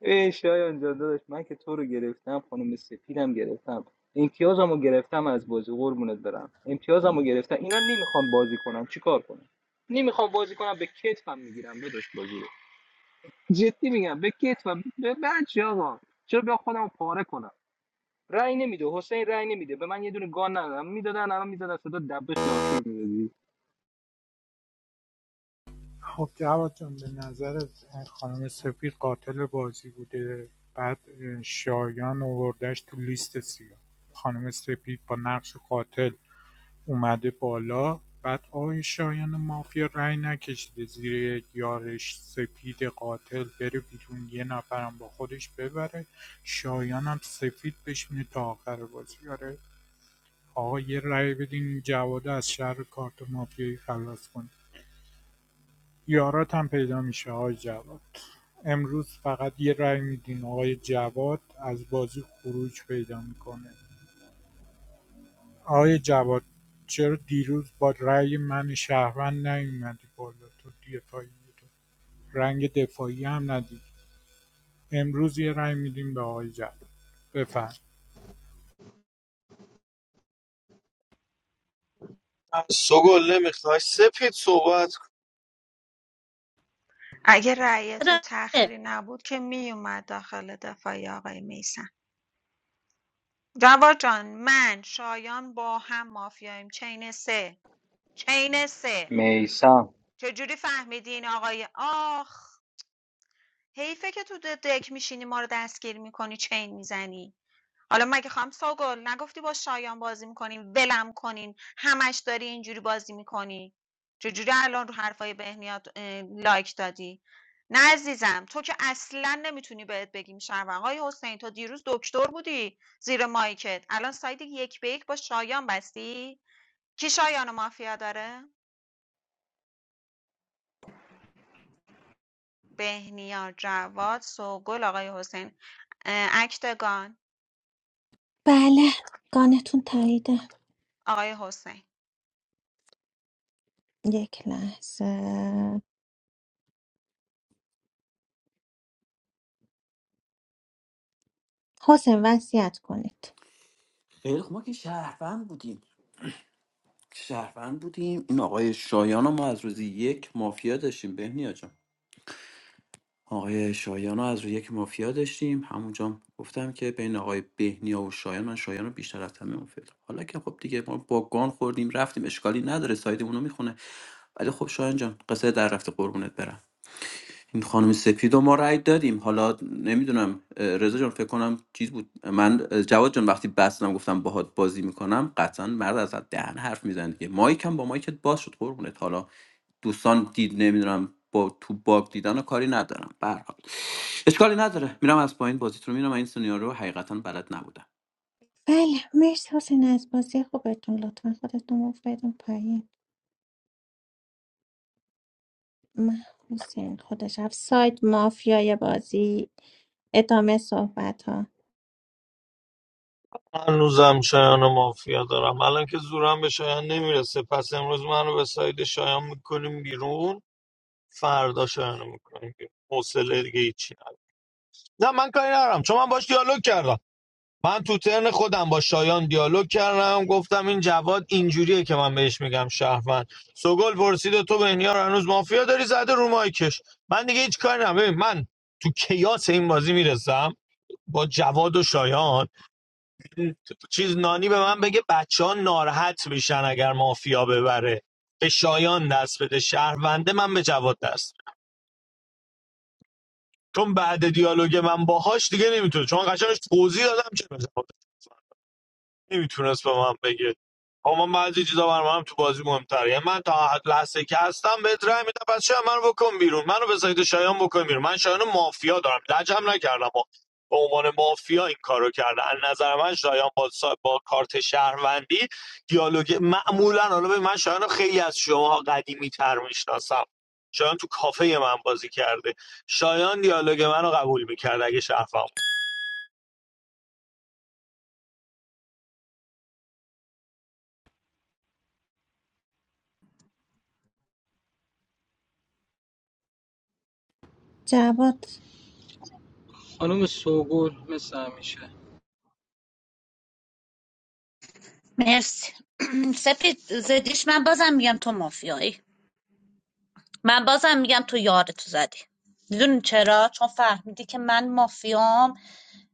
ای شایان جان داداش من که تو رو گرفتم خانم سپیدم گرفتم امتیازم رو گرفتم از بازی قربونت برم امتیازم رو گرفتم اینا نمیخوان بازی کنن چیکار کنم نمیخوام بازی کنم به کتفم میگیرم داداش بازی رو جدی میگم به کتفم به بچه آقا چرا بیا خودم پاره کنم رأی نمیده حسین رأی نمیده به من یه دونه گان ندادم میدادن الان میزدن صدا دبه خیارشور میدادی
خب جواد جان به نظر خانم سپید قاتل بازی بوده بعد شایان اووردش تو لیست سیاه خانم سپید با نقش قاتل اومده بالا بعد آقای شایان مافیا رأی نکشیده زیر یارش سپید قاتل بره بیرون یه نفرم با خودش ببره شایانم سفید بشینه تا آخر بازی آره آقا یه رأی بدین این جواد از شر کارت مافیایی خلاص کنه یارات هم پیدا میشه آقای جواد امروز فقط یه رای میدین آقای جواد از بازی خروج پیدا میکنه آقای جواد چرا دیروز با رای من شهروند نیومدی بالا تو دفاعی تو رنگ دفاعی هم ندید امروز یه رای میدیم به آقای جواد بفهم
سگل نمیخوای سپید صحبت کن.
اگه رأی تو تأخیری نبود که میومد داخل دفاعی آقای میسن جواد جان من شایان با هم مافیاییم چین سه چین سه
میسم
چجوری فهمیدی این آقای آخ حیفه که تو د- دک میشینی ما رو دستگیر میکنی چین میزنی حالا مگه خواهم سوگل نگفتی با شایان بازی میکنیم ولم کنین همش داری اینجوری بازی میکنی چجوری الان رو حرفای بهنیات لایک دادی نه عزیزم تو که اصلا نمیتونی بهت بگیم شنون آقای حسین تو دیروز دکتر بودی زیر مایکت الان ساید یک به یک با شایان بستی کی شایان و مافیا داره بهنیا جواد سوگل آقای حسین اه، اکتگان
بله گانتون تاییده
آقای حسین
یک لحظه حسین وصیت کنید
خیلی خوب ما که شهروند بودیم شهروند بودیم این آقای شایان رو ما از روزی یک مافیا داشتیم بهنیا جان آقای شایان رو از روی یک مافیا داشتیم همونجا هم گفتم که بین آقای بهنیا و شایان من شایان رو بیشتر از همه اون فکر حالا که خب دیگه ما با گان خوردیم رفتیم اشکالی نداره سایدمون رو میخونه ولی خب شایان جان قصه در رفته قربونت برم این خانم سپید و ما رأی دادیم حالا نمیدونم رضا جان فکر کنم چیز بود من جواد جان وقتی بستم گفتم باهات بازی میکنم قطعا مرد از دهن حرف میزنه دیگه مایکم با مایکت باز شد قربونت حالا دوستان دید نمیدونم با تو باگ دیدن و کاری ندارم به هر حال اشکالی نداره میرم از پایین بازیتون رو میرم من این سناریو رو حقیقتا بلد نبودم
بله مرسی حسین از بازی خوبتون لطفا خودتون رو بدون پایین من حسین خودش رفت سایت مافیای بازی ادامه صحبت ها
من هنوزم شایان و مافیا دارم الان که زورم به شایان نمیرسه پس امروز منو به ساید شایان میکنیم بیرون فردا شایان رو میکنیم بیرون. حوصله دیگه هیچی ندارم. نه من کاری ندارم چون من باش دیالوگ کردم من تو ترن خودم با شایان دیالوگ کردم گفتم این جواد اینجوریه که من بهش میگم شهروند سوگل پرسید و تو بهنیا رو هنوز مافیا داری زده رو مایکش من دیگه هیچ کاری ندارم ببین من تو کیاس این بازی میرسم با جواد و شایان چیز نانی به من بگه بچه ها ناراحت میشن اگر مافیا ببره به شایان دست بده شهرونده من به جواد دست چون بعد دیالوگ من باهاش دیگه نمیتونه چون قشنگش توضیح دادم چه جواد نمیتونست به من بگه اما من بعضی چیزا برام تو بازی مهمتره یعنی من تا حد لحظه که هستم بهت رای میدم پس چرا منو بکن بیرون منو به سایت شایان بکن بیرون من شایان مافیا دارم لجم نکردم و به عنوان مافیا این کارو کرده از نظر من شایان با, سا- با کارت شهروندی دیالوگ معمولا حالا به من شایان رو خیلی از شماها قدیمی تر میشناسم شایان تو کافه من بازی کرده شایان دیالوگ منو قبول میکرد اگه شهروند
جواد
خانم سوگل مثل همیشه
مرسی سپید زدیش من بازم میگم تو مافیایی من بازم میگم تو یارتو زدی میدونی چرا چون فهمیدی که من مافیام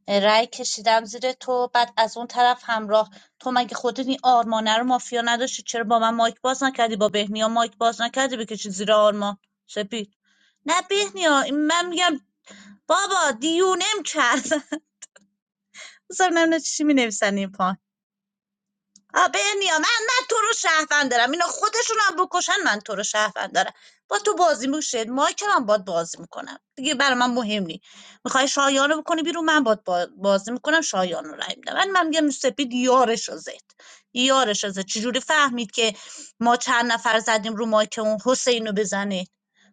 رأی کشیدم زیر تو بعد از اون طرف همراه تو مگه خودت این آرمانه رو مافیا نداشتی چرا با من مایک باز نکردی با بهنیا مایک باز نکردی بکشی زیر آرمان سپید نه بهنیا این من میگم بابا دیونم کرد اصلا نمیدونم چی می نویسن این پایین. آ بنیا من من تو رو شهروند دارم اینا خودشون هم بکشن من تو رو شهروند دارم با تو بازی میشه ما که من باد بازی میکنم دیگه برای من مهم نی میخوای شایان رو بکنی بیرون من باد با- بازی میکنم شایان رو رای میدم من من میگم سپید یارش رو زد یارش رو زد چجوری فهمید که ما چند نفر زدیم رو مایک اون حسین رو بزنه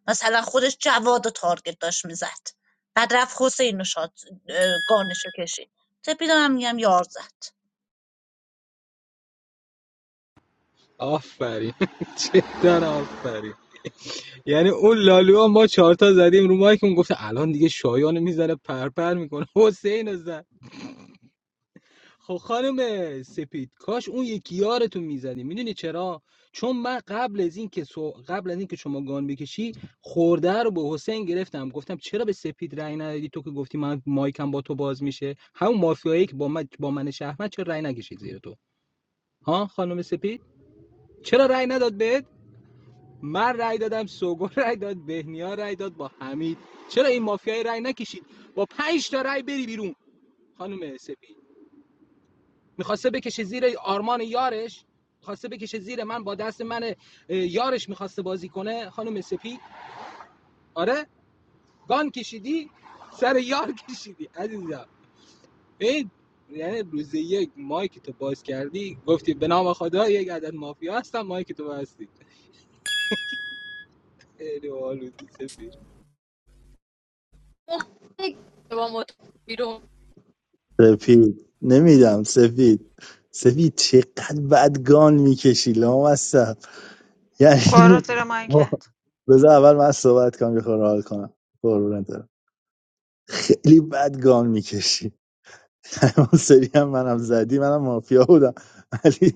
مثلا خودش جواد و تارگت داشت میزد بعد رفت حسین رو شاد گانش رو کشید سپید هم میگم یار زد
آفرین چقدر آفرین یعنی اون لالو ما چهار تا زدیم رو مایک اون گفت الان دیگه شایانو میذاره پرپر میکنه حسین زد خب خانم سپید کاش اون یکی یارتون میزدی میدونی چرا چون من قبل از این که سو- قبل از این که شما گان بکشی خورده رو به حسین گرفتم گفتم چرا به سپید رأی ندادی تو که گفتی من مایکم با تو باز میشه همون مافیایی که با من با من شهرمند چرا رأی نکشید زیر تو ها خانم سپید چرا رأی نداد بهت من رأی دادم سوگل رأی داد بهنیا رأی داد با حمید چرا این مافیای رأی نکشید با پنج تا رأی بری بیرون خانم سپید میخواسته بکشه زیر آرمان یارش خواسته بکشه زیر من با دست من یارش میخواسته بازی کنه خانم سپید آره گان کشیدی سر یار کشیدی عزیزم این یعنی روز یک مایک تو باز کردی گفتی به نام خدا یک عدد مافیا هستم مایک تو بستی خیلی باحالودی سپید
با
سفید نمیدم سفید سفید چقدر بدگان میکشی لامصب.
برو
یعنی
زیر
ما-
مایکت
بذار اول من صحبت کنم یه حال کنم قربونت برم. خیلی بد گان میکشی اون سری هم منم زدی منم مافیا بودم ولی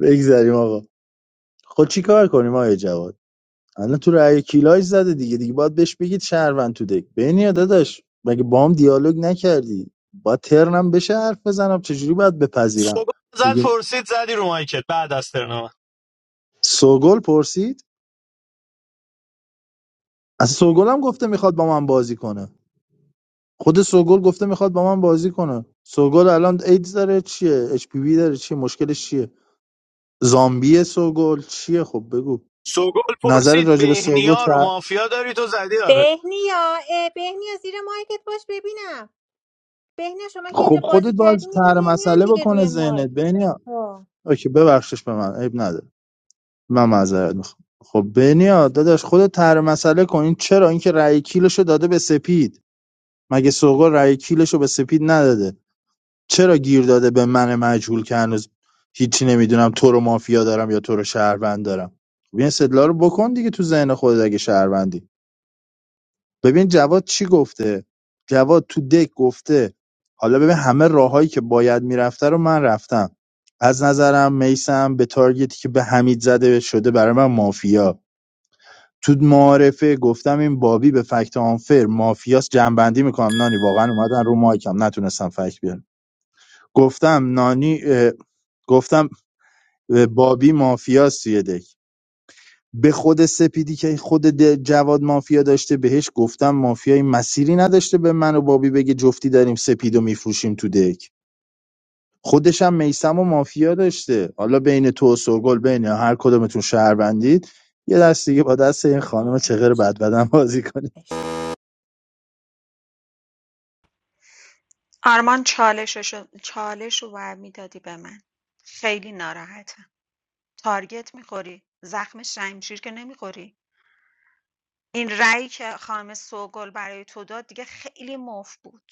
بگذریم آقا خب چی کار کنیم آقای جواد الان تو رأی کیلاج زده دیگه دیگه باید بهش بگید شهروند تو دک بینیا داداش مگه بام دیالوگ نکردی با ترنم بشه حرف بزنم چجوری باید بپذیرم
سوگل زد
میگه
پرسید زدی رو مایکت بعد از ترنما
سوگل پرسید از سوگل هم گفته میخواد با من بازی کنه خود سوگل گفته میخواد با من بازی کنه سوگل الان ایدز داره چیه اچ پی وی داره چیه مشکلش چیه زامبیه سوگل چیه خب بگو
سوگل
نظرت
پرسید
راجع به سوگل
بهنیا رو
چه-
مافیا داری تو زدی آره
بهنیا اه، بهنیا زیر مایکت باش ببینم بهنیا شما که اینجا
خب خودت
بازی
باید
کردی
طرح
میدونی نمیان
مسئله
دیگه
بکنه
روی مایک
ذهنت بنیا
آه،
اوکی ببخشش به من عیب نداره من معذرت میخوام خب بنیا داداش خودت طرح مسئله کن این چرا اینکه رأی کیلشو داده به سپید مگه سوگل رأی کیلشو به سپید نداده چرا گیر داده به من مجهول که هنوز هیچی نمیدونم تو رو مافیا دارم یا تو رو شهروند دارم خب این استدلال رو بکن دیگه تو ذهن خودت اگه شهروندی ببین جواد چی گفته جواد تو دک گفته حالا ببین همه راههایی که باید میرفته رو من رفتم از نظرم میسم به تارگتی که به حمید زده شده برای من مافیا تو معارفه گفتم این بابی به فکت آنفر مافیاس جنبندی میکنم نانی واقعا اومدن رو مایکم نتونستم فکت بیارم گفتم نانی اه، گفتم اه، بابی مافیاست توی دک به خود سپیدی که خود د- جواد مافیا داشته بهش گفتم مافیای مسیری نداشته به من و بابی بگه جفتی داریم سپیدو میفروشیم تو دک خودش هم میسم و مافیا داشته حالا بین تو و سوگل بین هر کدومتون شهر بندید یه دست دیگه با دست این خانم
آه،
چغر بدبدن بازی کنید
عشق.
آرمان چالششو چالش رو ور میدادی به من خیلی ناراحتم تارگت میخوری زخم شمشیر که نمیخوری این رأی که خانم سوگل برای تو داد دیگه خیلی مفت بود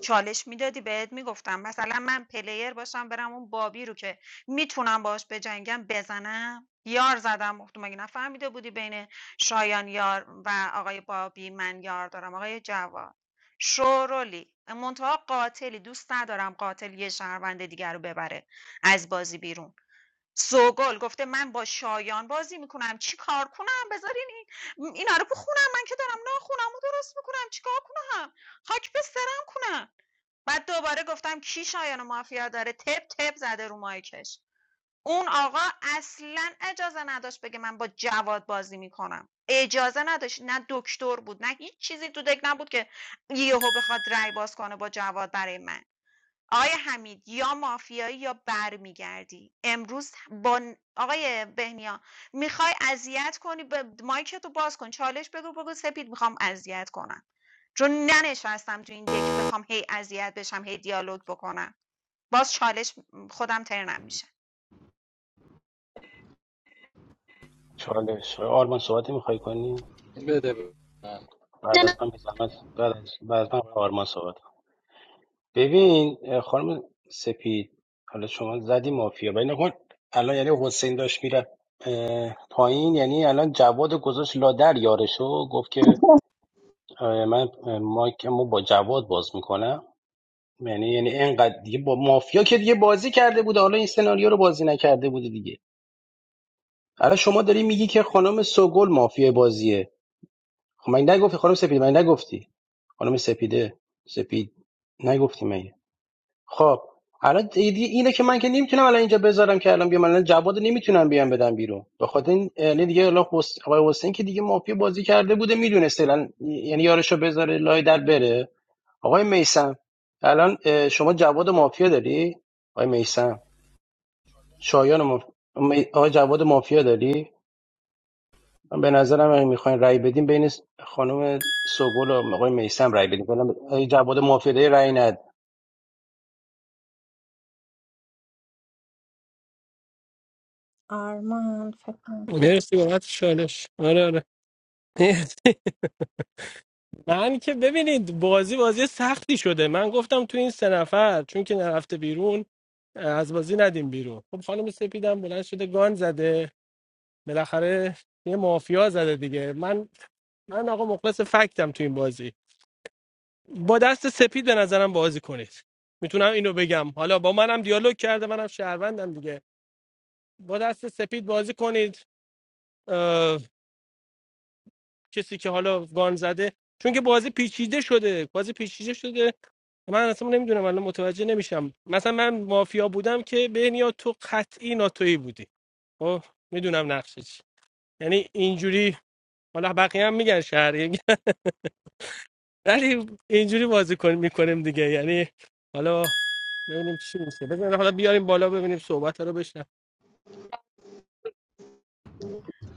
چالش میدادی بهت میگفتم مثلا من پلیر باشم برم اون بابی رو که میتونم باش بجنگم بزنم یار زدم گفتم مگه نفهمیده بودی بین شایان یار و آقای بابی من یار دارم آقای جواد شورولی منتها قاتلی دوست ندارم قاتل یه شهروند دیگر رو ببره از بازی بیرون سوگل گفته من با شایان بازی میکنم چی کار کنم بذارین این اینا رو بخونم من که دارم ناخونم و درست میکنم چیکار کنم خاک به سرم کنم بعد دوباره گفتم کی شایان مافیا داره تپ تپ زده رو مایکش اون آقا اصلا اجازه نداشت بگه من با جواد بازی میکنم اجازه نداشت نه دکتر بود نه هیچ چیزی تو دک نبود که یهو بخواد رای باز کنه با جواد برای من آقای حمید یا مافیایی یا بر میگردی؟ امروز با ن- آقای بهنیا میخوای اذیت کنی به مایکتو باز کن چالش بگو بگو سپید میخوام اذیت کنم چون ننشستم تو این دک بخوام هی اذیت بشم هی دیالوگ بکنم باز چالش خودم ترنم میشه
چالش آقای آرمان صحبت میخوای کنی بعد از من بی زحمت بعد از بعد از من آقای آرمان صحبت ببین اه، خانم سپید حالا شما زدی مافیا ولی نکن الان یعنی حسین داشت میره پایین یعنی الان جواد گذاشت لادر یارشو گفت که اه، من اه، مایکمو با جواد باز میکنم یعنی یعنی اینقدر دیگه با مافیا که دیگه بازی کرده بوده حالا این سناریو رو بازی نکرده بوده دیگه الان شما داری میگی که خانم سوگل مافیا بازیه خب من نگفتی خانم سپید من نگفتی خانم سپیده سپید نگفتی مگه خب الان ایدی اینه که من که نمیتونم الان اینجا بذارم که الان بیام الان جواد نمیتونم بیام بدم بیرون به خاطر این یعنی دیگه الان حس- آقای حسین که دیگه مافیا بازی کرده بوده میدونسته الان یعنی یارشو بذاره لای در بره آقای میسم الان اه، شما جواد مافیا داری آقای میسم شایان ماف... می- آقای جواد مافیا داری من به نظرم اگه میخواین رأی بدیم بین س- خانم سوگل و آقای میسم رأی بدیم کلا آقای جواد مافیا داری رأی ند
آرمان فکر کنم تو-
مرسی بابت شالش آره آره من که ببینید بازی بازی سختی شده من گفتم تو این سه نفر چون که نرفته بیرون از بازی ندیم بیرون خب خانم سپیدم بلند شده گان زده بالاخره یه مافیا زده دیگه من من آقا مخلص فکتم تو این بازی با دست سپید به نظرم بازی کنید میتونم اینو بگم حالا با منم دیالوگ کرده منم شهروندم دیگه با دست سپید بازی کنید کسی که حالا گان زده چون که بازی پیچیده شده بازی پیچیده شده من اصلا نمیدونم الان متوجه نمیشم مثلا من مافیا بودم که بهنیا تو قطعی ناتویی بودی خب میدونم نقشه چی یعنی اینجوری حالا بقیه هم میگن شهری ولی اینجوری بازی کن میکنیم دیگه یعنی حالا ببینیم چی میشه بزن حالا بیاریم بالا ببینیم صحبت رو بشنم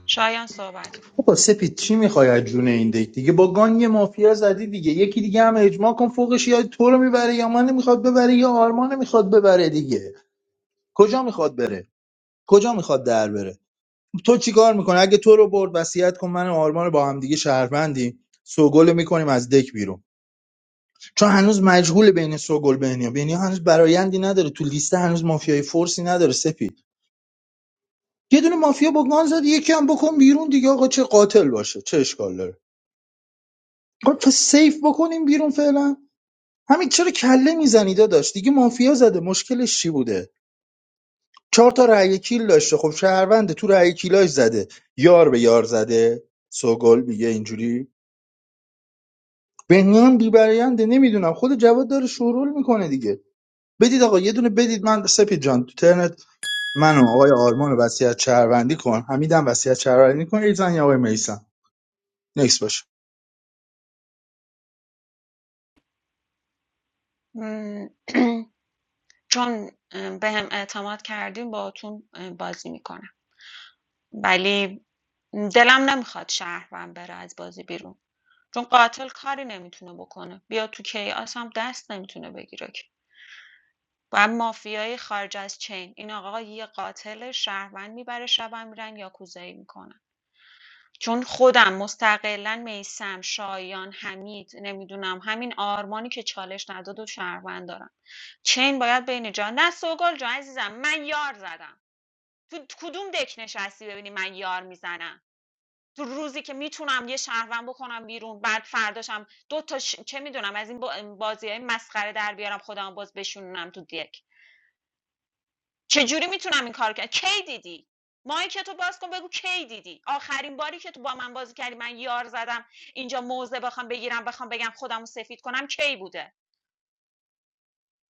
شایان صحبت کن
بابا سپید چی میخوای از جون این دک دیگه با گان یه مافیا زدی دیگه یکی دیگه هم اجماع کن فوقش یا تو رو میبره یا من میخواد ببره یا آرمان میخواد ببره دیگه کجا میخواد بره کجا میخواد در بره تو چیکار میکنه اگه تو رو برد وصیت کن من و آرمان رو با هم دیگه شهروندیم سوگل رو میکنیم از دک بیرون چون هنوز مجهول بین سوگل بهنیا بهنیا هنوز برایندی نداره تو لیست هنوز مافیای فورسی نداره سپید یه دونه مافیا با گان زد یکی هم بکن بیرون دیگه آقا چه قاتل باشه چه اشکال داره خب پس سیف بکنیم بیرون فعلا همین چرا کله میزنی داداش دیگه مافیا زده مشکلش چی بوده چهار تا رأی کیل داشته خب شهرونده تو رأی کیلاش زده یار به یار زده سوگل میگه اینجوری بنیام بیبرینده نمیدونم خود جواد داره شورول میکنه دیگه بدید آقا یه دونه بدید من سپید جان تو ترنت منو آقای آرمان رو وصیت شهروندی کن حمیدم وصیت شهروندی کن ایزن یا آقای میسم نکس باشه
چون ام، به هم اعتماد کردیم باهاتون ام، بازی میکنم ولی دلم نمیخواد شهروند بره از بازی بیرون چون قاتل کاری نمیتونه بکنه بیا تو کیاس هم دست نمیتونه بگیره که و مافیای خارج از چین این آقا یه قاتل شهروند میبره شبم میرن یاکوزایی میکنن چون خودم مستقلا میسم شایان حمید نمیدونم همین آرمانی که چالش نداد و شهروند دارم چین باید بین جان نه سوگل جان عزیزم من یار زدم تو کدوم دک نشستی ببینی من یار میزنم تو روزی که میتونم یه شهروند بکنم بیرون بعد فرداشم دو تا ش- چه میدونم از این بازیای های مسخره در بیارم خودم باز بشونم تو دیک چجوری میتونم این کار کنم کی دیدی مایک تو باز کن بگو کی دیدی آخرین باری که تو با من بازی کردی من یار زدم اینجا موزه بخوام بگیرم بخوام بگم خودمو سفید کنم کی بوده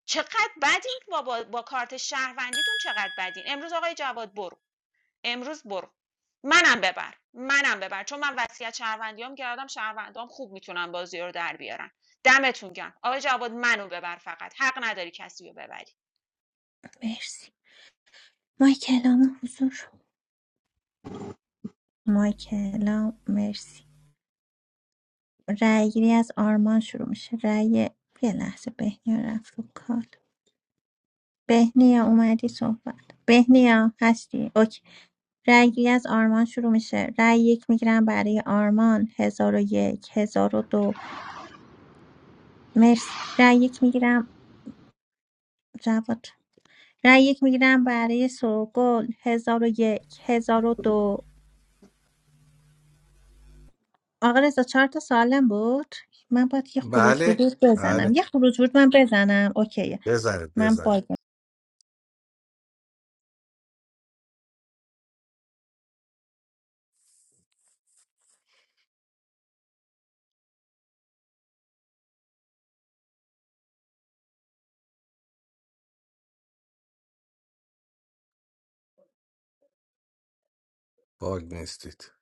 چقدر بدین با, با, با کارت شهروندیتون چقدر بدین امروز آقای جواد برو امروز برو منم ببر منم ببر چون من وصیت شهروندیام کردم شهروندام خوب میتونن بازی رو در بیارن دمتون گرم آقای جواد منو ببر فقط حق نداری کسی رو ببری
مرسی مایکلام حضور مایکلام مرسی رأیگیری از آرمان شروع میشه رأی یه لحظه بهنیا رفت رو کال بهنیا اومدی صحبت بهنیا هستی اوکی رأیگیری از آرمان شروع میشه رأی یک میگیرم برای آرمان هزار و یک هزار و دو مرسی رأی یک میگیرم جواد رأی یک میگیرم برای سوگل هزار و یک هزار و دو آقا رضا چهار تا سالم بود من باید یه خروج
بله
ورود بزنم
بله
یه خروج ورود من بزنم اوکی
بذارید
من باگ
بذارید باگ نیستید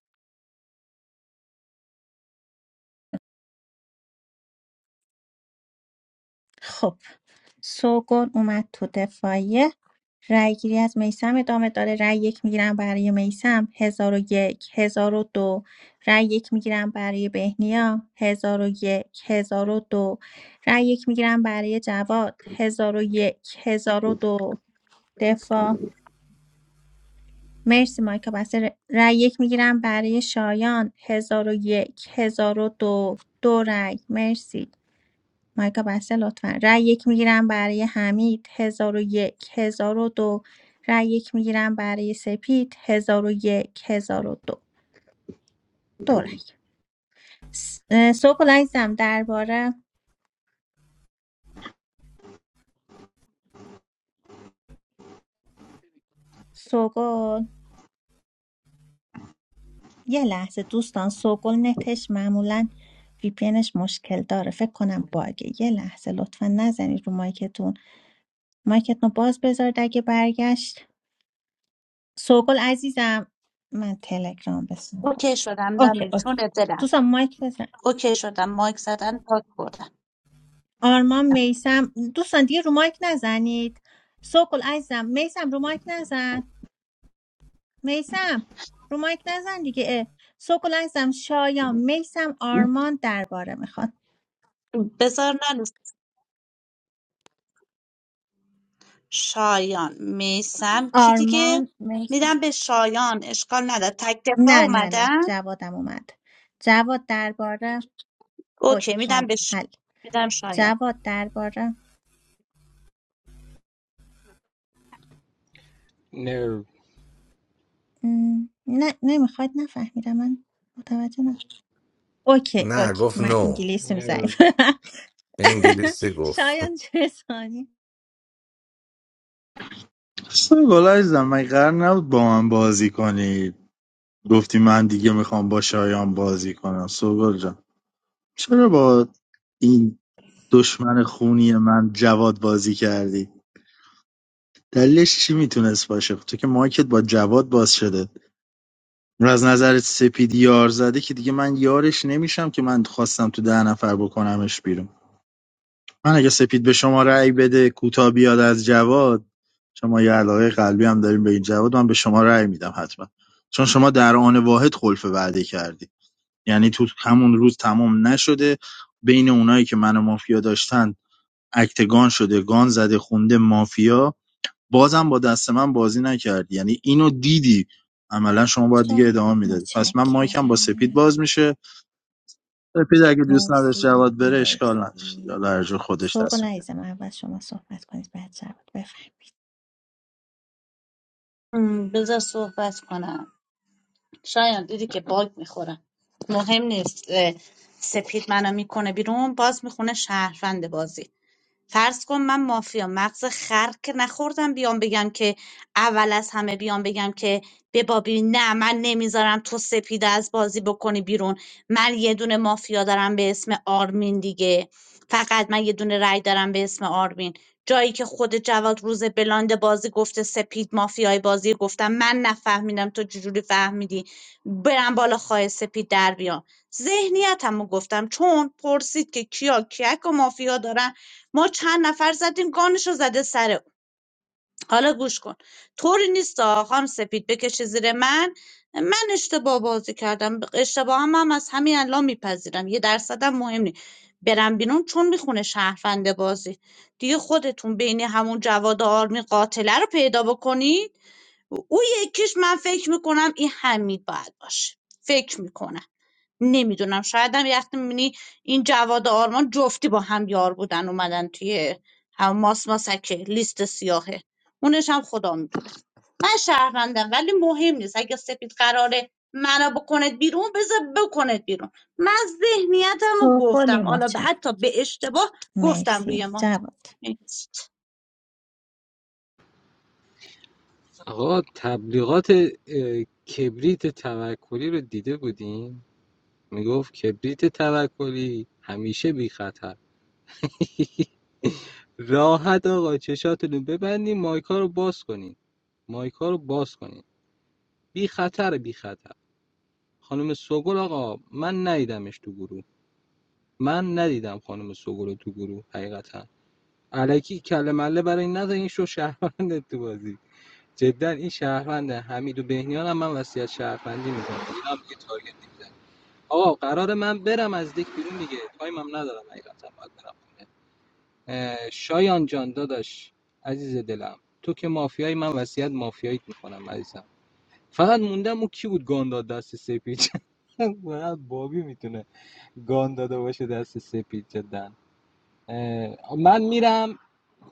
خب سوگل اومد تو دفاعیه رأی گیری از میسم ادامه داره رای یک میگیرم برای میسم هزار و یک هزار و دو رای یک میگیرم برای بهنیا هزار و یک هزار و دو رای یک میگیرم برای جواد هزار و یک هزار و دو دفاع مرسی مایکا بسته رای یک میگیرم برای شایان هزار و یک هزار و دو دو رای مرسی مایکا بسته لطفا رای یک میگیرم برای حمید 1001 دو رای یک میگیرم برای سپید 1001 1002 دو دو رای س- اه، سوگل عزیزم درباره سوگل یه لحظه دوستان سوگل نتش معمولا وی پی مشکل داره فکر کنم باگه یه لحظه لطفا نزنید رو مایکتون مایکتون رو باز بذارید اگه برگشت سوگل عزیزم من تلگرام به سوگل
اوکی شدم
اوکی
نانی
اوکی
جونت دلم
دوستان مایک بزن
اوکی شدم مایک زدن پاک بردم
آرمان میسم دوستان دیگه رو مایک نزنید سوکل عزیزم میسم رو مایک نزن میسم رو مایک نزن دیگه اه. سوکل عزیزم شایان میسم آرمان درباره میخواد
بذار نانی شایان میسم کی دیگه
آرمان
میدم
میسم
به شایان اشکال نداره تک دفاع
نه نه نه
اومدن
جوادم اومد جواد درباره
اوکی
اوکی حل
میدم به ش...
حل
میدم شایان
جواد درباره
نرو
م، نه نمیخواد نفهمیدم من متوجه نه اوکی
نه
اوکی
گفت
من
نو
انگلیسیم
نرو
ضعیف
به انگلیسی گفت
شایان چه
سوگل عزیزم من قرار نبود با من بازی کنی گفتی من دیگه میخوام با شایان بازی کنم سوگل جان چرا با این دشمن خونی من جواد بازی کردی دلیلش چی میتونست باشه تو که مایکت با جواد باز شده اون از نظر سپیدی یار زده که دیگه من یارش نمیشم که من خواستم تو ده نفر بکنمش بیرون من اگه سپید به شما رأی بده کوتا بیاد از جواد شما یه علاقه قلبی هم داریم به این جواد من به شما رأی میدم حتما چون شما در آن واحد خلف وعده کردی یعنی تو همون روز تمام نشده بین اونایی که منو مافیا داشتن اکتگان شده گان زده خونده مافیا بازم با دست من بازی نکردی یعنی اینو دیدی عملا شما باید دیگه
شاه
ادامه میدادی پس من مایکم با سپید
متشکرم
باز میشه سپید اگه دوست نداشت
مرسی
جواد بره اشکال نداشت یا
مرسی
هرجور خودش
سوگل
تصمیم گرفت.
عزیزم اول شما صحبت کنید بعد جواد بفهمید
م، بذار صحبت کنم شایان دیدی که باگ میخورم مهم نیست اه، سپید منو میکنه بیرون باز میخونه شهروند بازی فرض کن من مافیا مغز خر که نخوردم بیام بگم که اول از همه بیام بگم که به بابی نه من نمیذارم تو سپیده از بازی بکنی بیرون من یه دونه مافیا دارم به اسم آرمین دیگه فقط من یه دونه رای دارم به اسم آرمین جایی که خود جواد روز بلاند بازی گفته سپید مافیای بازی گفتم من نفهمیدم تو چجوری فهمیدی برم بالا خواهی سپید در بیام ذهنیتم رو گفتم چون پرسید که کیا کیک و مافیا دارن ما چند نفر زدیم گانشو زده سر حالا گوش کن طوری نیست خانم سپید بکشه زیر من من اشتباه بازی کردم اشتباه هم, هم از همین الان میپذیرم یه درصدم مهم نیست برم بیرون چون میخونه شهروند بازی دیگه خودتون بین همون جواد آرمی قاتله رو پیدا بکنید او یکیش من فکر میکنم این حمید باید باشه فکر میکنم نمیدونم شاید هم یه وقتی میبینی این جواد و آرمان جفتی با هم یار بودن اومدن توی هم ماس ماسکه لیست سیاهه اونش هم خدا میدون من شهروندم ولی مهم نیست اگه سپید قراره منو بکنه بیرون بذار بکنه بیرون من ذهنیتم رو
سوگل
گفتم حالا به
متشکرم
حتی به اشتباه گفتم روی
مرسی
ما
جواد
آقا تبلیغات کبریت توکلی رو دیده بودیم میگفت کبریت توکلی همیشه بی خطر. راحت آقا چشاتونو ببندین مایکا رو باز کنین مایکا رو باز کنین بی خطر بی خطر خانم سوگل آقا من ندیدمش تو گروه من ندیدم خانم سوگل رو تو گروه حقیقتا علکی کله مله برای این نزن این شو شهروند تو بازی جدا این شهروند حمید و بهنیان هم من وصیت شهروندی میکنم اینا هم دیگه تارگت نمیزنم آقا قرار من برم از دک بیرون دیگه تایمم ندارم حقیقتا باید برم شایان جان داداش عزیز دلم تو که مافیایی من وصیت مافیاییت میکنم عزیزم فقط موندم اون کی بود گان داد دست سپید فقط بابی میتونه گان داده باشه دست سپید جدا من میرم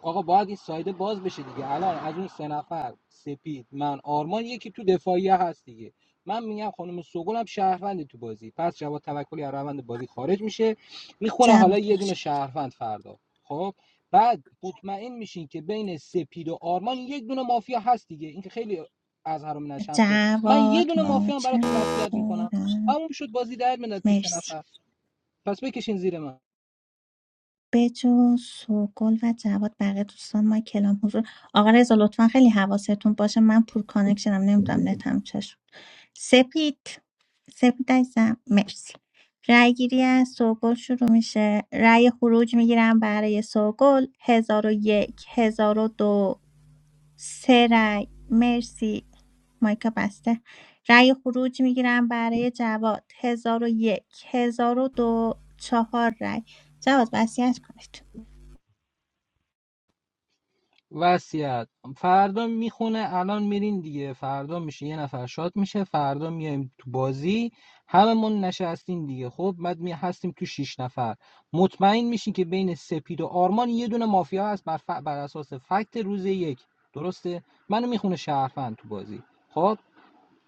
آقا باید این سایده باز بشه دیگه الان از اون سه نفر سپید من آرمان یکی تو دفاعیه هست دیگه من میگم خانم سوگل هم شهروند تو بازی پس جواد توکلی از روند بازی خارج میشه میخونه حالا
جواد
یه دونه
متشکرم
شهروند فردا خب بعد مطمئن میشین که بین سپید و آرمان یک دونه مافیا هست دیگه این که خیلی از حرام نشمسه من یه
جواد
دونه مافیا هم براتون وصیت میکنم
متشکرم
اما شد بازی در میاد تو سه
مرسی
نفر پس بکشین زیر من
بجو سوگل و جواد بقیه دوستان ما کلام حضور آقا رضا لطفا خیلی حواستون باشه من پور کانکشنم نمیدونم نتم چشم سپید سپید عزیزم مرسی رأی گیری از سوگل شروع میشه رأی خروج میگیرم برای سوگل هزار و یک هزار و دو سه رأی مرسی مایکا بسته رأی خروج میگیرم برای جواد هزار و یک هزار و دو چهار رأی جواد وصیت کنید
وصیت فردا میخونه الان میرین دیگه فردا میشه یه نفر شاد میشه فردا میایم تو بازی هممون نشستین دیگه خب بعد می هستیم تو شیش نفر مطمئن میشین که بین سپید و آرمان یه دونه مافیا هست بر, ف... بر اساس فکت روز یک درسته منو میخونه شهروند تو بازی خب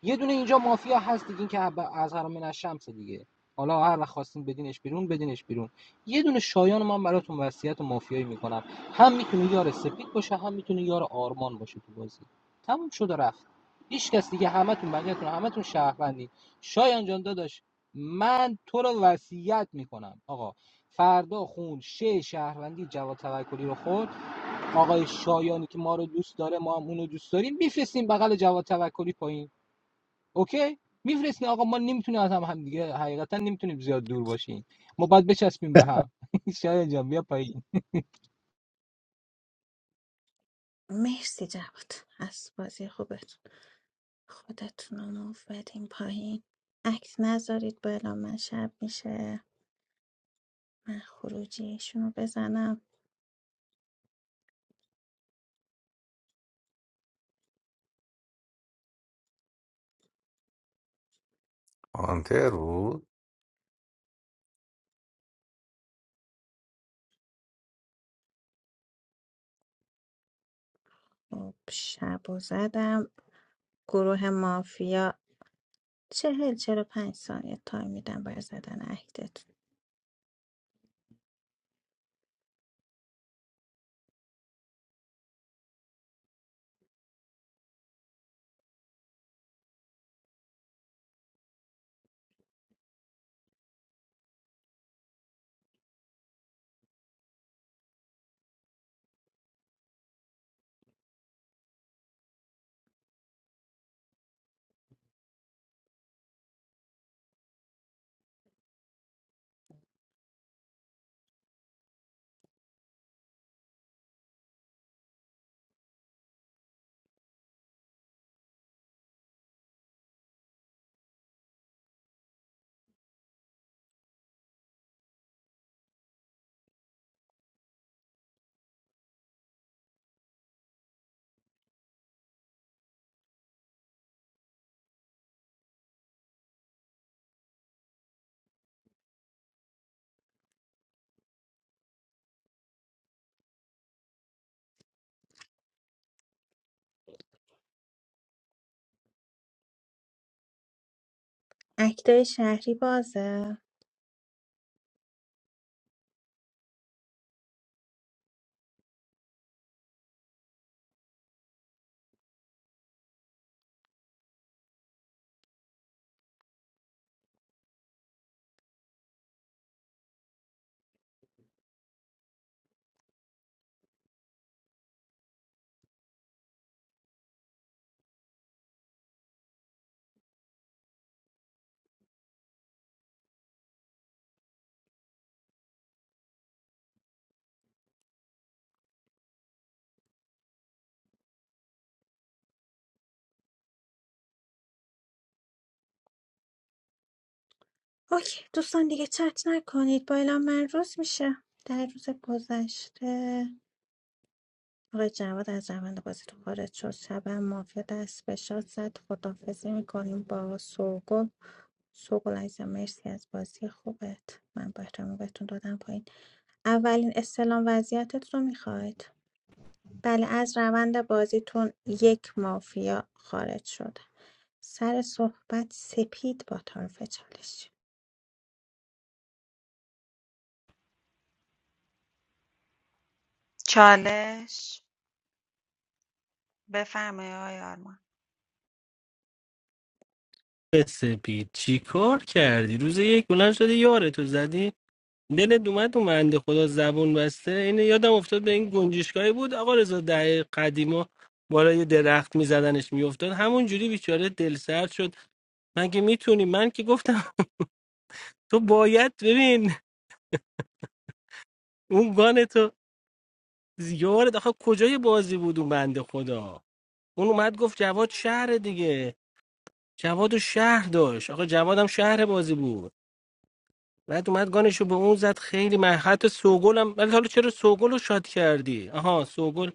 یه دونه اینجا مافیا هست دیگه این که از حرام من شمس دیگه حالا هر وقت خواستین بدینش بیرون بدینش بیرون یه دونه شایان من براتون وصیت مافیایی میکنم هم میتونه یار سپید باشه هم میتونه یار آرمان باشه تو بازی تموم شد و رفت هیچ کس دیگه همتون بقیه‌تون همتون شهروندی شایان جان داداش من تو رو وصیت میکنم آقا فردا خون شه شهروندی جواد توکلی رو خورد آقای شایانی که ما رو دوست داره ما هم اونو دوست داریم میفرستیم بغل جواد توکلی پایین اوکی میفرستین آقا ما نمیتونیم از هم, هم دیگه حقیقتا نمیتونیم زیاد دور باشیم ما باید بچسبیم به هم شاید جان بیا پایین.
مرسی جواد از بازی خوبتون خودتون رو موو بدین پایین عکس نذارید بالا من شب میشه من خروجیشون رو بزنم
آنتر بود
خب، شب و زدم گروه مافیا چهل چهل و پنج ثانیه تایم میدم برای زدن اکتتون اکتای شهری بازه اوکی دوستان دیگه چت نکنید با اعلام من روز میشه در روز گذشته آقای جواد از روند بازیتون خارج شد شب هم مافیا دست به شاد زد خدافزی میکنیم با سوگل سوگل عزیزم مرسی از بازی خوبت من با احترام بهتون دادم پایین اولین استلام وضعیتت رو میخواید بله از روند بازیتون یک مافیا خارج شده سر صحبت سپید با طرف چالش
چالش بفرمایید آقای آرمان
سپید چی کار کردی روز یک بلند شدی یارتو زدی دلت اومد تو بنده خدا زبون بسته اینه یادم افتاد به این گنجشگاهی بود آقا رضا دهه قدیما بالا یه درخت میزدنش میافتاد همون جوری بیچاره دل سرد شد من که میتونی من که گفتم تو باید ببین اون گان تو یارت آخه کجای بازی بود اون بنده خدا اون اومد گفت جواد شهر دیگه جواد و شهر داشت آقا جواد هم شهر بازی بود بعد اومد گانشو به اون زد خیلی من حتی سوگل ولی حالا چرا سوگل رو شاد کردی آها سوگل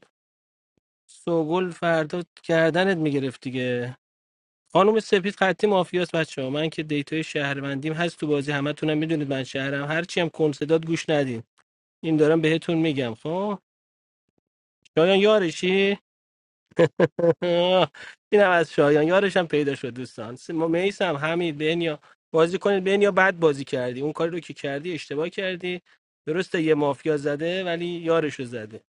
سوگل فردا کردنت میگرفت دیگه خانم سپید خطی مافیاس بچه ها من که دیتای شهروندیم هست تو بازی همتونم میدونید من شهرم هرچی هم کنسداد گوش ندین این دارم بهتون میگم خب شایان یارشی اینم از شایان یارش هم پیدا شد دوستان س- ما میسم حمید بنیا بازی کنید بنیا بد بازی کردی اون کاری رو که کردی اشتباه کردی درسته یه مافیا زده ولی یارشو زده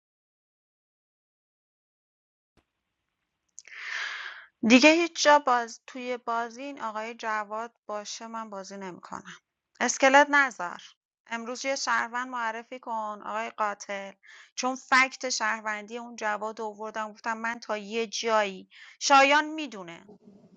دیگه هیچ جا باز توی بازی این آقای جواد باشه من بازی نمیکنم اسکلت نزار امروز یه شهروند معرفی کن آقای قاتل چون فکت شهروندی اون جواد رو آوردم گفتم من تا یه جایی شایان میدونه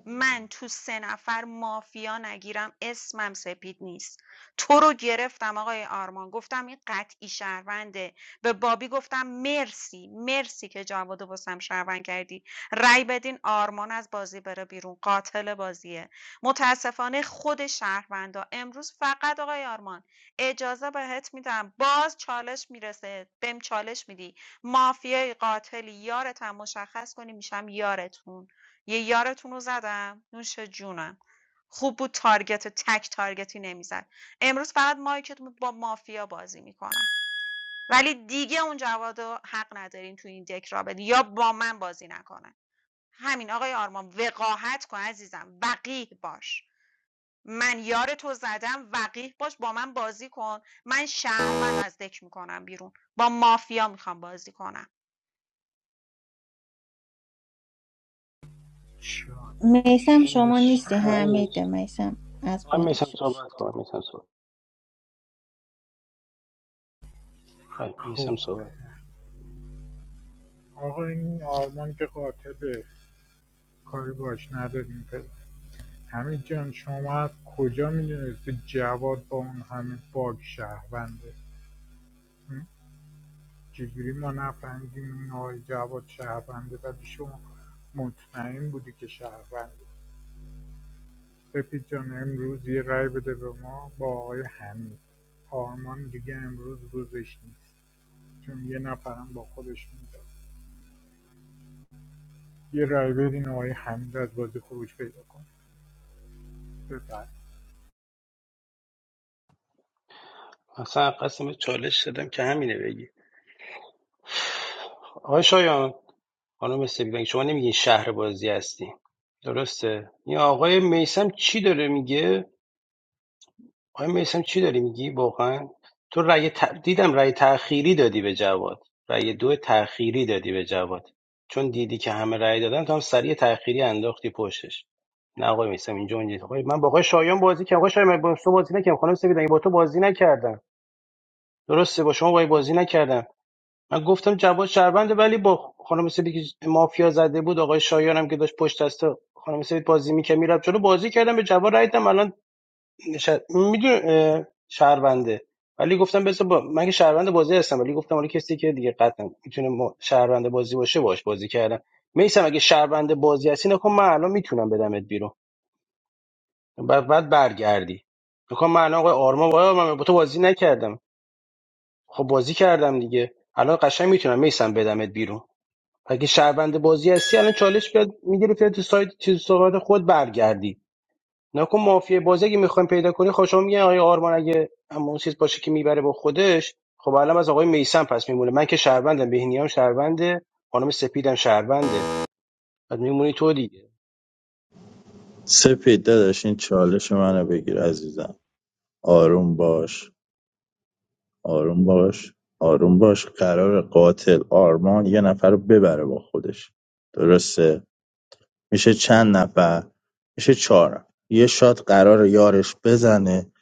من تو سه نفر مافیا نگیرم اسمم سپید نیست تو رو گرفتم آقای آرمان گفتم این قطعی شهرونده به بابی گفتم مرسی مرسی که جواد و واسم شهروند کردی رای بدین آرمان از بازی بره بیرون قاتل بازیه متاسفانه خود شهروندا امروز فقط آقای آرمان اجازه بهت میدم باز چالش میرسه بهم چالش میدی مافیای قاتلی یارتم مشخص کنی میشم یارتون یه یارتون رو زدم نوش جونم خوب بود تارگت تک تارگتی نمیزد امروز فقط مایکتون با مافیا بازی میکنن ولی دیگه اون جواد رو حق ندارین تو این دک را بدین یا با من بازی نکنن همین آقای آرمان وقاحت کن عزیزم وقیح باش من یار تو زدم وقیح باش با من بازی کن من شهروند از دک میکنم بیرون با مافیا میخوام بازی کنم
میسم
چالش
همین
شما نیستی حمیده
چیز.
میسم از
آقای
بالا
میثم
شروع
صحبت
شد
کن میسم صحبت. آقای
خب
میسم صحبت
آقا این آرمان که قاطبه کاری باش نداریم فعلا. همین جان شما از کجا میدونستی جواد با اون همه باگ شهرونده چجوری ما نفهمیدیم این آقای جواد شهرونده ولی شما مطمئن بودی که شهرونده سپید جان امروز یه رای بده به ما با آقای حمید آرمان دیگه امروز روزش نیست چون یه نفرم با خودش میداد یه رای بدین آقای حمید از بازی خروج پیدا کن بفر
اصلا قسم چالش دادم که همینه بگی آقای شایان خانم سپید شما نمیگین شهر بازی هستی درسته این آقای میسم چی داره میگه آقای میسم چی داری میگی واقعا تو رأی ت... دیدم رأی تأخیری دادی به جواد رأی دو تأخیری دادی به جواد چون دیدی که همه رأی دادن تو هم سریع تأخیری انداختی پشتش نه آقای میسم اینجا اونجا آقای من با آقای شایان بازی کردم آقای شایان من با تو بازی نکردم خانم سپید من با تو بازی نکردم درسته با شما با بازی نکردم من گفتم جواد شهربنده ولی با خانم سیدی که مافیا زده بود آقای شایانم که داشت پشت دست خانم سیدی بازی میکرد میرفت چلو بازی کردم به جواد رای دادم الان میدون شهربنده ولی گفتم بس با... من که شهربنده بازی هستم ولی گفتم حالا کسی که دیگه قطعا میتونه ما... شهربنده بازی باشه باش بازی کردم میسم اگه شهربنده بازی هستی نکن من الان میتونم بدمت بیرون بعد بعد برگردی نکن من الان آقای آرما وای، من با تو بازی نکردم خب بازی کردم دیگه الان قشنگ میتونم میسم بدمت بیرون اگه شهروند بازی هستی الان چالش بیاد میگرفتی تو سایت چیز صحبت خود برگردی نکن مافیه بازی اگه میخوایم پیدا کنی خوشم میگن آیا آرمان اگه اما اون چیز باشه که میبره با خودش خب الان از آقای میسم پس میمونه من که شهروندم بهنی هم شهرونده خانم سپیدم شهرونده بعد میمونی تو دیگه
سپید داداش این چالش منو بگیر عزیزم آروم باش آروم باش آروم باش قرار قاتل آرمان یه نفر رو ببره با خودش درسته میشه چند نفر میشه چهار نفر. یه شات قرار یارش بزنه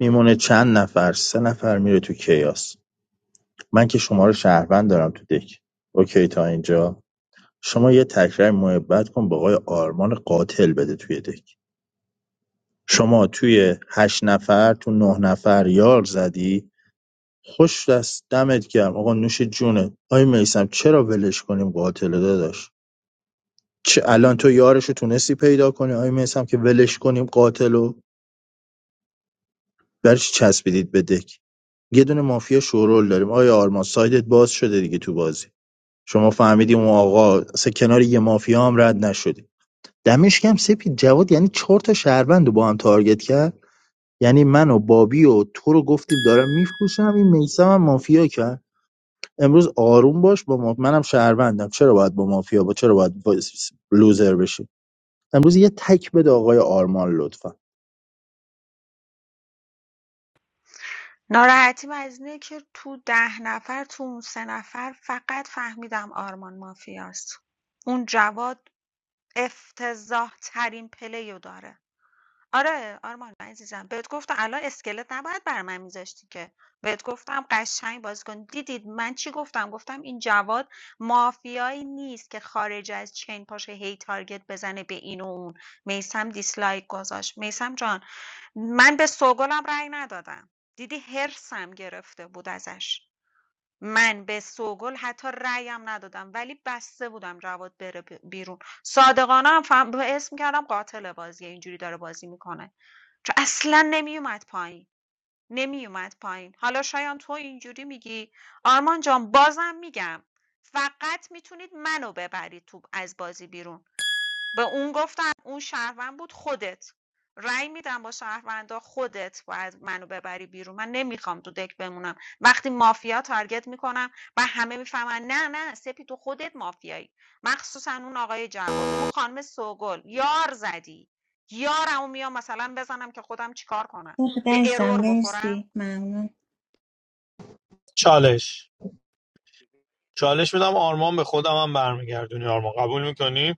میمونه چند نفر سه نفر میره تو کیاس من که شما رو شهروند دارم تو دک اوکی تا اینجا شما یه تکرار محبت کن با آقای آرمان قاتل بده توی دک شما توی هشت نفر تو نه نفر یار زدی خوش دست دمت گرم آقا نوش جونه آی میسم چرا ولش کنیم قاتل رو داداش چه الان تو یارشو تونستی پیدا کنی آی میسم که ولش کنیم قاتلو برش چسبیدید به دک یه دونه مافیا شورول داریم آیا آرمان سایدت باز شده دیگه تو بازی شما فهمیدیم اون آقا اصلا کنار یه مافیا هم رد نشدی دمش کم سپید جواد یعنی چهار تا شهروند رو با هم تارگت کرد یعنی من و بابی و تو رو گفتیم دارم میفروشم این میسم هم مافیا کرد امروز آروم باش با ما... منم شهروندم چرا باید با مافیا با چرا باید با لوزر بشی امروز یه تک بده آقای آرمان لطفا
ناراحتیم از اینه که تو ده نفر تو اون سه نفر فقط فهمیدم آرمان مافیاست اون جواد افتضاح ترین پلیو داره آره آرمان عزیزم بهت گفتم الان اسکلت نباید بر من میذاشتی که بهت گفتم قشنگ بازی کن دیدید من چی گفتم گفتم این جواد مافیایی نیست که خارج از چین پاشه هی تارگت بزنه به این و اون میسم دیسلایک گذاشت میسم جان من به سوگلم رأی ندادم دیدی حرصم گرفته بود ازش من به سوگل حتی رأیم ندادم ولی بسته بودم جواد بره بیرون صادقانه هم فهم... اسم کردم قاتل بازیه اینجوری داره بازی میکنه چون اصلا نمیومد پایین نمیومد پایین حالا شایان تو اینجوری میگی آرمان جان بازم میگم فقط میتونید منو ببرید تو از بازی بیرون به اون گفتم اون شهروند بود خودت رأی میدم با شهروندا خودت باید منو ببری بیرون من نمیخوام تو دک بمونم وقتی مافیا تارگت میکنم و همه میفهمن نه نه سپی تو خودت مافیایی مخصوصا اون آقای جواد اون خانم سوگل یار زدی یارمو میام مثلا بزنم که خودم چیکار کنم به
عزیزم
ارور بخورم
مرسی ممنون
چالش چالش میدم آرمان به خودم هم برمیگردونی آرمان قبول میکنی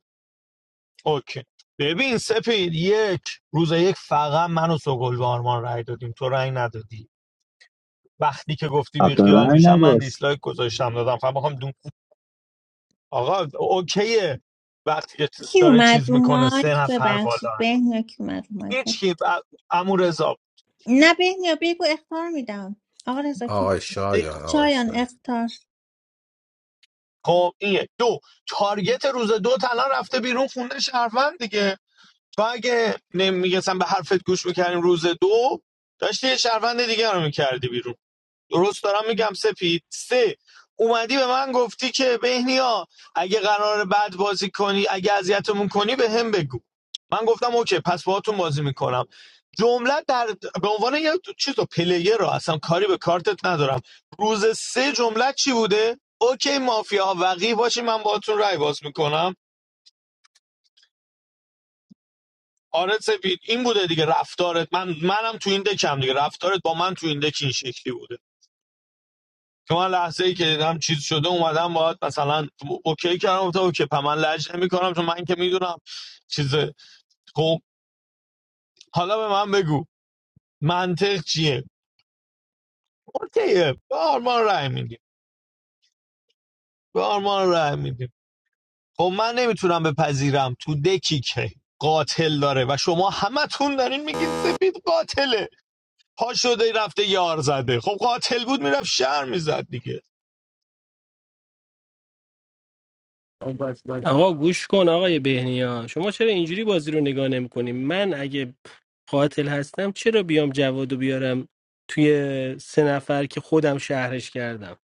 اوکی ببین سپید یک روز یک فقط من و سوگل به آرمان رای دادیم تو رای ندادی وقتی که گفتی بی
حق
خیال
رأی
میشم من
نداشت
دیسلایک گذاشتم دادم فقط میخوام دون آقا اوکیه وقتی که
کی
داره چیز
اومد رو
میکنه سه
مایک
نفر بالا
ببخشید
هست.
بهنیا کی اومد رو مایک
هیچ کی ب... عمو رضا
نه بهنیا بگو اختار میدم آقا رضا کی
آقای شایان آقای
شایان
شایان
اختار
خب اینه یک. دو تارگت روز دو الان رفته بیرون خونده شهروند دیگه تو اگه نمیگسم به حرفت گوش میکردیم روز دو داشتی یه شهروند دیگه رو میکردی بیرون درست دارم میگم سپید سه اومدی به من گفتی که بهنیا اگه قرار بد بازی کنی اگه اذیتمون کنی به هم بگو من گفتم اوکی پس باهاتون بازی میکنم جمله در به عنوان یه چیز رو پلیر رو اصلا کاری به کارتت ندارم روز سه جمله چی بوده اوکی مافیا وقی باشی من باهاتون رای باز میکنم آره سپید این بوده دیگه رفتارت من منم تو این دکم دیگه رفتارت با من تو این دک این شکلی بوده که من لحظه ای که دیدم چیز شده اومدم باید مثلا اوکی کردم گفتم اوکی پس من لج نمی‌کنم چون من که میدونم چیزه. خب حالا به من بگو منطق چیه اوکیه به آرمان رای میدیم به آرمان رای میدیم خب من نمیتونم بپذیرم تو دکی که قاتل داره و شما همتون دارین میگین سپید قاتله پا شده رفته یار زده خب قاتل بود میرفت شهر میزد دیگه
آقا گوش کن آقای بهنیا شما چرا اینجوری بازی رو نگاه نمی‌کنی من اگه قاتل هستم چرا بیام جوادو بیارم توی سه نفر که خودم شهرش کردم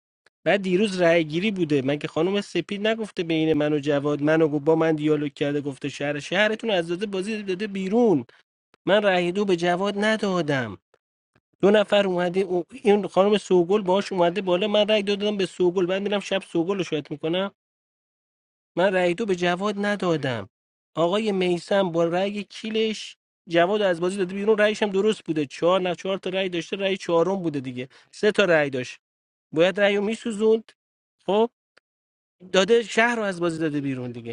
بعد دیروز رأی گیری بوده مگه خانم سپید نگفته بین من و جواد منو گفت با من دیالوگ کرده گفته شهر شهرتون از داده بازی داده بیرون من رأی دو به جواد ندادم دو نفر اومده او- این خانم سوگل باهاش اومده بالا من رأی دو دادم به سوگل بعد میرم شب سوگل رو شاید میکنم من رأی دو به جواد ندادم آقای میسم با رأی کیلش جواد از بازی داده بیرون رأیش هم درست بوده چهار نه چهار تا رأی داشته رأی چهارم بوده دیگه سه تا رأی داشت باید رأی میسوزوند خب داده شهر رو از بازی داده بیرون دیگه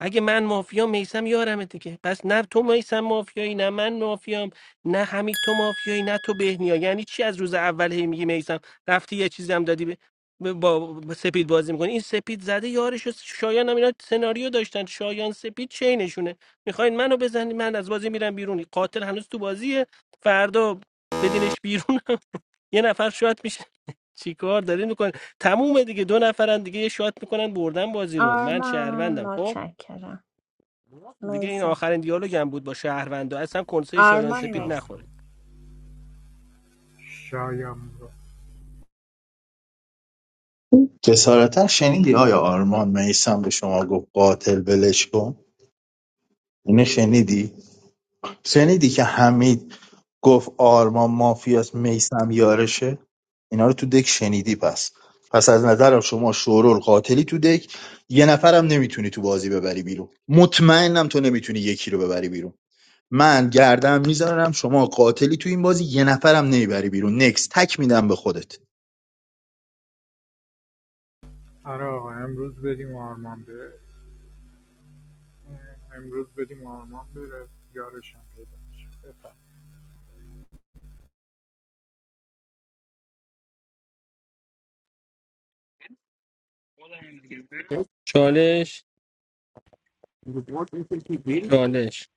اگه من مافیام میسم یارمه دیگه پس نه تو میسم مافیایی نه من مافیام نه حمید تو مافیایی نه تو بهنیا یعنی چی از روز اول هی میگی میسم رفتی یه چیزی هم دادی به به- با سپید بازی میکنی این سپید زده یارش و شایان هم اینا سناریو داشتن شایان سپید چینشونه میخواین منو بزنید من از بازی میرم بیرون قاتل هنوز تو بازیه فردا بدینش بیرون یه نفر شات میشه چیکار دارین میکنن تمومه دیگه دو نفرن دیگه یه شات میکنن بردن بازی رو من
آرمان
شهروندم خب
متشکرم
دیگه این
میسم
آخرین دیالوگ هم بود با شهروندا اصلا کنسه شایان
آرمان
سپید
مرسی
نخورید
شایم رو
جسارتا شنیدی آیا آرمان میسم به شما گفت قاتل ولش کن اینه شنیدی شنیدی که حمید گفت آرمان مافیاس میسم یارشه اینا رو تو دک شنیدی پس پس از نظرم شما شورول قاتلی تو دک یه نفرم نمیتونی تو بازی ببری بیرون مطمئنم تو نمیتونی یکی رو ببری بیرون من گردم میذارم شما قاتلی تو این بازی یه نفرم نمیبری بیرون نکس تک میدم به خودت
آره آقا امروز بدیم آرمان بره امروز بدیم آرمان بره یارشم پیدا میشه بفرد.
چالش چالش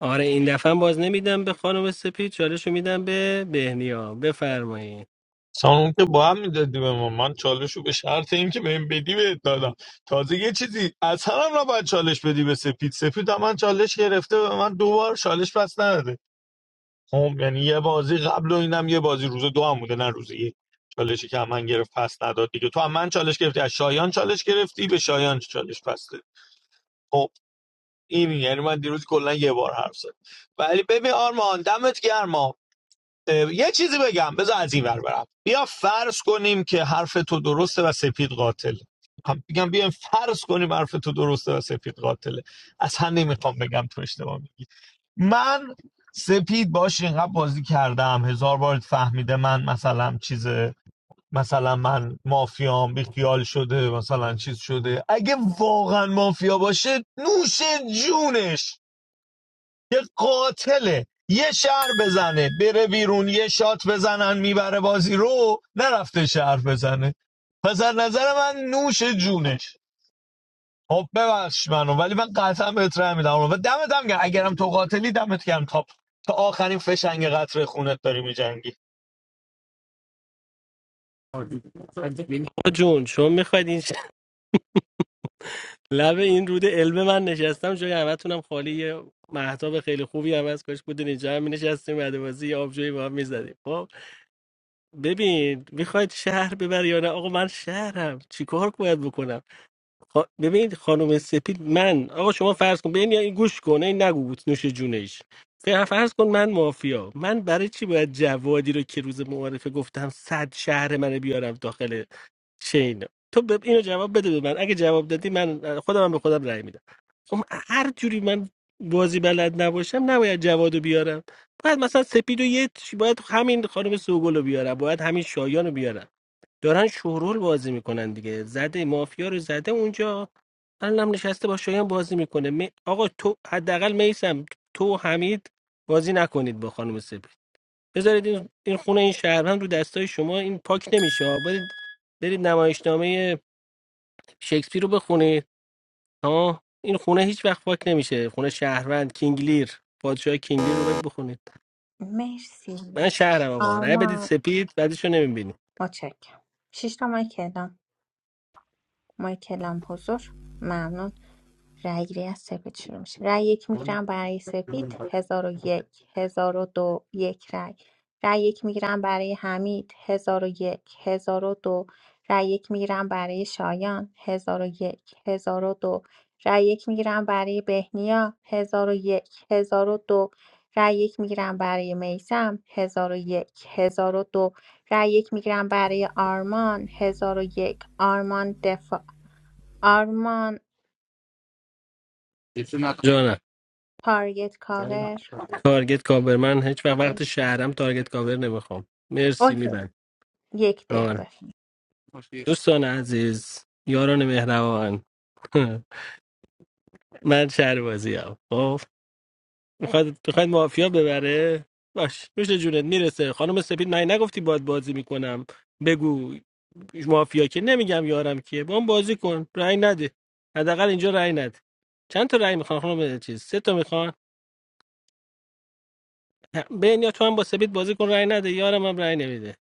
آره این دفعه هم باز نمیدم به خانم سپید چالش رو میدم به بهنیا بفرمایید
سانون که باید میدادی به ما من چالش رو به شرط اینکه بهم بدی بهت دادم تازه یه چیزی اصلا هم نباید چالش بدی به سپید سپید هم من چالش گرفته به من دو چالش پس نداده خب یعنی یه بازی قبل و اینم یه بازی روز دو هم بوده نه روز یک چالشی که هم من گرفت پس نداد دیگه تو هم من چالش گرفتی از شایان چالش گرفتی به شایان چالش پس دادی خب این یعنی من دیروز کلا یه بار حرف زدم ولی ببین آرمان دمت گرم یه چیزی بگم بذار از این ور برم بیا فرض کنیم که حرف تو درسته و سپید قاتل هم بگم بیایم فرض کنیم حرف تو درسته و سپید قاتله اصلا نمیخوام بگم تو اشتباه میگی من سپید باش اینقدر بازی کردم هزار بار فهمیده من مثلا چیز مثلا من مافیام بیخیال شده مثلا چیز شده اگه واقعا مافیا باشه نوش جونش یه قاتله یه شهر بزنه بره بیرون یه شات بزنن میبره بازی رو نرفته شهر بزنه پس از نظر من نوش جونش خب ببخش منو ولی من قطعا بهت رحم میدم و دمت هم گرم. اگرم تو قاتلی دمت گرم تا تا آخرین فشنگ قطر خونت داری میجنگی
آقا جون چون میخواید این ش- لب این رود علم من نشستم جای همتونم خالی یه محتاب خیلی خوبی هم از کاش بودین اینجا هم نشستیم بعد بازی یه آبجوی با هم میزدیم خب ببین میخواید شهر ببر یا نه آقا من شهرم چیکار باید بکنم خا- ببین خانم سپید من آقا شما فرض کن ببین یا این گوش کنه این نگو بود نوش جونش ف- فرض کن من مافیا من برای چی باید جوادی رو که روز معارفه گفتم صد شهر منو بیارم داخل چین تو ب... اینو جواب بده به من اگه جواب دادی من خودم هم به خودم رأی میدم خب هر جوری من بازی بلد نباشم نباید جوادو بیارم باید مثلا سپیدو یه چی- باید همین خانم سوگل رو بیارم باید همین شایان رو بیارم دارن شورول بازی میکنن دیگه زده مافیا رو زده اونجا الانم نشسته با شایان بازی میکنه می... آقا تو حداقل میسم تو و حمید بازی نکنید با خانم سپید بذارید این, این خونه این شهروند رو دستای شما این پاک نمیشه ها. برید برید نمایشنامه شکسپیر رو بخونید ها این خونه هیچ وقت پاک نمیشه خونه شهروند کینگلیر پادشاه کینگلیر رو برید بخونید
مرسی
من شهرم آقا رأی بدید
آرمان
سپید بعدش رو نمیبینی
متشکرم شش تا مایک اعلام. مای کلام حضور ممنون رأی گیری از سپید شروع میشه رأی یک میگیرم برای سپید هزار و یک هزار و دو یک رأی رأی یک میگیرم برای حمید هزار و یک هزار و دو رأی یک میگیرم برای شایان هزار و یک هزار و دو رأی یک میگیرم برای بهنیا هزار و یک هزار و دو رأی یک میگیرم برای میسم هزار و یک هزار و دو رأی یک میگیرم برای آرمان هزار و یک آرمان دفاع آرمان
جانم
تارگت کاور
تارگت کاور من هیچ وقت وقت شهرم تارگت کاور نمیخوام مرسی
اوکی
میبند
یک دقیقه
آره.
بفهم
دوستان عزیز یاران مهربان من شهر بازی هم خب میخواد میخواد مافیا ببره باش میشه جونت میرسه خانم سپید من نگفتی باید بازی میکنم بگو مافیا که نمیگم یارم کیه با اون بازی کن رأی نده حداقل اینجا رأی نده چند تا رأی میخوان خانم چیز سه تا میخوان بین یا تو هم با سپید بازی کن رأی نده یارم هم رأی نمیده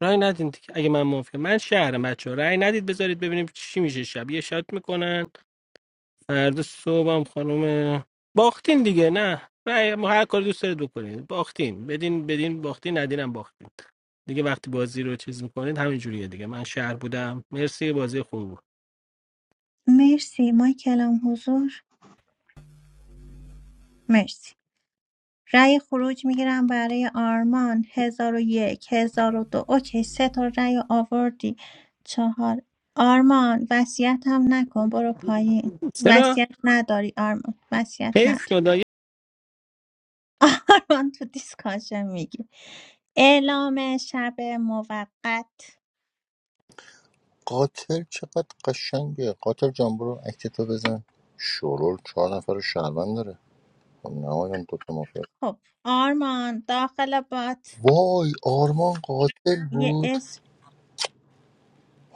رای ندید دیگه. اگه من موافقم من شهرم بچه ها رای ندید بذارید ببینیم چی میشه شب یه شات میکنن فردا صبح هم خانم باختین دیگه نه رای ما هر کاری دوست دارید بکنید باختین بدین بدین باختین ندینم باختین دیگه وقتی بازی رو چیز میکنید همین جوریه دیگه من شهر بودم مرسی بازی خوب بود
مرسی ما کلام حضور مرسی رأی خروج میگیرم برای آرمان هزار و یک هزار و دو اوکی سه تا رأی آوردی چهار آرمان وصیت هم نکن برو پایین
چرا
وصیت نداری آرمان وصیت
حیف
نداری
شد
آرمان تو دیسکاشن میگی اعلام شب موقت
قاتل چقدر قشنگه قاتل جان برو اکتتو بزن شورول چهار نفر شهروند داره خب نمایان دوتا مافیا
خب آرمان داخل بات
وای آرمان قاتل بود
یه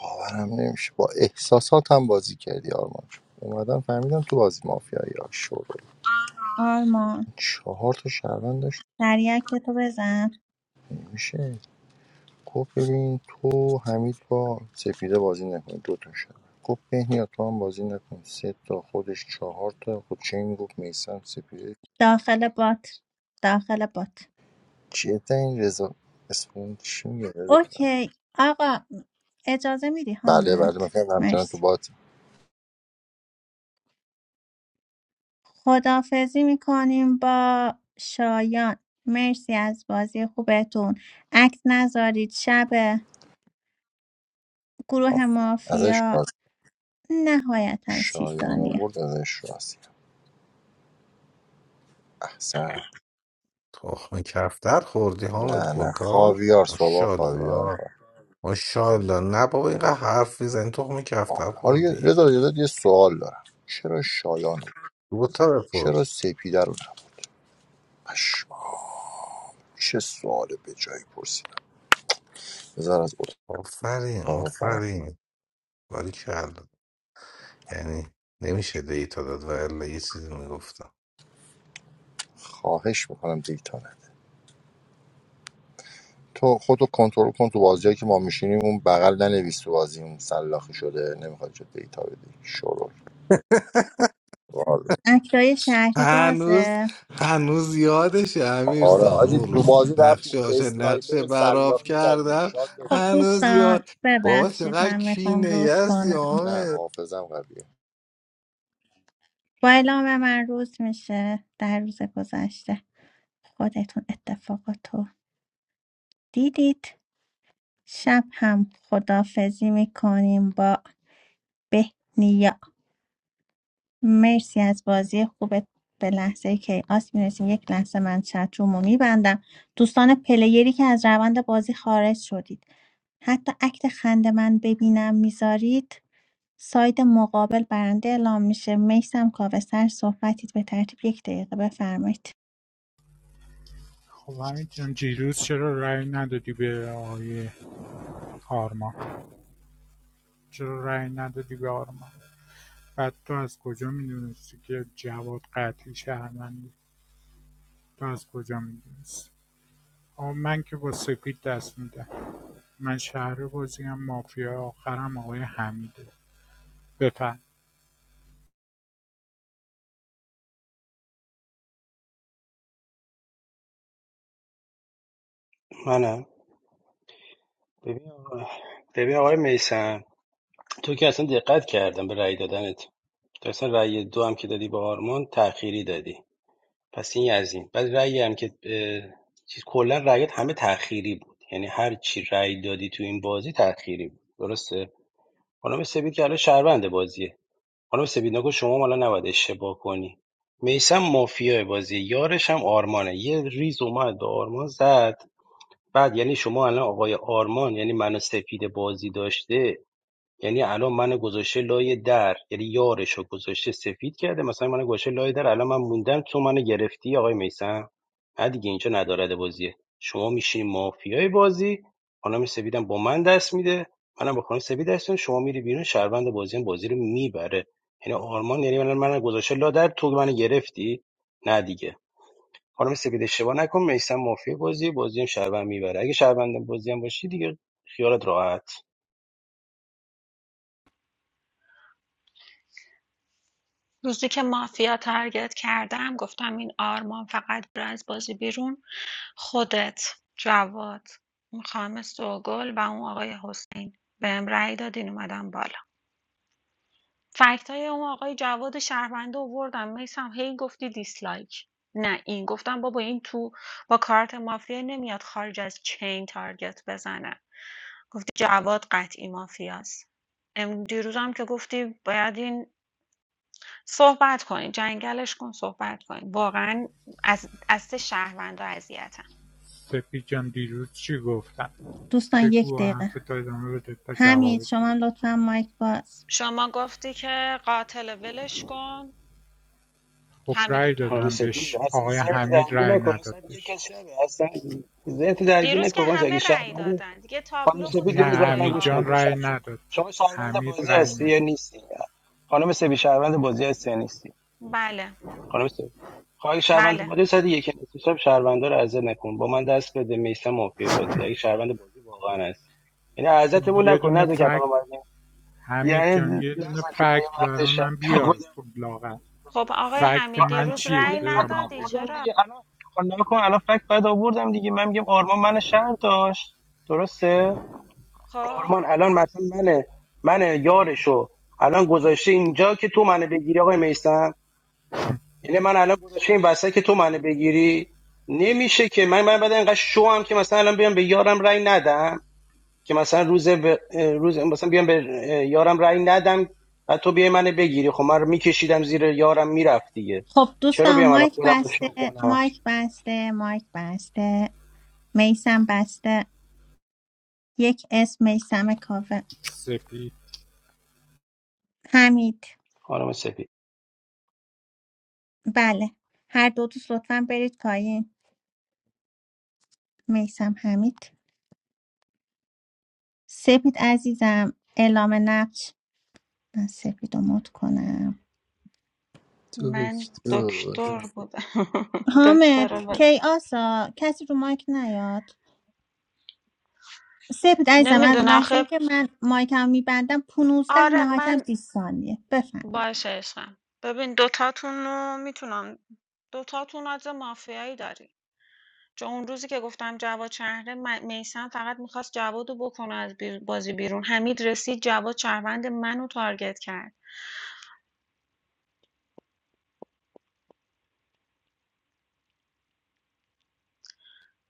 باورم نمیشه با احساساتم بازی کردی آرمان اومدم فهمیدم تو بازی مافیایی یا شروع
آرمان
چهار تا شهروند داشت
سریع تو بزن
میشه گفت ببین تو حمید با سپیده بازی نکن دو تا شهروند گفت بهنیا تو هم بازی نکن سه تا خودش چهار تا خود چه این گفت میسم سپیده
داخل بات داخل بات
چه این رضا اسم اون چی میگه رضا؟
اوکی آقا اجازه میدی
بله بله
حامد
مثلا همچنان تو
مرسی
بات
خدافزی میکنیم با شایان مرسی از بازی خوبتون عکس نذارید شب گروه
آفر ازش
مافیا
راست
نهایتا سی
شایان
ثانیه
آورد ازش راست احسن
تخم کفتر خوردی حامد
نه نه
گلکار
خاویار صبح خاویار
ماشاءالله
می‌خورم.
ماشاءالله نه بابا اینقدر حرف میزنی تخم کفتر
آره. حالا یه-
خوردی
رضا یادت یه سوال دارم چرا شایان رو-
دو تا
چرا
بپرس
سپیده رو نه؟ پشما چه سوال به جایی پرسیدم بذار از
آفرین
اتاق فرق
آفرین باری یعنی نمیشه دیتا داد و الا یه چیزی میگفتم
خواهش میکنم دیتا نده تو خودتو کنترل کن تو بازیایی که ما میشینیم اون بغل ننویس تو بازی سلاخی شده نمیخواد چه دیتا بدی شروع والا.
اکتای شهری
هنوز
بازه
هنوز یادش امیر
آره
سام
آجی
اون
تو
روز
بازی رفتیم
نقشه هاشه
اسنایپر
نقشه
رو
براف
سلاخی کردیم
کردم
شاد
خب
دادیم
هنوز
دوستان
یاد بابا
ببخشید
چقدر
من میخوام
کینه
روز
هستی
کنم
نه
آمد
حافظم قویه
با اعلام من روز میشه در روز گذشته خودتون اتفاقات رو دیدید شب هم خدافزی میکنیم با بهنیا مرسی از بازی خوبت به لحظه که آس میرسیم یک لحظه من چت رو میبندم دوستان پلیری که از روند بازی خارج شدید حتی اکت خند من ببینم میذارید ساید مقابل برنده اعلام میشه میسم کاوه سر صحبتید به ترتیب یک دقیقه بفرمایید
خب حمید جان دیروز چرا رأی ندادی به آقای آرمان چرا رأی ندادی به آرمان بعد تو از کجا میدونستی که جواد قتلی شهرمنده تو از کجا میدونستی آقا من که با سپید دست میدم من شهر بازیم مافیا آخرم آقای حمیده بفهم
منم ببین آقا- ببین آقای میسم تو که اصلا دقت کردم به رأی دادنت تو اصلا رأی دو هم که دادی به آرمان تأخیری دادی پس این از این. بعد رأیی هم که اه، چیز کلا رأیات همه تأخیری بود. یعنی هر چی رأی دادی تو این بازی تأخیری بود. درسته؟ خانم سپید که الان شهروند بازیه. خانم سپید نگو شما حالا نباید اشتباه کنی. میسم مافیای بازی یارش هم آرمانه یه ریز اومد به آرمان زد بعد یعنی شما الان آقای آرمان یعنی منو سپید بازی داشته یعنی الان من گذاشته لای در یعنی یارشو گذاشته سفید کرده مثلا من گذاشته لای در الان من موندم تو منو گرفتی آقای میسم نه دیگه اینجا ندارد بازیه شما میشین مافیای بازی خانم سفیدم با من دست میده منم با خانم سفید دست میدم شما میری بیرون شهروند بازی هم بازی رو میبره یعنی آرمان یعنی الان من گذاشته لا در تو منو گرفتی نه دیگه خانم سفید اشتباه نکن میسم مافیای بازی بازی هم شهروند میبره اگه شهروند بازی هم باشی دیگه خیالت راحت
روزی که مافیا تارگت کردم گفتم این آرمان فقط بره از بازی بیرون خودت جواد اون خانم سوگل و اون آقای حسین بهم رأی دادین اومدم بالا فکت اون آقای جواد شهرونده آوردم میسم هی گفتی دیسلایک نه این گفتم بابا این تو با کارت مافیا نمیاد خارج از چین تارگت بزنه جواد قطعی مافیاست ام دیروزم که گفتی باید این صحبت کنین، جنگلش کن صحبت کنین. واقعا از دست شهروندا اذیتم.
سپید جان دیروز چی گفتم
دوستان یک
بگو و حرف
دقیقه
تا ادامه بده تا
همین
جواب تو
شما
بده.
هم لطفا مایک باز
شما گفتی که قاتل ولش کن
خب
حمیدو
رأی
خانم
دادم
تارگت کرد.
سپید
بهش
اصلا
آقای
ذهنتو
حمید
درگیر
رأی
نکن
نداد
اصلا یک
بهش
از شبه اصلا ذهنتو درگیر
دیروز
نکن
که
قربان شم. اگه
همه رأی
شهروندی
دادن. دیگه
خانم
تابلو بود
سپید
که
نه
یه
اون
روز
آقای
حتما
حمید
گوش کن
جان
تو
آرمان.
شه-
رأی
شما
نداد
شما شهروند
حمید
بازی
رأی
هستی یا
نداد
نیستی خانم سپید شهروند بازی هستی یا نیستی
بله.
خانم سپید خواهی شهروند
بله.
بازی صد یک نیستی شب شهروندا رو عزت نکن با من دست بده میسم مافیا بازی اگه شهروند بازی واقعا هست یعنی
خب
عزتمون
یه
نکن
دونه
نذار که الان
فکت
اومدیم
حمید
یعنی
جان یه دونه
نذار که یه
فکت
وقت
برای
شب
من بیار
خدا
خب لاغر
خب آقای
فکت
خب
حمید
من
الان
دیروز
چیه
رأی
یه
که
فکت
ندادی
مافیا
آوردم
چرا؟
دیگه الان خب نگاه کن الان فکت بعد آوردم دیگه من میگم آرمان من شهر داشت درسته
خب
آرمان الان مثلا منه من یارشو الان گذاشته اینجا که تو منو بگیری آقای میسم یعنی من الان گذاشته این وسط که تو منو بگیری نمیشه که من من بعد اینقدر شو هم که مثلا الان بیام به یارم رای ندم که مثلا روز به روز مثلا بیام به یارم رأی ندم و تو بیای منو بگیری خب من رو میکشیدم زیر یارم میرفت دیگه
خب
چرا
دوستان
بیام الان
مایک
خودم رو شو
بسته
کنم
مایک بسته مایک بسته میسم بسته یک اسم میسم کاوه
سپید
حمید
خانم سپید
بله هر دو دوست لطفا برید پایین میسم حمید سپید عزیزم اعلام نقش من سپید رو مد کنم
من
دکتر
دکتر بودم.
حامد
دکتر بود.
کیاسا کسی رو مایک نیاد سپید عزیزم از
نمیدونم
لحظه ای
خب
که من مایکم میبندم 15
آره
نهایتا
من
20 ثانیه بفهم
باشه عشقم ببین دوتاتون رو میتونم دوتاتون از مافیایی داری چون اون روزی که گفتم جواد شهره میسم فقط میخواست جواد رو بکنه از بیر- بازی بیرون حمید رسید جواد شهروند منو تارگت کرد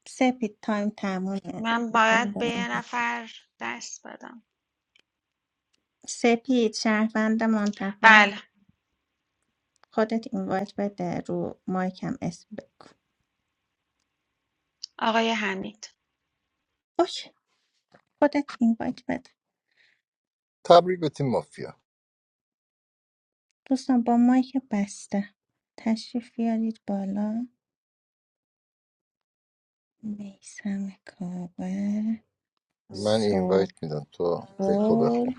سپید تایم تمومه
من باید به یه نفر دست بدم
سپید شهروند منتخب
بله
خودت اینوایت بده رو مایکم اسم بگو
آقای حمید
اوکی خودت اینوایت بده
تبریک به تیم مافیا
دوستان با مایک بسته تشریف بیارید بالا میسم کاوه
من اینوایت میدم تو دکو
سوگل
بخون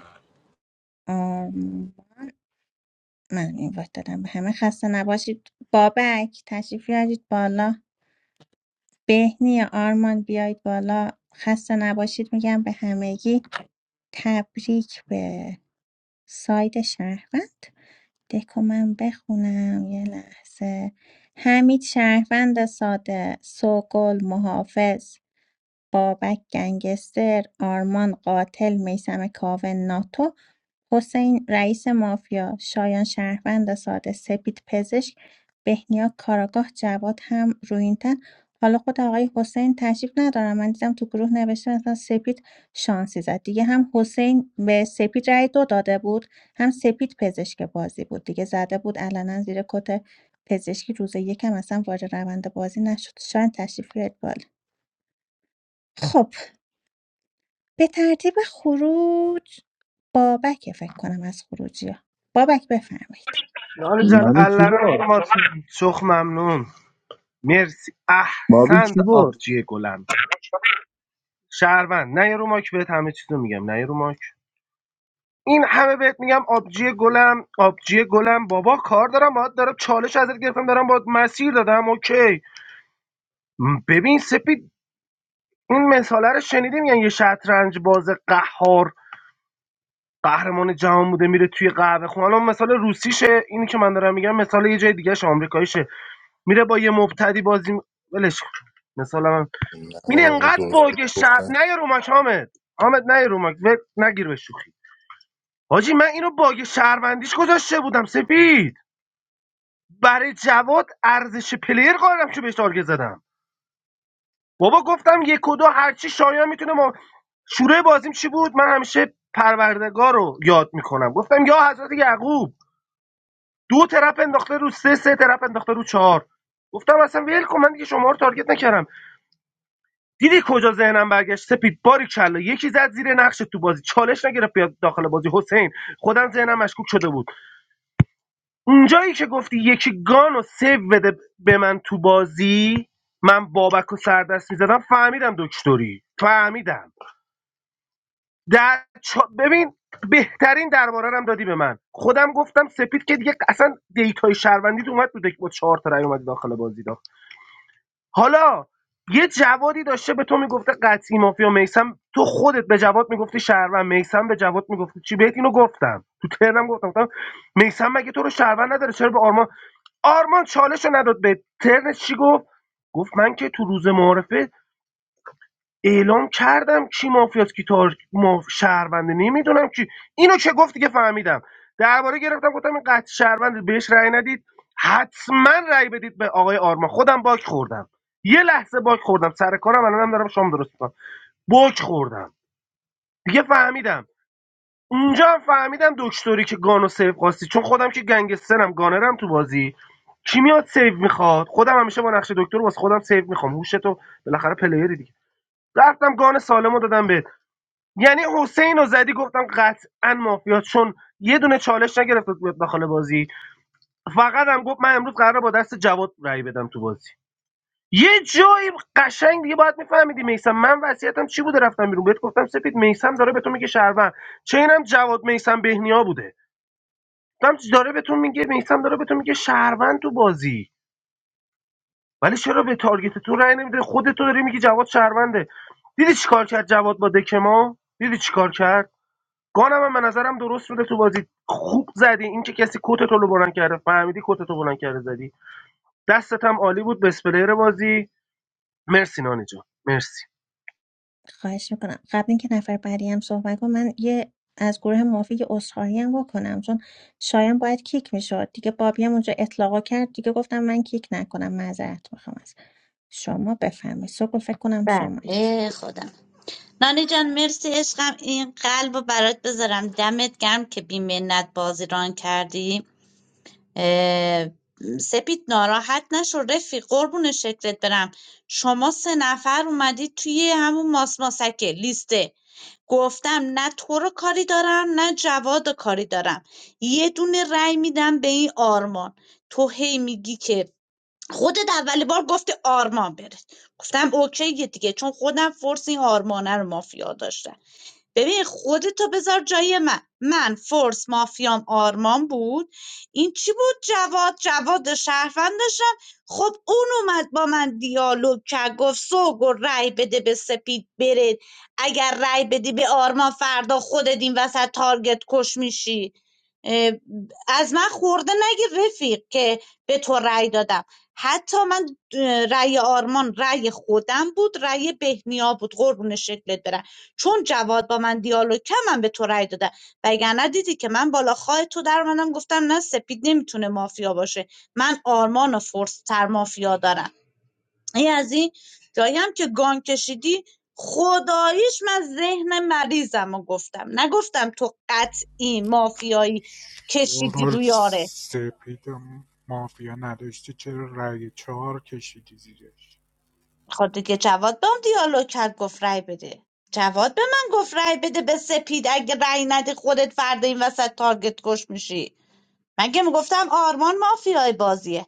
من این وقت دادم به همه خسته نباشید بابک تشریف بیارید بالا بهنی آرمان بیایید بالا خسته نباشید میگم به همگی تبریک به ساید شهروند دکو من بخونم یه لحظه حمید شهروند ساده سوگل محافظ بابک گنگستر آرمان قاتل میسم کاوه ناتو حسین رئیس مافیا شایان شهروند ساده سپید پزشک بهنیا کاراگاه جواد هم روینتن حالا خود آقای حسین تشریف ندارم من دیدم تو گروه نوشته مثلا سپید شانسی زد دیگه هم حسین به سپید رأی دو داده بود هم سپید پزشک بازی بود دیگه زده بود علنا زیر کت پزشکی روز یکم اصلا وارد روند بازی نشد شاید تشریف بیارید بالا خب به ترتیب خروج بابک فکر کنم از خروجی ها بابک بفرمایید
نانی جان
نانی کی
اللران
برد
آرمان سوخ ممنون مرسی
بابی
احسند
کی برد
آبجی گلم شهروند نه یه رو ماک بهت همه چیز رو میگم نه یه رو ماک این همه بهت میگم آبجی گلم آبجی گلم بابا کار دارم باید دارم چالش ازت گرفتم دارم باید مسیر دادم اوکی م، ببین سپید این مثاله رو شنیدی میگن یه شطرنج باز قهار قهرمان جهان بوده میره توی قهوه خونه الان مثال روسیشه اینی که من دارم میگم مثال یه جای دیگه شه، آمریکاییشه میره با یه مبتدی بازی می- ولش کن. مثال من این
نمایان
انقدر
درستی
باگ شب
گفتن
نه یه رو ماک حامد حامد نه یه رو ماک. ول- نگیر به شوخی حاجی من اینو باگ شهروندیش گذاشته بودم سپید برای جواد ارزش پلیر قائلم که بهش تارگت زدم بابا گفتم یک و دو هرچی شایان میتونه ما شروع بازیم چی بود من همیشه پروردگار رو یاد میکنم گفتم یا حضرت یعقوب دو طرف انداخته رو سه سه طرف انداخته رو چهار گفتم اصلا ول کن من دیگه شما رو تارگت نکردم دیدی کجا ذهنم برگشت سپید باری کلا یکی زد زیر نقش تو بازی چالش نگرفت بیاد داخل بازی حسین خودم ذهنم مشکوک شده بود اونجایی که گفتی یکی گانو سیو بده به من تو بازی من بابک و سردست میزدم فهمیدم دکتری فهمیدم در چا- ببین بهترین درباره رو هم دادی به من خودم گفتم سپید که دیگه اصلا دیتای شهروندی اومد تو دک با چهار تا رای اومد داخل بازی حالا یه جوادی داشته به تو میگفته قطعی مافیا میسم تو خودت به جواد میگفتی شهروند میسم به جواد میگفتی چی بهت اینو گفتم تو ترنم گفتم گفتم میسم مگه تو رو شهروند نداره چرا به آرمان آرمان چالش رو نداد به ترن چی گفت گفت من که تو روز معارفه اعلام کردم کی مافیاست کی تار... ما... شهرونده نمیدونم کی اینو چه گفتی که فهمیدم درباره گرفتم گفتم این قطع شهرونده بهش رأی ندید حتما رأی بدید به آقای آرما خودم باک خوردم یه لحظه باک خوردم سر کارم الانم دارم شام درست میکنم باک خوردم دیگه فهمیدم اونجا هم فهمیدم دکتری که گانو سیف خواستی چون خودم که گنگسترم گانرم تو بازی کی میاد سیف میخواد خودم همیشه با نقش دکتر واسه خودم سیف میخوام هوش تو بالاخره پلیری دیگه رفتم گان سالمو دادم بهت یعنی حسین رو زدی گفتم قطعا مافیا چون یه دونه چالش نگرفت بود داخل بازی فقط هم گفت من امروز قراره با دست جواد رای بدم تو بازی یه جایی قشنگ دیگه باید میفهمیدی میسم من وصیتم چی بوده رفتم بیرون بهت گفتم سپید میسم داره به تو میگه شهروند چه اینم جواد میسم بهنیا بوده گفتم داره به تو میگه میسم داره به تو میگه شهروند تو بازی ولی چرا به تارگت تو رأی نمیده خودت تو داری میگی جواد شهرونده دیدی چیکار کرد جواد با دکما دیدی چیکار کرد گانم هم به نظرم درست بوده تو بازی خوب زدی این که کسی کتتو رو بلند کرده فهمیدی کتتو بلند کرده زدی دستت هم عالی بود بسپلیر بازی مرسی نانی جان مرسی
خواهش میکنم قبل اینکه نفر بعدی هم صحبت کنم من یه از گروه موافی یه عذرخواهی هم بکنم چون شایان باید کیک میشد دیگه بابی هم اونجا اطلاقا کرد دیگه گفتم من کیک نکنم معذرت میخوام از شما بفرمایید سوگل فکر کنم شمایید
بله خودم نانی جان مرسی عشقم این قلب رو برات بذارم دمت گرم که بی منت بازی ران کردی اه، سپید ناراحت نشو رفیق قربون شکلت برم شما سه نفر اومدید توی همون ماسماسکه لیسته گفتم نه تو رو کاری دارم نه جواد رو کاری دارم یه دونه رأی میدم به این آرمان تو هی میگی که خودت اول بار گفتی آرمان بره گفتم اوکیه دیگه چون خودم فرس این آرمانه رو مافیا داشتم ببین خودتو بذار جای من من فورس مافیام آرمان بود این چی بود جواد جواد شهروند داشتم خب اون اومد با من دیالوگ کرد گفت سوگو رای بده به سپید بره اگر رای بدی به آرمان فردا خودت این وسط تارگت کش میشی اه، از من خورده نگیر رفیق که به تو رأی دادم حتی من اه، رأی آرمان رأی خودم بود رأی بهنیا بود قربون شکلت برم چون جواد با من دیالوگ کرد من به تو رأی دادم وگرنه دیدی که من بالا خواهت تو در اومدم گفتم نه سپید نمیتونه مافیا باشه من آرمان و فورس تر مافیا دارم این از این جایی که گان کشیدی خداییش من ذهن مریضم رو گفتم نگفتم تو قطعی مافیایی کشیدی
رول
روی یارت
سپید و مافیا نداشتی چرا رای چهار کشیدی زیرش
خود دیگه جواد با هم دیالوگ کرد گفت رأی بده جواد به من گفت رأی بده به سپید اگه رأی ندی خودت فردا این وسط تارگت کش میشی مگه میگفتم آرمان مافیای بازیه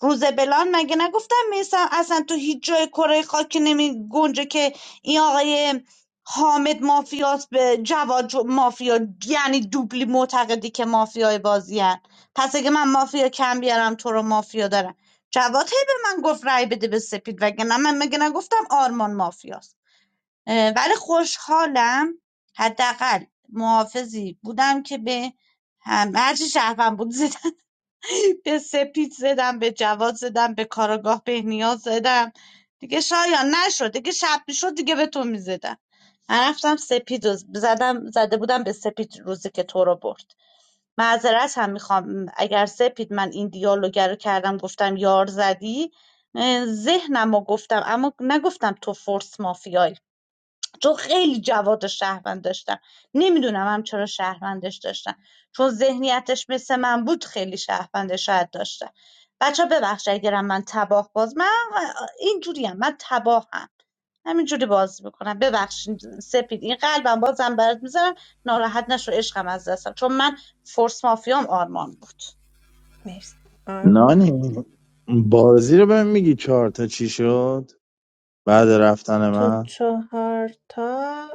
روز بلان مگه نگفتم میسم اصلا تو هیچ جای کره خاکی نمی گنجه که این آقای حامد مافیاس به جواد جو- مافیا یعنی دوبلی معتقدی که مافیای بازی هن. پس اگه من مافیا کم بیارم تو رو مافیا دارم جواد هی به من گفت رای بده به سپید وگرنه من مگه نگفتم آرمان مافیاست اه، ولی خوشحالم حداقل محافظی بودم که به هم هرچی شهرم بود زدم به سپید زدم به جواد زدم به کاراگاه بهنیا زدم دیگه شایان نشد دیگه شب میشد دیگه به تو میزدم من رفتم سپید رو زدم زده بودم به سپید روزی که تو رو برد معذرت هم میخوام اگر سپید من این دیالوگر رو کردم گفتم یار زدی اه، ذهنم رو گفتم اما نگفتم تو فورس مافیایی چون خیلی جواد و شهروند داشتم نمیدونم هم چرا شهروندش داشتم چون ذهنیتش مثل من بود خیلی شهروندش شاید داشتم بچه ها ببخش اگرم من تباه باز من اینجوری هم من تباه هم همینجوری باز میکنم ببخشید سپید این قلبم بازم برات میذارم ناراحت نشو عشقم از دستم چون من فورس مافیام آرمان بود
مرسی آرمان
نانی بازی رو بهم میگی چهار تا چی شد بعد رفتن
تو
من
چهار تا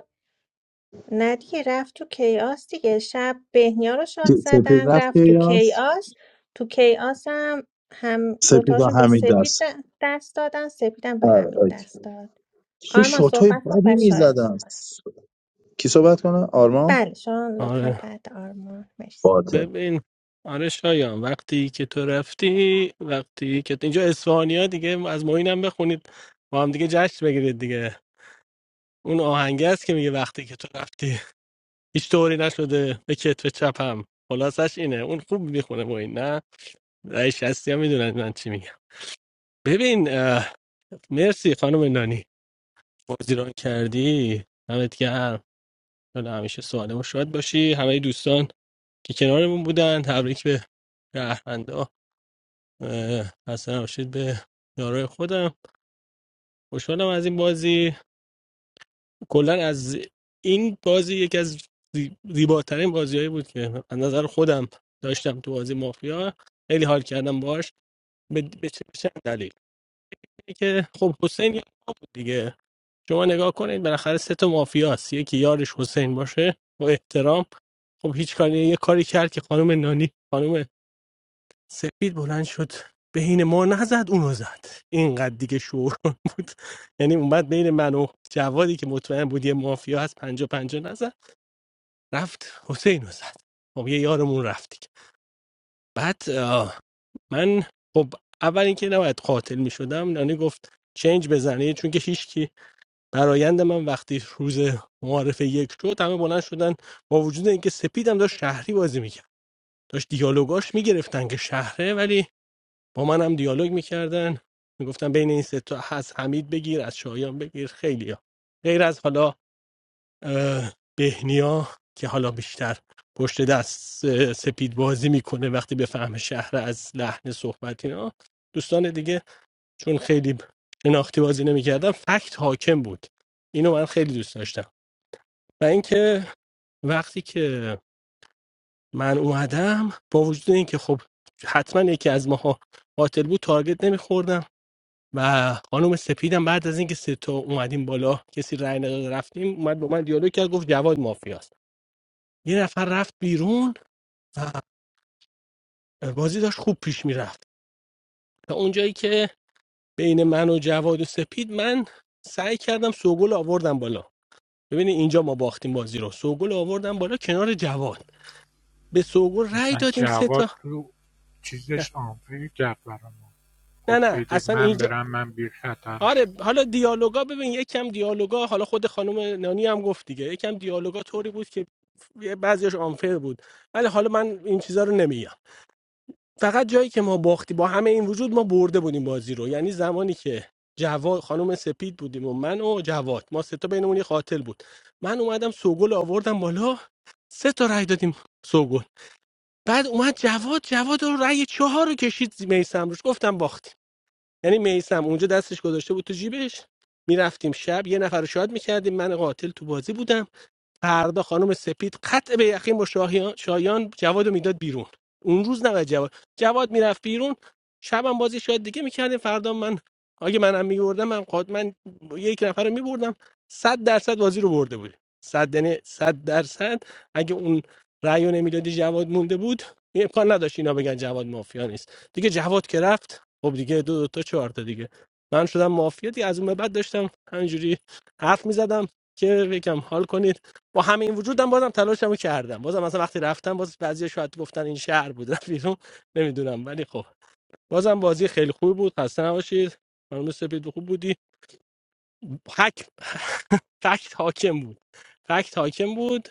نه دیگه رفت تو کیاس دیگه شب بهنیا رو شاد
کی- سپید
زدن
رفت که
رفت تو
یاس
کیاس تو کیاس هم هم
سپید و
دوتاشون به
حمید
سپید
دست
د- دست دادن سپیدم به حمید دست داد
چه
آرمان
شوتای
صحبت کن
بدی
و شایان
میزدن
صحبت
کی صحبت کنه آرما
بله شایان لطفا
آره
بعد آرمان مرسی
باته
ببین آره شایان وقتی که تو رفتی وقتی که تو- اینجا اسفانیا دیگه از معینم بخونید با هم دیگه جشن بگیرید دیگه اون آهنگه است که میگه وقتی که تو رفتی هیچ طوری نشده به کتف چپم خلاصش اینه اون خوب میخونه با این نه رئیس هستی هم میدونن من چی میگم ببین مرسی خانم نانی بازی ران کردی همت گرم چون همیشه سالم و شاد باشی همه دوستان که کنارمون بودن تبریک به شهروندا اه، خسته نباشید به یارای خودم خوشحالم از این بازی کلا از این بازی یکی از زی- زیباترین بازیهایی بود که از نظر خودم داشتم تو بازی مافیا خیلی حال کردم باش به به چه به چند دلیل اینه که خب حسین یه آقا بود دیگه شما نگاه کنید بالاخره سه تا مافیاست یکی یارش حسین باشه با احترام خب هیچ کاری یه کاری کرد که خانم نانی خانم سپید بلند شد بین ما نزد اونو زد اینقدر دیگه شور بود یعنی اومد بین من و جوادی که مطمئن بود یه مافیا هست پنجا پنجا رفت حسین رو زد خب یه یارمون رفت دیگه بعد آه، من خب اول اینکه نباید قاتل می شدم نانی گفت چنج بزنی چون که هیچکی برایند من وقتی روز معارفه یک شد همه بلند شدن با وجود اینکه سپیدم داشت شهری بازی میکرد داشت دیالوگاش میگرفتن که شهره ولی با من هم دیالوگ میکردن میگفتن بین این سه تا از حمید بگیر از شایان بگیر خیلی غیر از حالا بهنیا که حالا بیشتر پشت دست سپید بازی میکنه وقتی به فهم شهر از لحن صحبت اینا دوستان دیگه چون خیلی شناختی بازی نمیکردم فکت حاکم بود اینو من خیلی دوست داشتم و اینکه وقتی که من اومدم با وجود اینکه خب حتما یکی از ماها قاتل بود تارگت نمیخوردم و خانم سپیدم بعد از اینکه سه تا اومدیم بالا کسی رای نداد رفتیم اومد با من دیالوگ کرد گفت جواد مافیاست یه نفر رفت بیرون و بازی داشت خوب پیش میرفت تا اونجایی که بین من و جواد و سپید من سعی کردم سوگل آوردم بالا ببینید اینجا ما باختیم بازی رو سوگل آوردم بالا کنار جواد به سوگل رای
اصلا
دادیم سه
جواد
تا
تو
نه
چیزش آنفه کرد برای ما
نه
گفت
نه،
بدید
اصلا
من
اینجا
برم من بیر خطرم
آره حالا دیالوگا ببین یکم دیالوگا حالا خود خانم نانی هم گفت دیگه یکم دیالوگا طوری بود که بعضیش آنفر بود ولی حالا من این چیزا رو نمیگم فقط جایی که ما باختی با همه این وجود ما برده بودیم بازی رو یعنی زمانی که جواد خانم سپید بودیم و من و جواد ما سه تا بینمون یه قاتل بود من اومدم سوگل آوردم بالا سه تا رای دادیم سوگل بعد اومد جواد جواد رو رای چهار رو کشید میسم روش گفتم باختیم یعنی میسم اونجا دستش گذاشته بود تو جیبش میرفتیم شب یه نفر رو شاد میکردیم من قاتل تو بازی بودم فردا خانم سپید قطع به یقین با شاهیان شایان جواد رو میداد بیرون اون روز نباید جواد جواد میرفت بیرون شبم بازی شاید دیگه میکردیم فردا من اگه منم میبردم من قاد من یک نفر رو میبردم صد درصد بازی رو برده بود صد یعنی صد درصد اگه اون رأی رو نمیدادی جواد مونده بود امکان نداشت اینا بگن جواد مافیا نیست دیگه جواد که رفت خب دیگه دو, دو تا چهار تا دیگه من شدم مافیا دیگه از اون به بعد داشتم همینجوری حرف میزدم که یکم حال کنید با همین وجودم بازم تلاشمو کردم بازم مثلا وقتی رفتم باز بعضی شاید گفتن این شهر بود رفت بیرون نمیدونم ولی خب بازم بازی خیلی خوبی بود خسته نباشید ممنون سپید خوب بودی حک فکت حاکم بود فکت حاکم بود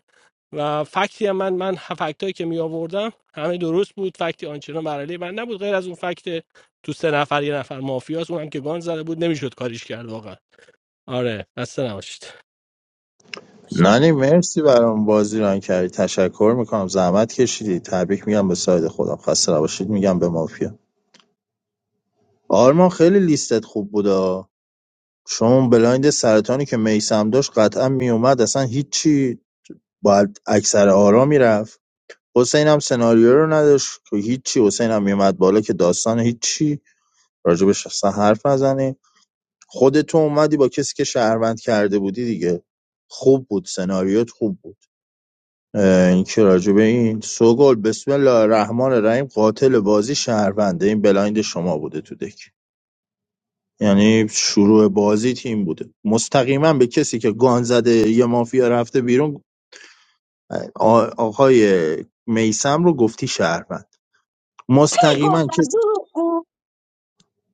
و فکتی هم من من فکت که می آوردم همه درست بود فکتی آنچنان بر علیه من نبود غیر از اون فکت تو سه نفر یه نفر مافیاس اونم که گان زده بود نمیشد کاریش کرد واقعا آره خسته نباشید
نانی
شایان بخ...
مرسی برام بازی ران کردی تشکر میکنم زحمت کشیدی تبریک میگم به ساید خودم خسته نباشید میگم به مافیا آرمان خیلی لیستت خوب بودا شما اون بلایند سرطانی که میسم داشت قطعا میومد اصلا هیچی باید اکثر آرا میرفت حسین هم سناریو رو نداشت که هیچی حسین هم میومد بالا که داستان هیچی راجبش اصلا حرف نزنه خودتو اومدی با کسی که شهروند کرده بودی دیگه خوب بود سناریوت خوب بود این که راجبه این سوگل بسم الله الرحمن الرحیم قاتل بازی شهرونده این بلایند شما بوده تو دک یعنی شروع بازی تیم بوده مستقیما به کسی که گان زده یه مافیا رفته بیرون آ- آقای میسم رو گفتی شهروند
ای
مستقیما
گفتم
کسی
دروغگو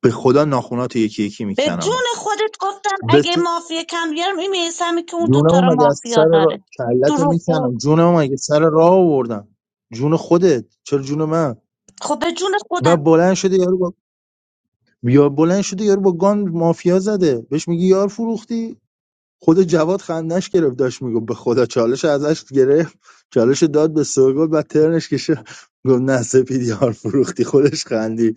به خدا ناخونات رو یکی یکی
به جون
میکنم
خودت گفتم
بس
اگه مافیا کم بیارم این میسمی که اون دوتا
جونمو
رو
مگه از
مافیا
سر را...
داره
کلت
دروغگو
میکنم جونمو مگه سر راه آوردم جون خودت چرا جون من
خب به جون خودم
و بلند شده یارو با یا بلند شده یارو با گان مافیا زده بهش میگی یار فروختی خود جواد خندش گرفت داشت میگو به خدا چالش ازش گرفت چالش داد به سوگل و ترنش کشه گفت نه سپید یار فروختی خودش خندی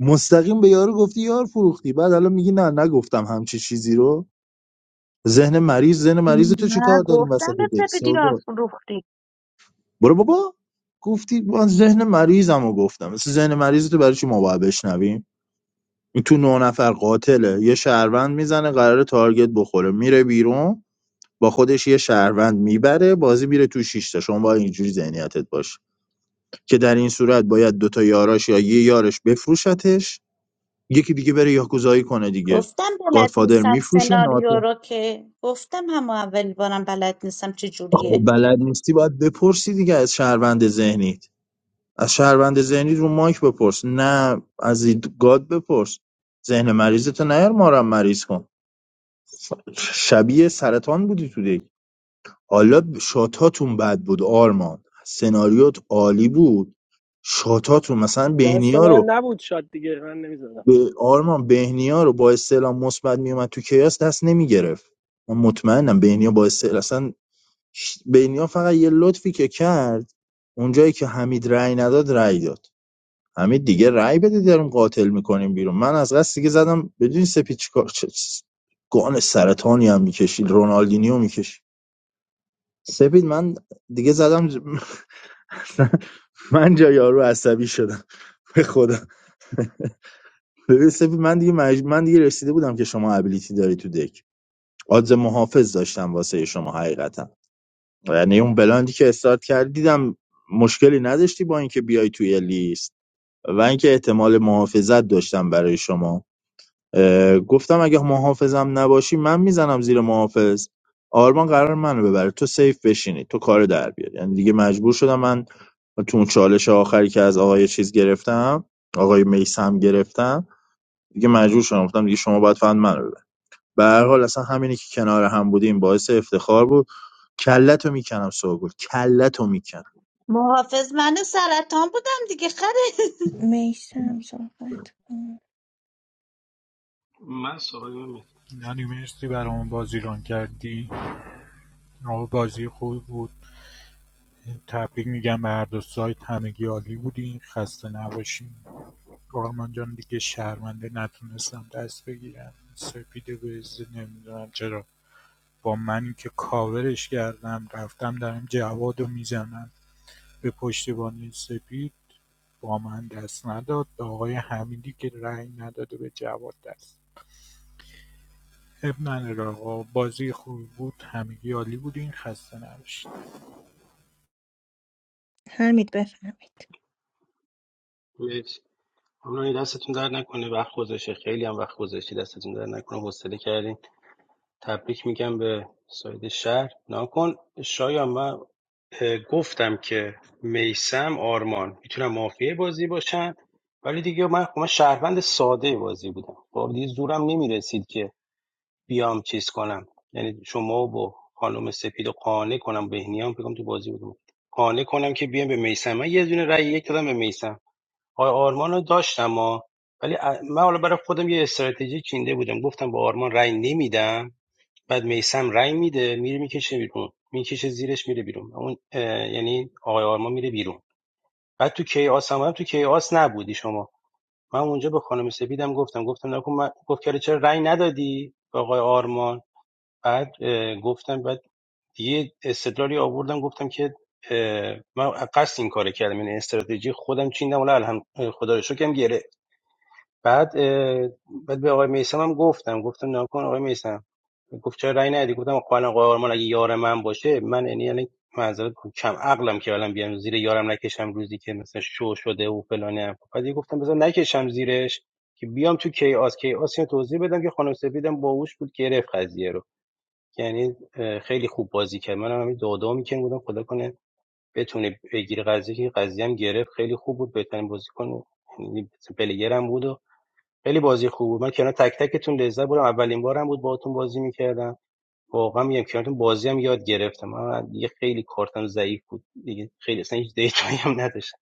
مستقیم به یارو گفتی یار فروختی بعد الان میگی نه نگفتم همچی چیزی رو ذهن مریض ذهن مریض تو چی
نه
کار داریم
گفتم
وسط
به
دک
سپه دیار
سودا
فروختی
برو بابا گفتی من ذهن مریضم گفتم مثل ذهن مریض تو برای چی ما باید بشنویم این تو نه نفر قاتله یه شهروند میزنه قرار تارگت بخوره میره بیرون با خودش یه شهروند میبره بازی میره تو شیشتا شما باید اینجوری ذهنیتت باشه که در این صورت باید دوتا یاراش یا یه یارش بفروشتش یکی دیگه بره یاکوزایی کنه دیگه
گفتم بلد
گادفادر
نیستم
میفروشه
سناریو
ناتو
رو که گفتم هم اول بارم بلد نیستم چه
خب
جوریه
بلد نیستی باید بپرسی دیگه از شهروند ذهنیت از شهروند ذهنی رو مایک بپرس نه از اید- گاد بپرس ذهن مریضتو نیار مارم مریض کن شبیه سرطان بودی تو دیگه حالا شاتاتون بد بود آرمان سناریوت عالی بود شاتاتون مثلا
دست
بهنیا
من
رو
نبود شاد دیگه من نمیزدم
به آرمان بهنیا رو با استعلام مثبت میومد تو کیاس دست نمیگرفت من مطمئنم بهنیا با استعلام اصلا بینیا فقط یه لطفی که کرد اونجایی که حمید رأی نداد رأی داد حمید دیگه رأی بده داریم قاتل میکنیم بیرون من از قصد دیگه زدم بدون سپید چیکار چه گان سرطانی هم میکشید رونالدینیو میکشید سپید من دیگه زدم من جای یارو عصبی شدم به خدا ببین سپید من دیگه مج... من دیگه رسیده بودم که شما ابیلیتی داری تو دک آدز محافظ داشتم واسه شما حقیقتا یعنی اون بلندی که استارت کرد دیدم مشکلی نداشتی با اینکه بیای توی لیست و اینکه احتمال محافظت داشتم برای شما گفتم اگه محافظم نباشی من میزنم زیر محافظ آرمان قرار منو ببره تو سیف بشینی تو کار در بیاری یعنی دیگه مجبور شدم من تو اون چالش آخری که از آقای چیز گرفتم آقای میسم گرفتم دیگه مجبور شدم گفتم دیگه شما باید فقط منو ببر به هر حال اصلا همینی که کنار هم بودیم باعث افتخار بود کلتو میکنم سوگل کلتو میکنم
محافظ من سرطان بودم دیگه خره
میسم صحبت کن
من سوال
یعنی مرسی برامون بازی ران کردی آقا بازی خوب بود تبریک میگم به هر دو سایت همگی عالی بودین خسته نباشین آرمان جان دیگه شرمنده نتونستم دست بگیرم سپید وزده نمیدونم چرا با من که کاورش کردم رفتم دارم جواد رو میزنم به پشتیبانی سپید با من دست نداد به آقای حمیدی که رأی نداده به جواد دست اب نداره آقا بازی خوبی بود همگی عالی بودین خسته نباشین
حمید بفهمید
مرسی حالا دستتون در نکنه وقت گذاشته خیلی هم وقت گذاشتی دستتون در نکنه حوصله کردین تبریک میگم به ساید شهر نکن شایان من اه، گفتم که میسم آرمان میتونم مافیای بازی باشن ولی دیگه من خب من شهروند ساده بازی بودم خب دیگه زورم نمیرسید که بیام چیز کنم یعنی شما با خانم سپید رو قانع کنم بهنیام بگم تو بازی بودم قانع کنم که بیام به میسم من یه دونه رأی یک دادم به میسم آقای آرمان رو داشتم ها ولی ا- من حالا برای خودم یه استراتژی چینده بودم گفتم به آرمان رأی نمیدم بعد میسم رای میده میره میکشه بیرون میکشه زیرش میره بیرون اون یعنی آقای آرما میره بیرون بعد تو کیاس هم, هم تو کیاس نبودی شما من اونجا به خانم سپیدم گفتم گفتم نکن من گفت که آره، چرا رای ندادی به آقای آرمان بعد گفتم بعد یه استدلالی آوردم گفتم که من قصد این کار کردم این استراتژی خودم چیندم ولی الحمد خدا رو شکر بعد بعد به آقای میسم هم گفتم گفتم نه کن آقای میسم گفت چرا رأی ندی گفتم قانون قهرمان اگه یار من باشه من یعنی یعنی معذرت کم عقلم که الان بیام زیر یارم نکشم روزی که مثلا شو شده و فلانه بعد گفتم بذار نکشم زیرش که بیام تو کیاس کیاس اینو توضیح بدم که خانم سفیدم باهوش بود گرفت قضیه رو یعنی اه، خیلی خوب بازی کرد منم همین دادا میکنم بودم خدا کنه بتونه بگیره قضیه که قضیه هم گرفت خیلی خوب بود بهترین بازیکن یعنی پلیگرم بود و خیلی بازی خوب بود من کنار تک تکتون لذت بردم اولین بارم بود باهاتون بازی میکردم واقعا میگم کنارتون بازی هم یاد گرفتم من دیگه خیلی کارتم ضعیف بود دیگه خیلی اصلا هیچ دیتایی هم نداشتم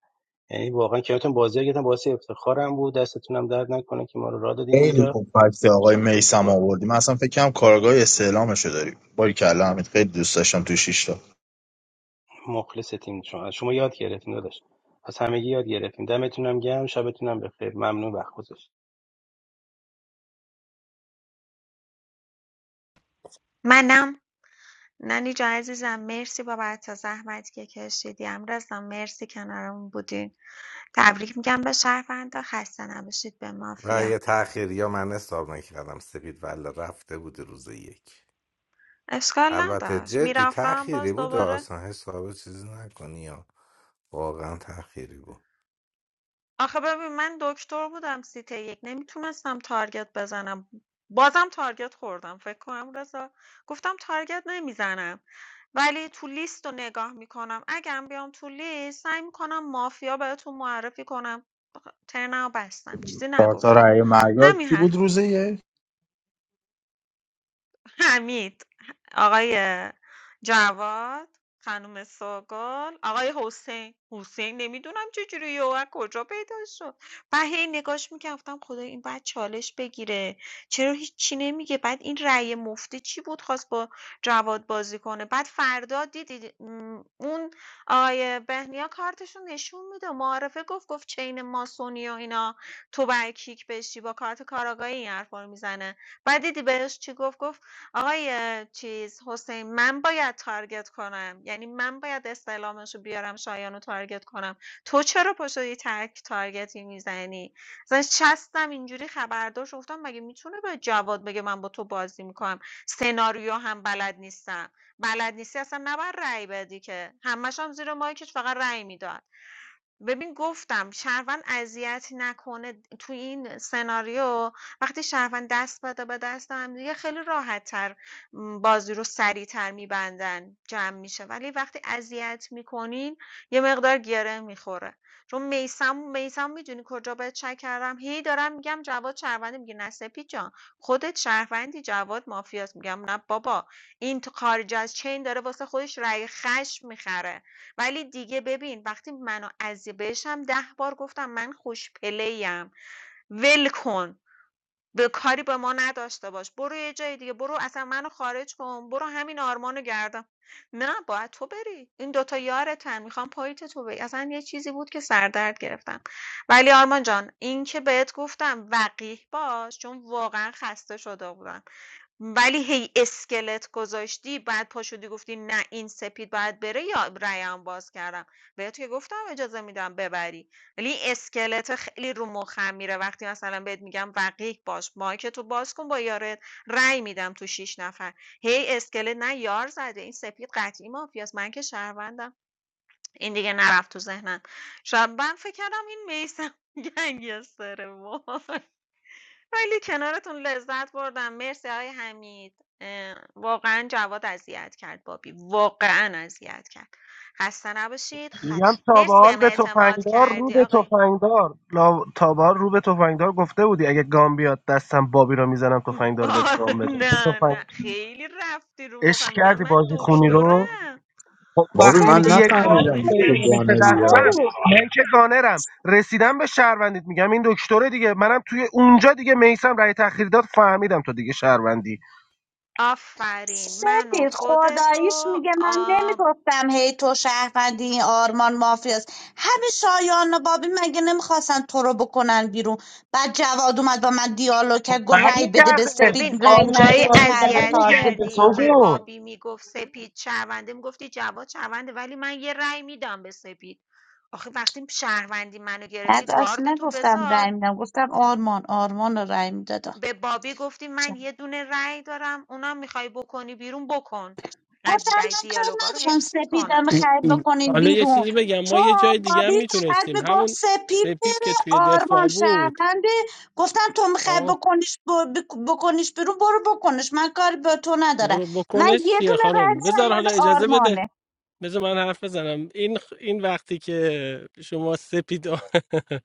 یعنی واقعا کنارتون بازی یاد گرفتم باعث افتخارم بود دستتون هم درد نکنه که ما رو راه دادین
خیلی
اینجا ان
خوب فکت آقای
شاءالله بتونم
میسم
با
آوردی من اصلا فکر کنم کارگاه استعلامشو داری باری کلا همین خیلی دوست داشتم تو شیش تا
مخلصتیم شما شما یاد گرفتیم داداش از همگی یاد گرفتیم دمتون هم گرم شبتون هم بخیر ممنون وقت گذاشتید.
منم نانی جا عزیزم مرسی بابت زحمتی که کشیدی امرزم مرسی کنارمون بودین تبریک میگم به شهروندا خسته نباشید به
و
مافیا
یه تأخیر یا من حساب نکردم سپید ولی رفته بود روز یک
اشکال
البته
نداشت.
جدی
میرفتم باز
تأخیری
آره
بود
دوباره
اصلا حساب چیزی نکنی یا واقعا تأخیری بود
آخه ببین من دکتر بودم سیت یک نمیتونستم تارگت بزنم بازم تارگت خوردم فکر کنم رضا گفتم تارگت نمیزنم ولی تو لیست رو نگاه میکنم اگرم بیام تو لیست سعی میکنم مافیا بهتون معرفی کنم آخه ترنم رو بستم چیزی
چهار تا
نگفتم
رأی مهیار
همین
کی
حرف
بود روزه یک
حمید، آقای جواد، خانم سوگل، آقای حسین حسین نمیدونم چجوری یهو از کجا پیدا شد بعد هی نگاش میکردم گفتم خدا این باید چالش بگیره چرا هیچی نمیگه بعد این رأی مفته چی بود خواست با جواد بازی کنه بعد فردا دیدید م، اون آقای بهنیا کارتشون نشون میده معارفه گفت گفت چین ماسونی و اینا تو برای کیک بشی با کارت کاراگاهی این حرفا رو میزنه بعد دیدی بهش چی گفت گفت آقای چیز حسین من باید تارگت کنم یعنی من باید استعلامش رو بیارم شایان رو تارگت کنم تو چرا پاشو یه تک تارگتی میزنی مثلا چستم اینجوری خبردار گفتم مگه میتونه به جواد بگه من با تو بازی میکنم سناریو هم بلد نیستم بلد نیستی اصلا نباید رأی بدی که همش هم زیر مایکش فقط رأی میداد ببین گفتم شهروند اذیتی نکنه تو این سناریو وقتی شهروند دست بده به دست هم دیگه خیلی راحت تر بازی رو سریعتر میبندن جمع میشه ولی وقتی اذیت میکنین یه مقدار گره میخوره چون میسم میسم میدونی کجا بهت شک کردم هی دارم میگم جواد شهروندی میگه نه سپید جان خودت شهروندی جواد مافیاست میگم نه بابا این تو خارج از چین داره واسه خودش رأی خشم میخره ولی دیگه ببین وقتی منو از بهش ده بار گفتم من خوش پلیم ول کن به کاری به ما نداشته باش برو یه جای دیگه برو اصلا منو خارج کن برو همین آرمانو گردم نه باید تو بری این دوتا یارتن میخوام پاییت تو بری اصلا یه چیزی بود که سردرد گرفتم ولی آرمان جان این که بهت گفتم وقیح باش چون واقعا خسته شده بودم ولی هی اسکلت گذاشتی بعد پاشدی گفتی نه این سپید باید بره یا رأی‌مو باز کردم بهت که گفتم اجازه میدم ببری ولی این اسکلت خیلی رو مخم میره وقتی مثلا بهت میگم رقیق باش مایک تو باز کن با یارت رأی میدم تو شیش نفر هی اسکلت نه یار زده این سپید قطعی مافیاست من که شهروندم این دیگه نرفت تو ذهنم شاید من فکر کردم این میسم گنگستره وای خیلی کنارتون لذت بردم. مرسی آقای حمید. اه، واقعا جواد اذیت کرد بابی. واقعا اذیت کرد. خسته نباشید.
میگم
خدف.
تابال به
مرسی
حال
بهم
به
اعتماد
تفنگدار رو
کردی
به
آقای
تفنگدار لا... تابال رو به تفنگدار گفته بودی اگه گام بیاد دستم بابی رو میزنم تفنگدار بهت
آه،
گام بده به
نه
تفنگ
نه خیلی رفتی رو
عشق
مخم میگم
کردی
من
بازی خونی رو
دکترم
خب
بابی
وقتی
من
میگی
اصلا
سپید
یه گان
پرام
نفهمیدم
افتاد
ریخته
تو
خدایی
بود
برسه
گانری
دستم
یا
من که گانرم رسیدم به شهروندیت میگم این دکتره دیگه منم توی اونجا دیگه میسم رأی تأخیر داد فهمیدم تو دیگه شهروندی
آفرین من و
سپید
خودت
خداییش میگه من
و
نمیگفتم هی تو شهروندی این آرمان مافیاست همین شایان و بابی مگه نمیخواستن تو رو بکنن بیرون بعد جواد اومد با من دیالوگ کرد گفت رأی بده به
برمیگرده
سپید
ببین
رأی
آدم
اونجایی
نده که
داری
فرد
اذیت
تارگت
برمیگرده
کردی که
میخوری
سوگل
بابی میگفت سپید شهرونده میگفتی جواد شهرونده ولی من یه رأی میدم به سپید آخه وقتی شهروندی منو گرفتی
بعد اصلا
گارد تو
نگفتم رأی
بذار
میدم گفتم آرمان آرمان رو رأی میدادم
به بابی گفتی من یه دونه رأی دارم اونا میخوای بکنی بیرون بکن
گفتم
قد- دی-
من کاری
دیالوگا رو
ندارم
حفظ
سپیدم
میکنن
خرید بکنین
حالا یه
بیرون
چیزی بگم ما
چون
یه جای دیگه هم
بابی فقط
میتونستیم
میگفت
همون
سپید
سپید که
بره
توی دفاع
آرمان
بود
شهرونده گفتم تو میخوای
آه
بکنیش ب- بک- بکنیش بیرون برو بکنش من کاری به تو ندارم
برو
من
بکنش
یه
چیه
دونه رای
خانم
دارم
بذار
مال
حالا اجازه بده
آرمانه
بذار من حرف بزنم این این وقتی که شما سپید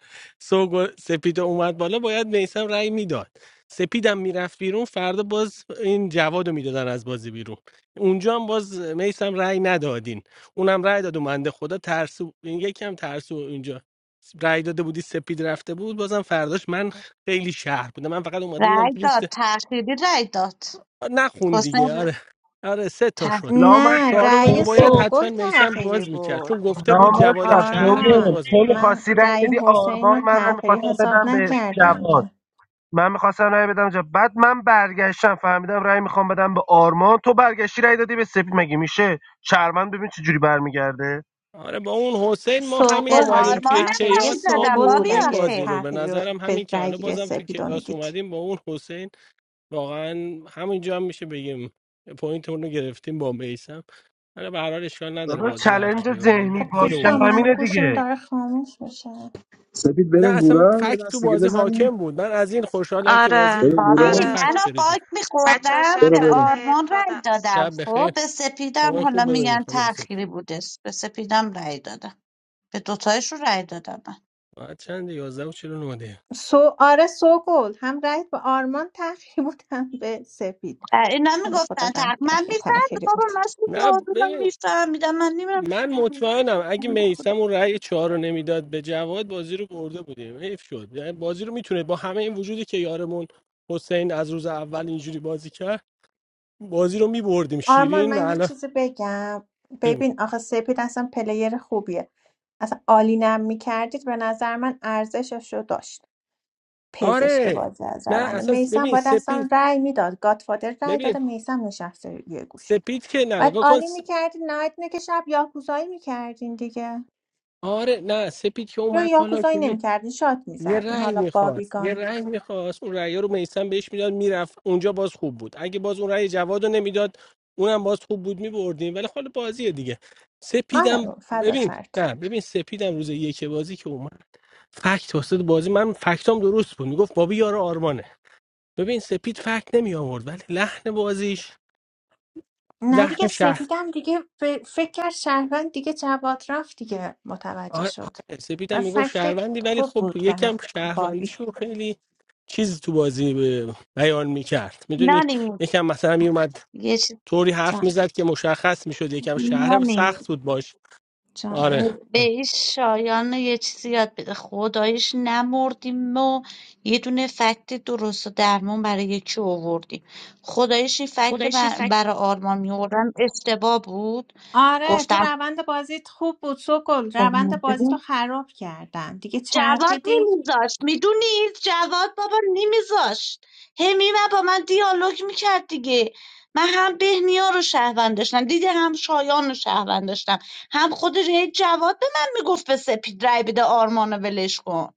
سوگ سپید اومد بالا باید میسم رأی میداد سپیدم میرفت بیرون فردا باز این جوادو میدادن از بازی بیرون اونجا هم باز میسم رأی ندادین اونم رأی داد و منده خدا ترسو این یکم ترسو اینجا رأی داده بودی سپید رفته بود بازم فرداش من خیلی شهر بودم من فقط اومده بودم
رای
تو لیست
داد تخیلی رای داد
آه، نخون دیگه
حسین ر-
آره آره سه تا
ت-
شد
لامصب
نه
چهارم رو
رأی
باید
سوگل
سوگل
حتما میسم
تأخیری
باز میکرد چون
بود
گفته بود جوادم
لامصب
شهره باید
سوگل
آرمان
باز
تو
میکرد
من
میخواستی رأی
رأی
بدی
حسین
آرمان
رو
منم
تأخیری
میخواستم
حساب
بدم به
نکردم
جواد
که
من میخواستم رأی بدم جا بعد من برگشتم فهمیدم رای میخوام بدم به آرمان تو برگشتی رای دادی به سپید مگه میشه چرمن ببین چه جوری برمیگرده
آره با اون حسین ما همین
به
سوگل
اومدیم
رأی
توی
آرمانم
تأخیری
رای
کیاس ما
دادم
سوگل
بابی
بود
بردیم
اگه
آخه
بازی رو به
تأخیری رو
نظرم همین
به
که حالا
رأیگیری
بازم تو
سپیدو
کیاس
میدید
اومدیم با اون حسین واقعا همینجا هم میشه بگیم پوینت رو گرفتیم با میسم حالا به هر حال اشکال نداره
دادا
بازی هر کی
چلنج
ببره
ذهنی
خب
باشه
خودمون
دوستان
بود
من
همینه
گوشیم
دیگه
داره خاموش میشه
سپید
نه
بریم
اصلا
گورا یه
فکت تو
دست دیگه
بازی
بزنیم
حاکم بود من از این خوشحالم که بازی
آره
بریم
بابی
با
گورا
آره
فکت
بر
منو
بره جلو.
باگ
بچه ها
میخوردم
شب
به
برو بریم
بخیر
آرمان رای
خدافز
دادم
شب
خب
بخیر
به سپیدم
هوای
حالا
خوب
خوش
ببینی
میگن
خانم سپه
تأخیری بودش به سپیدم رای دادم به دوتایشون رای دادم من
ساعت چند 11 و 49
سو آره سوگل هم رأی به آرمان تأخیری بود هم به سپید
اه، اینا
حالا خدا
میگفتن
رحم
تق
کرد
من
که
میفهم
تأخیری
بابا
بود
مسئول
نه
بازونم
ببین
میفهم میدم من نمیدونم
من مطمئنم اگه میسم اون رأی چهار رو نمیداد به جواد بازی رو برده بودیم حیف شد یعنی بازی رو میتونه با همه این وجودی که یارمون حسین از روز اول اینجوری بازی کرد بازی رو میبردیم
آرمان
شیرین و
من یه
الان
چیزی بگم
بگو
ببین آخه سپید اصلا پلیر خوبیه اصلا عالی نم میکردید به نظر من ارزشش رو داشت پزشک
آره
بازی از
نه
رونده
اصلا
میسم
ببین
باید اصلا
سپید
رأی میداد گادفادر رأی
ببین
داده میسم نشسته یه گوشه
سپید که نه
باید
نگاه کن
عالی
س-
میکردین نهایت اینه که شب یاکوزایی میکردین دیگه
آره نه سپید که
یا
اومد بالا
یاکوزایی نمیکردین شات
یه
میزدین
رأی
حالا
میخواست یه
بابیگان
رأی میخواست اون رأی رو میسم بهش میداد میرفت اونجا باز خوب بود اگه باز اون رأی جواد رو نمیداد اونم باز خوب بود میبردیم ولی خاله بازیه دیگه
آره
سپیدم
بابا، فدا
ببین
سرت
نه ببین سپیدم روز یک بازی که اومد فکت واسه بازی من فکتام درست بود میگفت بابی یار آرمانه ببین سپید فکت نمی آورد ولی لحن بازیش
نه
لحن
دیگه
شهر
سپیدم دیگه ف- فکر کرد شهروند دیگه جواد رفت دیگه
آه،
متوجه شد
آره
و
سپیدم میگفت
فکت
شهروندی ولی
خوب
خب
بود برای
یکم
بابی
شهروندیشو خیلی چیز تو بازی به- بیان میکرد میدونی
نانی
یکم مثلا
آه،
میومد
یه چیزی
طوری حرف
جان
میزد که مشخص میشد یکم شهر
نانی
سخت بود باش
جانم
آره
جانم
به این شایان یه چیزی یاد بده خدایش نمردیم و یه دونه فکت درست و درمون برای یکی آوردیم خدایش این فکت
خدایشی
بر-
فکر
برای آرمان میوردم اشتباه بود
آره تو
گفتم
روند بازیت خوب بود سوگل روند بازی تو خراب کردن دیگه
جواد
چرخیدی
نمیذاشت میدونی جواد بابا نمیذاشت هی میمد با من دیالوگ میکرد دیگه من هم بهنیا رو شهروند داشتم دیدی هم شایان رو شهروند داشتم هم خود هی جواد به من میگفت به سپید رای بده آرمان رو ولش کن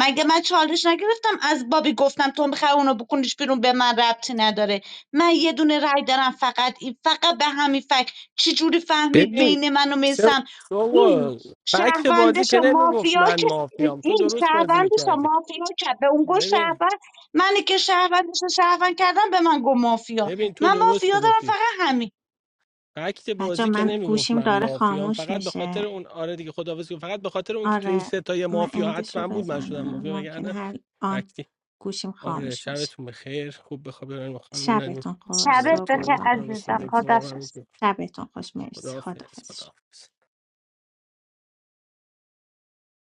مگه من چالش نگرفتم از بابی گفتم تو میخوای اونو بکنیش بیرون به من ربطی نداره من یه دونه رای دارم فقط این فقط به همین فکر چجوری فهمید
ببین
بین من و
سو
میسم این
سو- فکت بازی
شهروندش
که
و
نمیگفت
مافیا
من مافیام تو
این
درست بازی
شهروند شما
میکردی
مافیا کرد به اون گفت
ببین
شهروند منی که شهروندش رو شهروند کردم به من گفت مافیا
ببین تو
من
درست
مافیا دارم
میگفتی
فقط همین
فکت
بچه
بازی که
من
نمیگفت
گوشیم
من
داره
مافیام
خاموش
فقط به خاطر
میشه
اون آره دیگه خداحافظ کن. فقط به خاطر اون که تو این
آره
ستای
من
مافیا
اندشو
حتما بود من شدم
بزنم
مافیا
ممکنه
وگرنه
هر آن
فکتی
گوشیم
آره
خاموش بشه
شبتون بخیر خوب بخواب برن بخواب برن
شبتون خوش
ندای
شبت
سوگل
بخیر
تو خانم
بابک
عزیزم
سوگل،
شبتون خوش
واقعا
خدافز
شبتون خوش مرسی
خداحافظ
خدافظ
خداحافظ